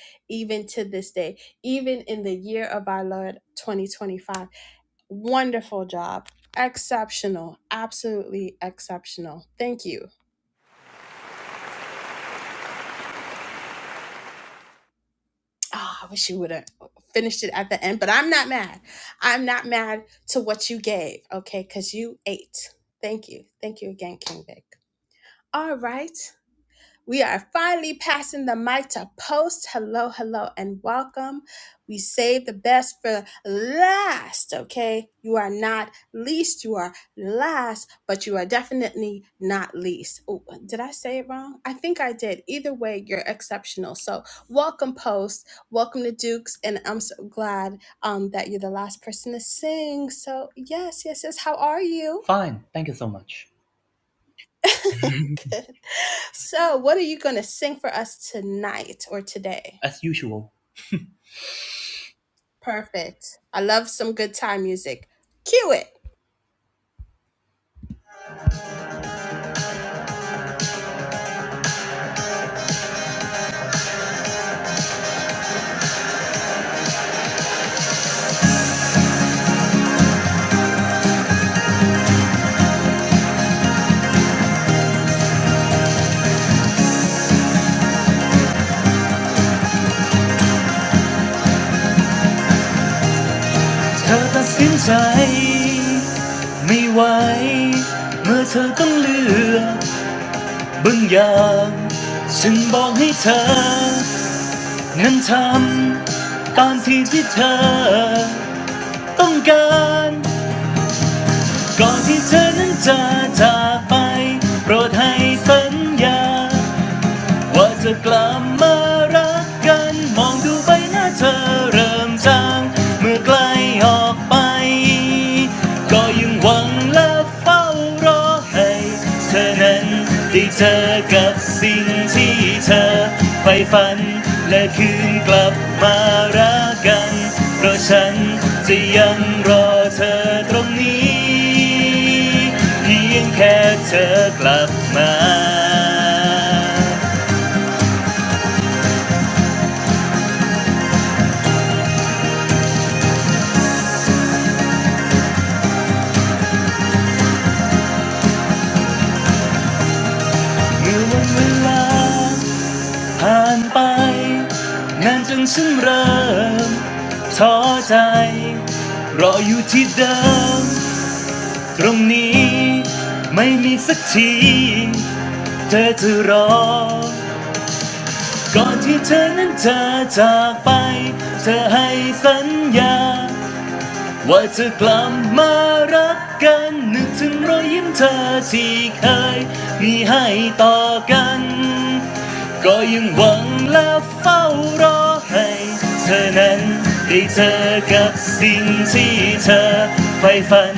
even to this day even in the year of our Lord 2025. Wonderful job. Exceptional. Absolutely exceptional. Thank you. Ah, I wish you would have finished it at the end, but I'm not mad. I'm not mad to what you gave, okay? Because you ate. Thank you. Thank you again, King Vic. All right. We are finally passing the mic to post. Hello, hello, and welcome. We save the best for last, okay? You are not least, you are last, but you are definitely not least. Oh, did I say it wrong? I think I did. Either way, you're exceptional. So, welcome, post. Welcome to Dukes, and I'm so glad um, that you're the last person to sing. So, yes, yes, yes. How are you?
Fine, thank you so much.
Good. So, what are you going to sing for us tonight or today?
As usual.
Perfect. I love some good time music. Cue it.
เธอตัดสินใจไม่ไหวเมื่อเธอต้องเลือกบางอย่างฉันบอกให้เธอนั้นทำตามที่ที่เธอต้องการก่อนที่เธอนั้นจะจากไปโปรดให้สัญญา ว่าจะกลับมารักกันมองดูใบหน้าเธอเริ่มจางเมื่อไกลออกไปก็ยังหวังและเฝ้ารอให้เธอนั้นได้เจอกับสิ่งที่เธอใฝ่ฝันและคืนกลับมารักกันเพราะฉันจะยังรอเธอตรงนี้เพียงแค่เธอกลับมา เมื่อวันเวลาผ่านไปนานจนฉันเริ่มท้อใจรออยู่ที่เดิมตรงนี้ไม่มีสักทีเธอจะรอก่อนที่เธอนั้นจะจากไปเธอให้สัญญา ว่าจะกลับมารักกันนึกถึงรอยยิ้มเธอที่เคยมีให้ต่อกัน ก็ยังหวังและเฝ้ารอให้เธอนั้นได้เจอกับสิ่งที่เธอใฝ่ฝัน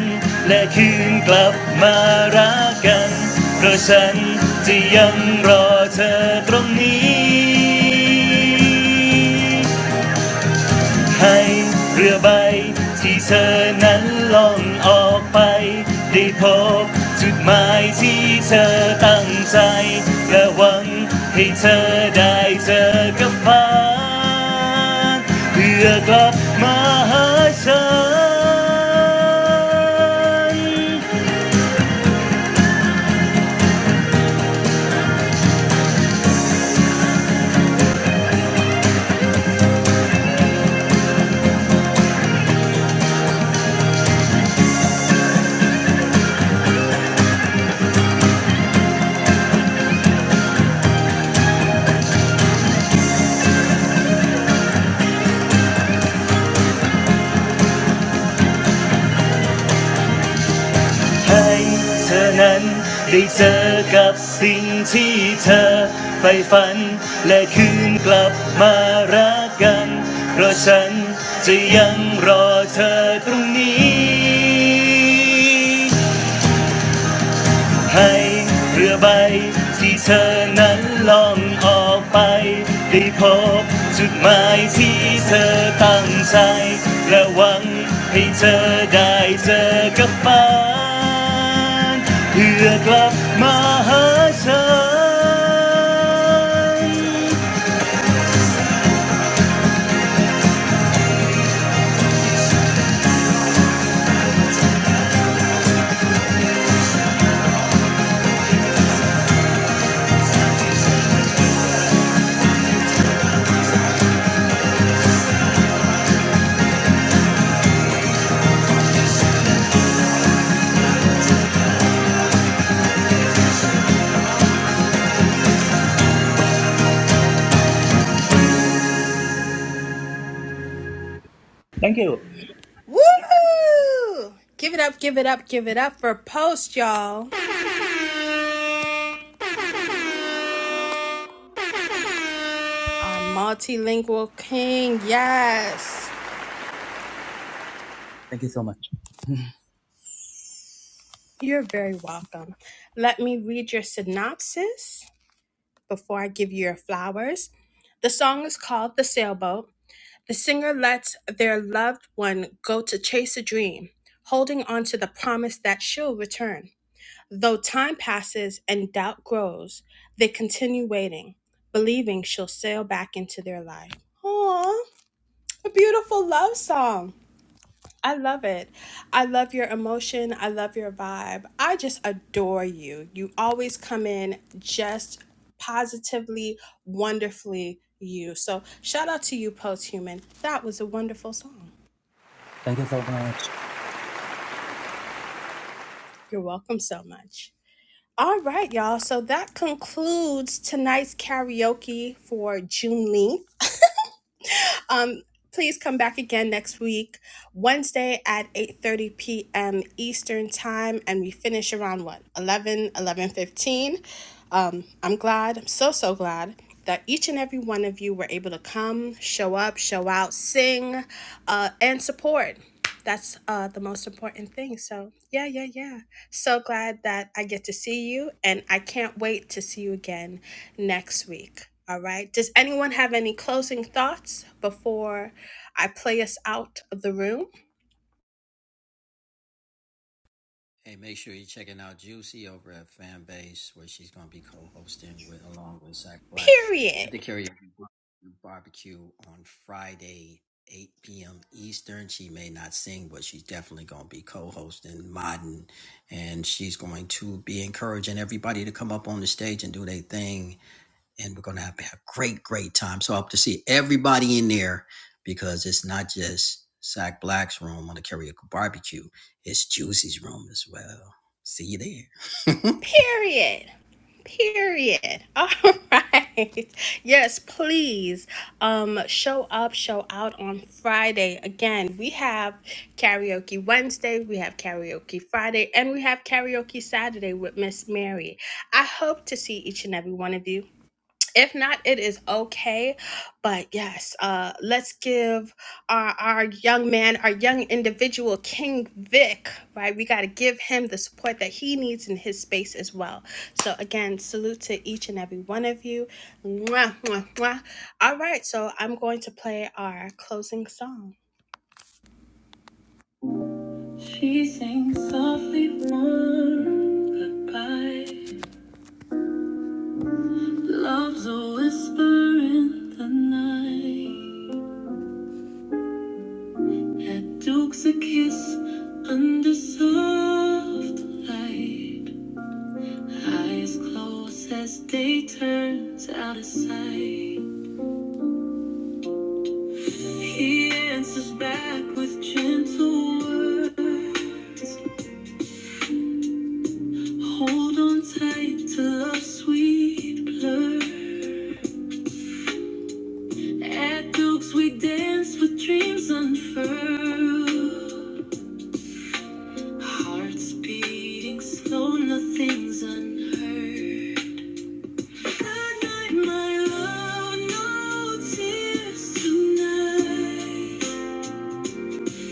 และคืนกลับมารักกัน เพราะฉันจะยังรอเธอตรงนี้ ให้เรือใบที่เธอนั้นล่องออกไปได้พบจุดหมายที่เธอตั้งใจและหวังให้เธอได้เจอกับฟ้าเพื่อกลับมาหาฉัน ให้เธอนั้นได้เจอกับสิ่งที่เธอใฝ่ฝันและคืนกลับมารักกัน เพราะฉันจะยังรอเธอตรงนี้ ให้เรือใบที่เธอนั้นล่องออกไปได้พบจุดหมายที่เธอตั้งใจและหวังให้เธอได้เจอกับฝันเพื่อกลับมาหาฉัน Thank you
Woo! Give it up, give it up, give it up for Post, y'all. Our multilingual king. Yes.
Thank you so much
You're very welcome. Let me read your synopsis before I give you your flowers. The song is called The Sailboat. The singer lets their loved one go to chase a dream, holding on to the promise that she'll return. Though time passes and doubt grows, they continue waiting, believing she'll sail back into their life. Aw, a beautiful love song. I love it. I love your emotion. I love your vibe. I just adore you. You always come in just positively, wonderfully you. So shout out to you, Post Human. That was a wonderful song.
Thank you so much
You're welcome so much. All right, y'all. So that concludes tonight's karaoke for Juneteenth. Um, please come back again next week, Wednesday at 8.30 p.m. Eastern Time, and we finish around, what, 11, eleven fifteen. Um, I'm glad, I'm so, so glad that each and every one of you were able to come, show up, show out, sing, uh, and support. That's uh, the most important thing. So, yeah, yeah, yeah. So glad that I get to see you, and I can't wait to see you again next week. All right. Does anyone have any closing thoughts before I play us out of the room? Period. And we have karaoke Wednesday, we have karaoke Friday, and we have karaoke Saturday with Miss Mary. I hope to see each and every one of you. if not it is okay but yes uh let's give our our young man our young individual king vic right we got to give him the support that he needs in his space as well so again salute to each and every one of you Mwah, mwah, mwah. all right so i'm going to play our closing song she sings softly warm goodbye love's a whisper in the night That Duke's a kiss under soft light. Eyes closed as day turns out of sight. He answers back with gentle words. Hold on tight to love's sweet blur. At Duke's we dance with dreams unfurled. Hearts beating slow, nothing's unheard. Good my love. No tears tonight.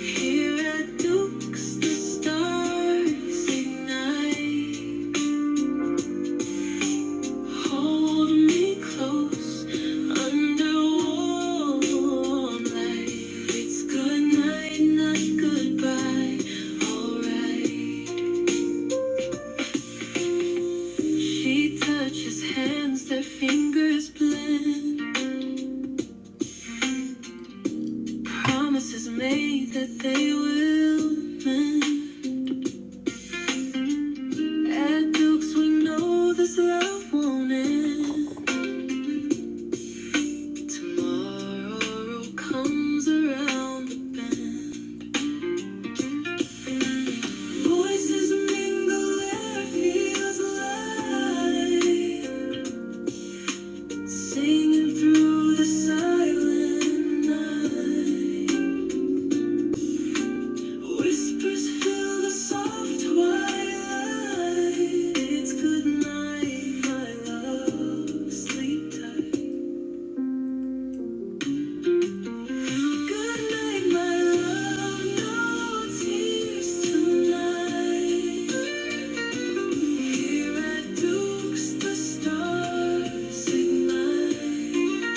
Here at Duke's, the stars ignite. Hold me close under warm light. It's good not goodbye. Alright. She touches hands, their fingers blend. Promises made that they will mend. At Dukes, we know this love won't end. Tomorrow comes around the bend. Voices mingle, air feels alive, Singing through the silent night. Whispers fill the soft twilight. It's good night, my love. Sleep tight. Good night, my love. No tears tonight. Here at Duke's, the stars ignite.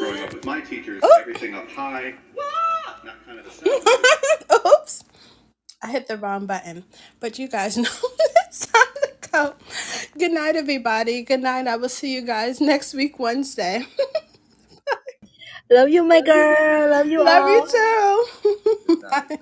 Growing up with my teachers, Oop. everything up high, not kind of the sound. Oops, I hit the wrong button. But you guys know it's time to go. Good night, everybody. Good night. I will see you guys next week, Wednesday.
Love you, my
Love you my
girl. Love you
darling. Love
all.
you too. Bye.